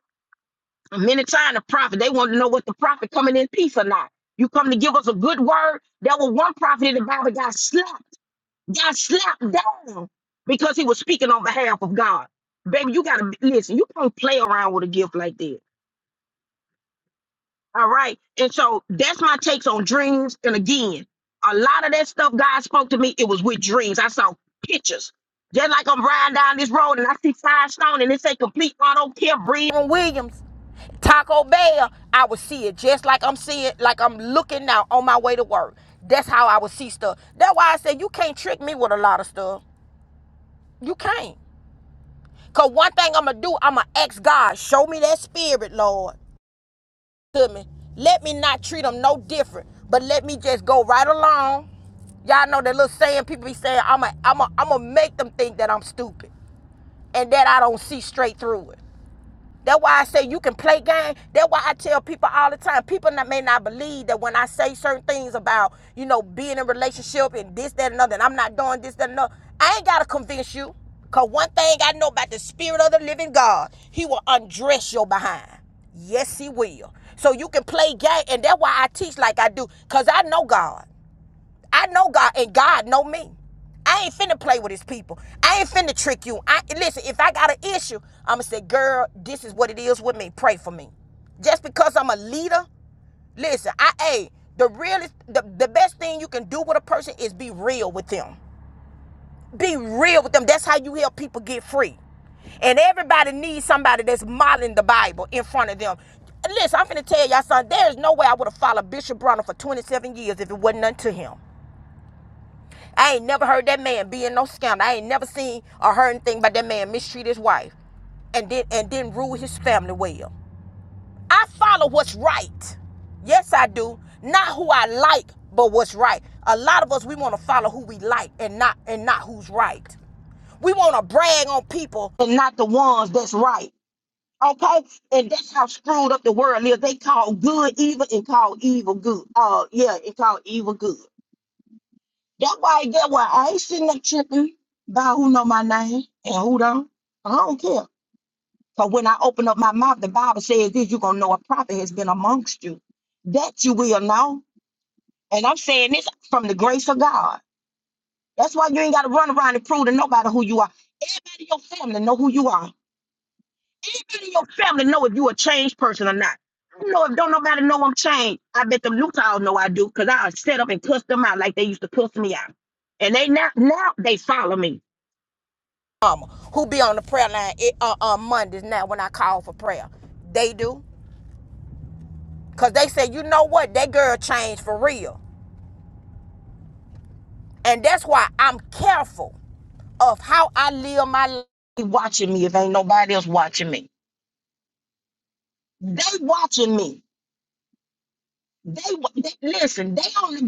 Speaker 1: Many times the prophet, they wanted to know what the prophet coming in peace or not. You come to give us a good word. There was one prophet in the Bible got slapped, got slapped down because he was speaking on behalf of God. Baby, you gotta listen, you can't play around with a gift like that. All right. And so that's my takes on dreams. And again, a lot of that stuff God spoke to me, it was with dreams. I saw pictures. Just like I'm riding down this road and I see Firestone and it say complete auto care breed. On Williams, Taco Bell, I would see it just like I'm seeing, like I'm looking now on my way to work. That's how I would see stuff. That's why I said you can't trick me with a lot of stuff. You can't. Cause one thing I'ma do, I'ma ask God, show me that spirit, Lord to me. Let me not treat them no different, but let me just go right along. Y'all know that little saying people be saying, I'm going to I'm to I'm to make them think that I'm stupid and that I don't see straight through it. That's why I say you can play game. That's why I tell people all the time. People not, may not believe that when I say certain things about, you know, being in a relationship and this, that, and other, and I'm not doing this, that, and other. I ain't gotta convince you. Cause one thing I know about the spirit of the living God, he will undress your behind. Yes, he will. So you can play game, and that's why I teach like I do. Cause I know God. I know God and God know me. I ain't finna play with his people. I ain't finna trick you. I listen, if I got an issue, I'ma say, girl, this is what it is with me. Pray for me. Just because I'm a leader, listen, I hey, the realest the, the best thing you can do with a person is be real with them. Be real with them. That's how you help people get free. And everybody needs somebody that's modeling the Bible in front of them. Listen, I'm finna tell y'all son. There is no way I would have followed Bishop Brunner for 27 years if it wasn't unto him. I ain't never heard that man being no scandal. I ain't never seen or heard anything about that man mistreat his wife and did and didn't rule his family well. I follow what's right. Yes, I do. Not who I like, but what's right. A lot of us we want to follow who we like and not and not who's right. We want to brag on people and not the ones that's right. Okay, and that's how screwed up the world is. They call good evil and call evil good. Uh, yeah, and call evil good. That why get why I ain't sitting up tripping about who know my name and who don't. I don't care. Cause when I open up my mouth, the Bible says this, you're gonna know a prophet has been amongst you. That you will know. And I'm saying this from the grace of God. That's why you ain't gotta run around and prove to nobody who you are. Everybody in your family know who you are. Everybody in your family know if you a changed person or not. I don't know if don't nobody know I'm changed. I bet them Utahs know I do, cause I set up and cuss them out like they used to cuss me out. And they now now they follow me. mama who be on the prayer line it, uh, on Mondays now when I call for prayer. They do. Because they say, you know what? That girl changed for real. And that's why I'm careful of how I live my life. Watching me if ain't nobody else watching me. They watching me. They, they listen, they on the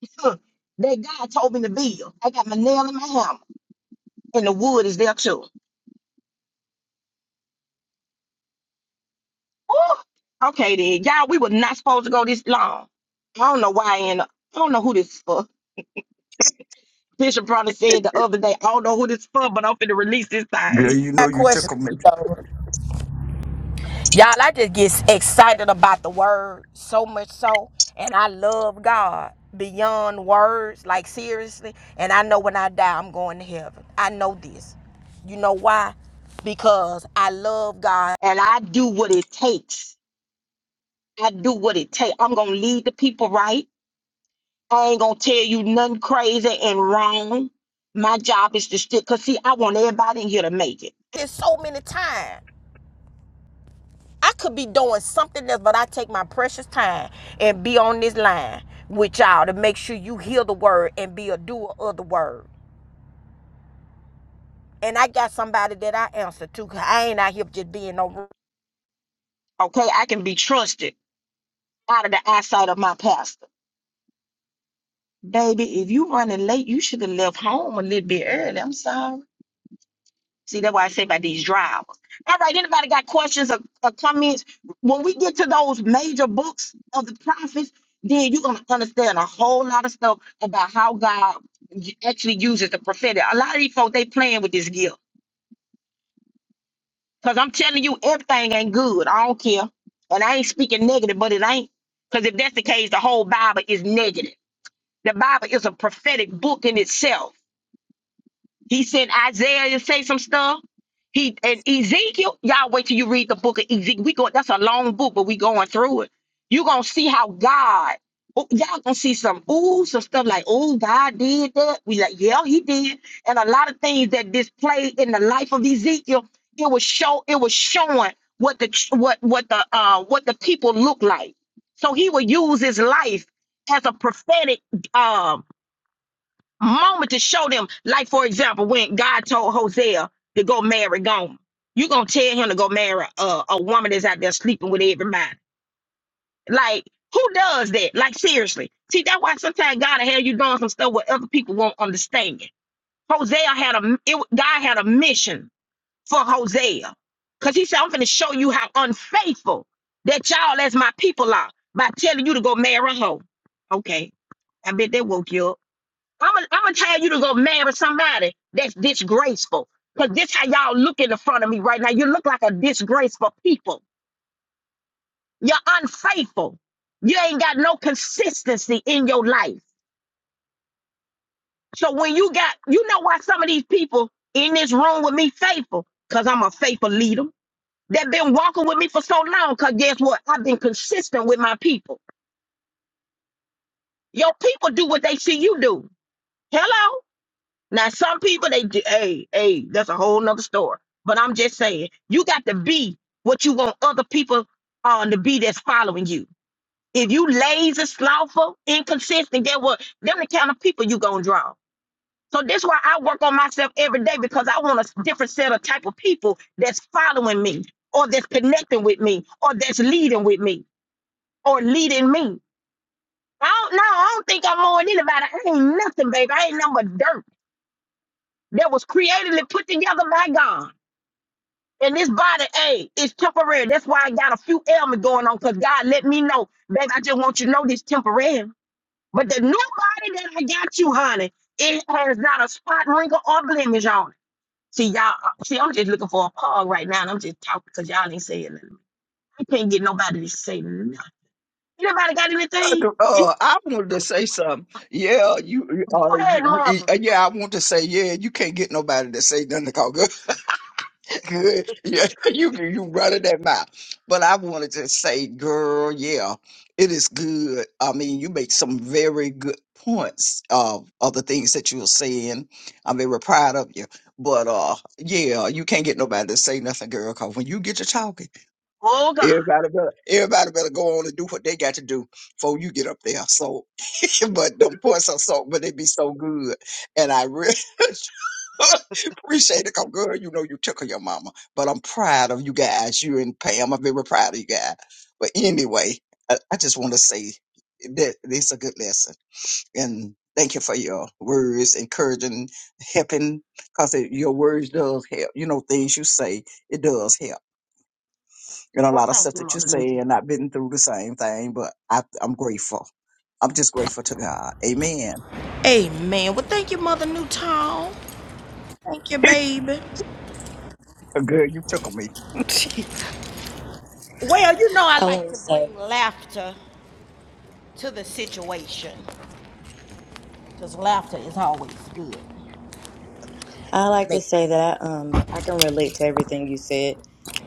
Speaker 1: beat that God told me to build. I got my nail and my hammer, and the wood is there too. Ooh, okay, then. Y'all, we were not supposed to go this long. I don't know why I end up. I don't know who this is for. Bishop Bronner said the other day, I don't know who this for, but I'm finna release this
Speaker 10: Girl,
Speaker 1: thing.
Speaker 10: you know
Speaker 1: got
Speaker 10: you took
Speaker 1: questions
Speaker 10: 'em
Speaker 1: though. Y'all, I just get excited about the word so much so, and I love God beyond words, like seriously. And I know when I die, I'm going to heaven. I know this. You know why? Because I love God. And I do what it takes. I do what it takes. I'm gonna lead the people right. I ain't gonna tell you nothing crazy and wrong. My job is to stick, cause see, I want everybody in here to make it. There's so many times I could be doing something else, but I take my precious time and be on this line with y'all to make sure you hear the word and be a doer of the word. And I got somebody that I answer to. Cause I ain't out here just being no. Okay, I can be trusted out of the eyesight of my pastor. Baby, if you running late, you should have left home a little bit early. I'm sorry. See, that's why I say about these drivers. All right, anybody got questions or, or comments? When we get to those major books of the prophets, then you're going to understand a whole lot of stuff about how God y- actually uses the prophetic. A lot of these folks, they playing with this gift. Because I'm telling you, everything ain't good. I don't care. And I ain't speaking negative, but it ain't. Because if that's the case, the whole Bible is negative. The Bible is a prophetic book in itself. He sent Isaiah to say some stuff. He and Ezekiel, y'all wait till you read the book of Ezekiel. We go, that's a long book, but we going through it. you gonna see how God, oh, y'all gonna see some ooh, some stuff like, oh, God did that. We like, yeah, he did. And a lot of things that displayed in the life of Ezekiel, it was show, it was showing what the ch- what what the uh what the people look like. So he would use his life as a prophetic um moment to show them. Like, for example, when God told Hosea to go marry Gomer, you going to tell him to go marry a, a woman that's out there sleeping with everybody. Like, who does that? Like, seriously. See, that's why sometimes God will have you doing some stuff what other people won't understand. Hosea had a, it, wa- God had a mission for Hosea. Because he said, I'm going to show you how unfaithful that y'all as my people are by telling you to go marry a hoe. Okay. I bet that woke you up. I'm gonna I'm gonna tell you to go marry somebody that's disgraceful. Cause this how y'all look in the front of me right now. You look like a disgraceful people. You're unfaithful. You ain't got no consistency in your life. So when you got, you know why some of these people in this room with me faithful? Cause I'm a faithful leader. They've been walking with me for so long. Cause guess what? I've been consistent with my people. Your people do what they see you do. Hello. Now, some people they do, hey, hey, that's a whole nother story. But I'm just saying, you got to be what you want other people on to be that's following you. If you lazy, slothful, inconsistent, get what them the kind of people you gonna draw. So this why I work on myself every day because I want a different set of type of people that's following me or that's connecting with me or that's leading with me or leading me. I don't know. I don't think I'm more than anybody. I ain't nothing, baby. I ain't nothing but dirt. that was creatively put together by God. And this body, hey, it's temporary. That's why I got a few ailments going on because God let me know, baby, I just want you to know this temporary. But the new body that I got you, honey, it has not a spot, wrinkle, or blemish on it. See, y'all, uh, see, I'm just looking for a pog right now, and I'm just talking because y'all ain't saying nothing. I can't get nobody to say nothing. Anybody got anything?
Speaker 10: Uh,
Speaker 1: Go
Speaker 10: I wanted to say something. Yeah, you. Uh,
Speaker 1: ahead,
Speaker 10: you,
Speaker 1: mother.
Speaker 10: uh, yeah, I want to say. Yeah, you can't get nobody to say nothing called good. good. Yeah, you you running that mouth. But I wanted to say, girl, yeah, it is good. I mean, you make some very good points of of the things that you were saying. I'm very proud of you. But uh, yeah, you can't get nobody to say nothing, girl. Cause when you get to talking,
Speaker 1: Oh, God.
Speaker 10: everybody better everybody better go on and do what they got to do before you get up there. So but them pour some salt, but they be so good. And I really appreciate it. Cause girl, you know you tickle your mama. But I'm proud of you guys. You and Pam, I'm very proud of you guys. But anyway, I, I just want to say that it's a good lesson. And thank you for your words, encouraging, helping, cause it, your words does help. You know, things you say, it does help. And a
Speaker 1: Well,
Speaker 10: lot of
Speaker 1: thank
Speaker 10: stuff
Speaker 1: you,
Speaker 10: that you
Speaker 1: Mother
Speaker 10: say,
Speaker 1: Newton.
Speaker 10: and I've been through the same thing, but I, I'm grateful. I'm just grateful to God. Amen.
Speaker 1: Amen. Well, thank you, Mother Newton. Thank you, baby.
Speaker 10: Good, you took me.
Speaker 1: Well, you know, I
Speaker 11: I want
Speaker 1: like
Speaker 11: to
Speaker 1: to
Speaker 11: say.
Speaker 1: bring laughter to the situation. It's always good.
Speaker 11: I like to
Speaker 1: Make-
Speaker 11: say that I, um, I can relate to everything you said,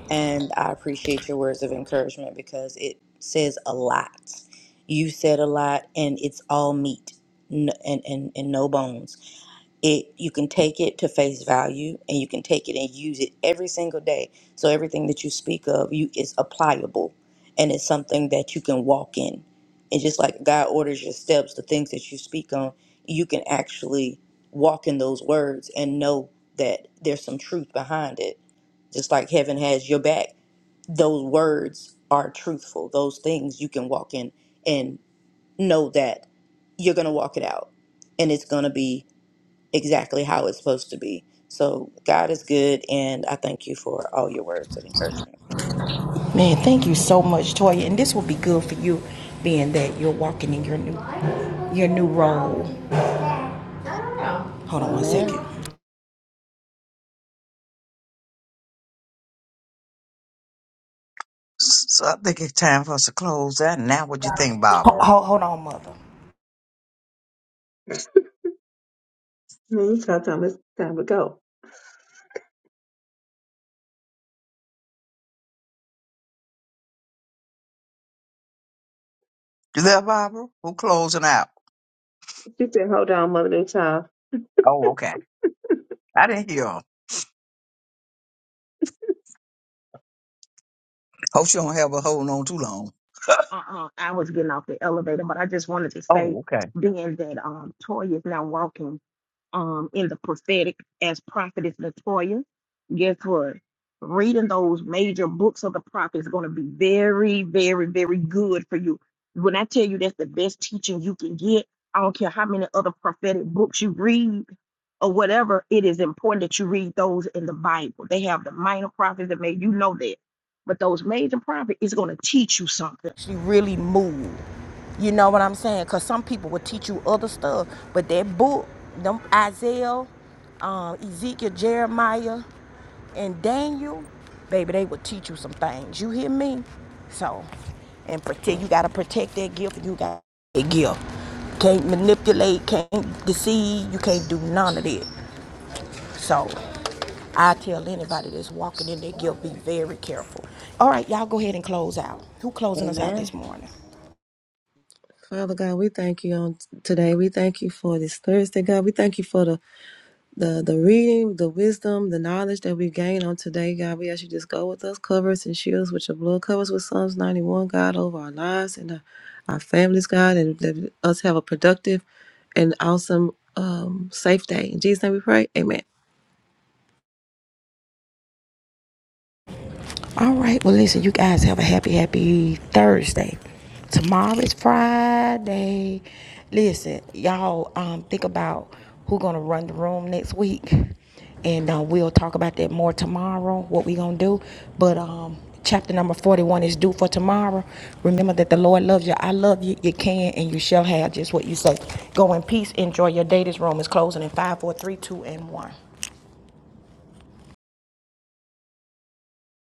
Speaker 11: and I appreciate your words of encouragement because it says a lot. You said a lot, and it's all meat n- and, and, and no bones it you can take it to face value and you can take it and use it every single day so everything that you speak of you is applicable and it's something that you can walk in and just like god orders your steps the things that you speak on you can actually walk in those words and know that there's some truth behind it just like heaven has your back those words are truthful those things you can walk in and know that you're going to walk it out and it's going to be exactly how it's supposed to be. So God is good, and I thank you for all your words of encouragement.
Speaker 1: Man, thank you so much, Toya. And this will be good for you, being that you're walking in your new your new role. Hold on one
Speaker 11: Amen.
Speaker 1: second. Ho-
Speaker 10: So I think it's time for us to close that. Now, what you think, Barbara?
Speaker 1: ho- hold on, mother.
Speaker 5: No, it's our time. It's time to go.
Speaker 10: You there, Barbara? Who closing out?
Speaker 5: She said, hold on, mother and child.
Speaker 10: Oh, okay. I didn't hear her. Hope she don't have her holding on too long.
Speaker 1: Uh-uh. I was getting off the elevator, but I just wanted to say,
Speaker 10: Oh, okay.
Speaker 1: being that um, Toya is now walking. um, in the prophetic as prophetess Latoya. Guess what? Reading those major books of the prophet is going to be very, very, very good for you. When I tell you that's the best teaching you can get, I don't care how many other prophetic books you read or whatever, it is important that you read those in the Bible. They have the minor prophets that made you know that. But those major prophets is going to teach you something. She really moved. You know what I'm saying? Because some people will teach you other stuff, but that book, them Isaiah, um, Ezekiel, Jeremiah, and Daniel, baby, they will teach you some things. You hear me? So, and protect. You gotta protect that gift. You got that gift. Can't manipulate. Can't deceive. You can't do none of that. So, I tell anybody that's walking in their gift, be very careful. All right, y'all go ahead and close out. Who closing us out
Speaker 11: Amen.
Speaker 1: this morning?
Speaker 3: Father God, we thank you on t- today. We thank you for this Thursday, God. We thank you for the, the the reading, the wisdom, the knowledge that we gain on today, God. We ask you just go with us, cover us and shield us with your blood, cover us with Psalms 91, God, over our lives and our, our families, God, and let us have a productive and awesome um, safe day. In Jesus' name we pray. Amen.
Speaker 1: All right. Well, listen, you guys have a happy, happy Thursday. Tomorrow is Friday. Listen, y'all um, think about who's going to run the room next week. And uh, we'll talk about that more tomorrow, what we going to do. But um, chapter number 41 is due for tomorrow. Remember that the Lord loves you. I love you. You can and you shall have just what you say. Go in peace. Enjoy your day. This room is closing in five, four, three, two, and 1.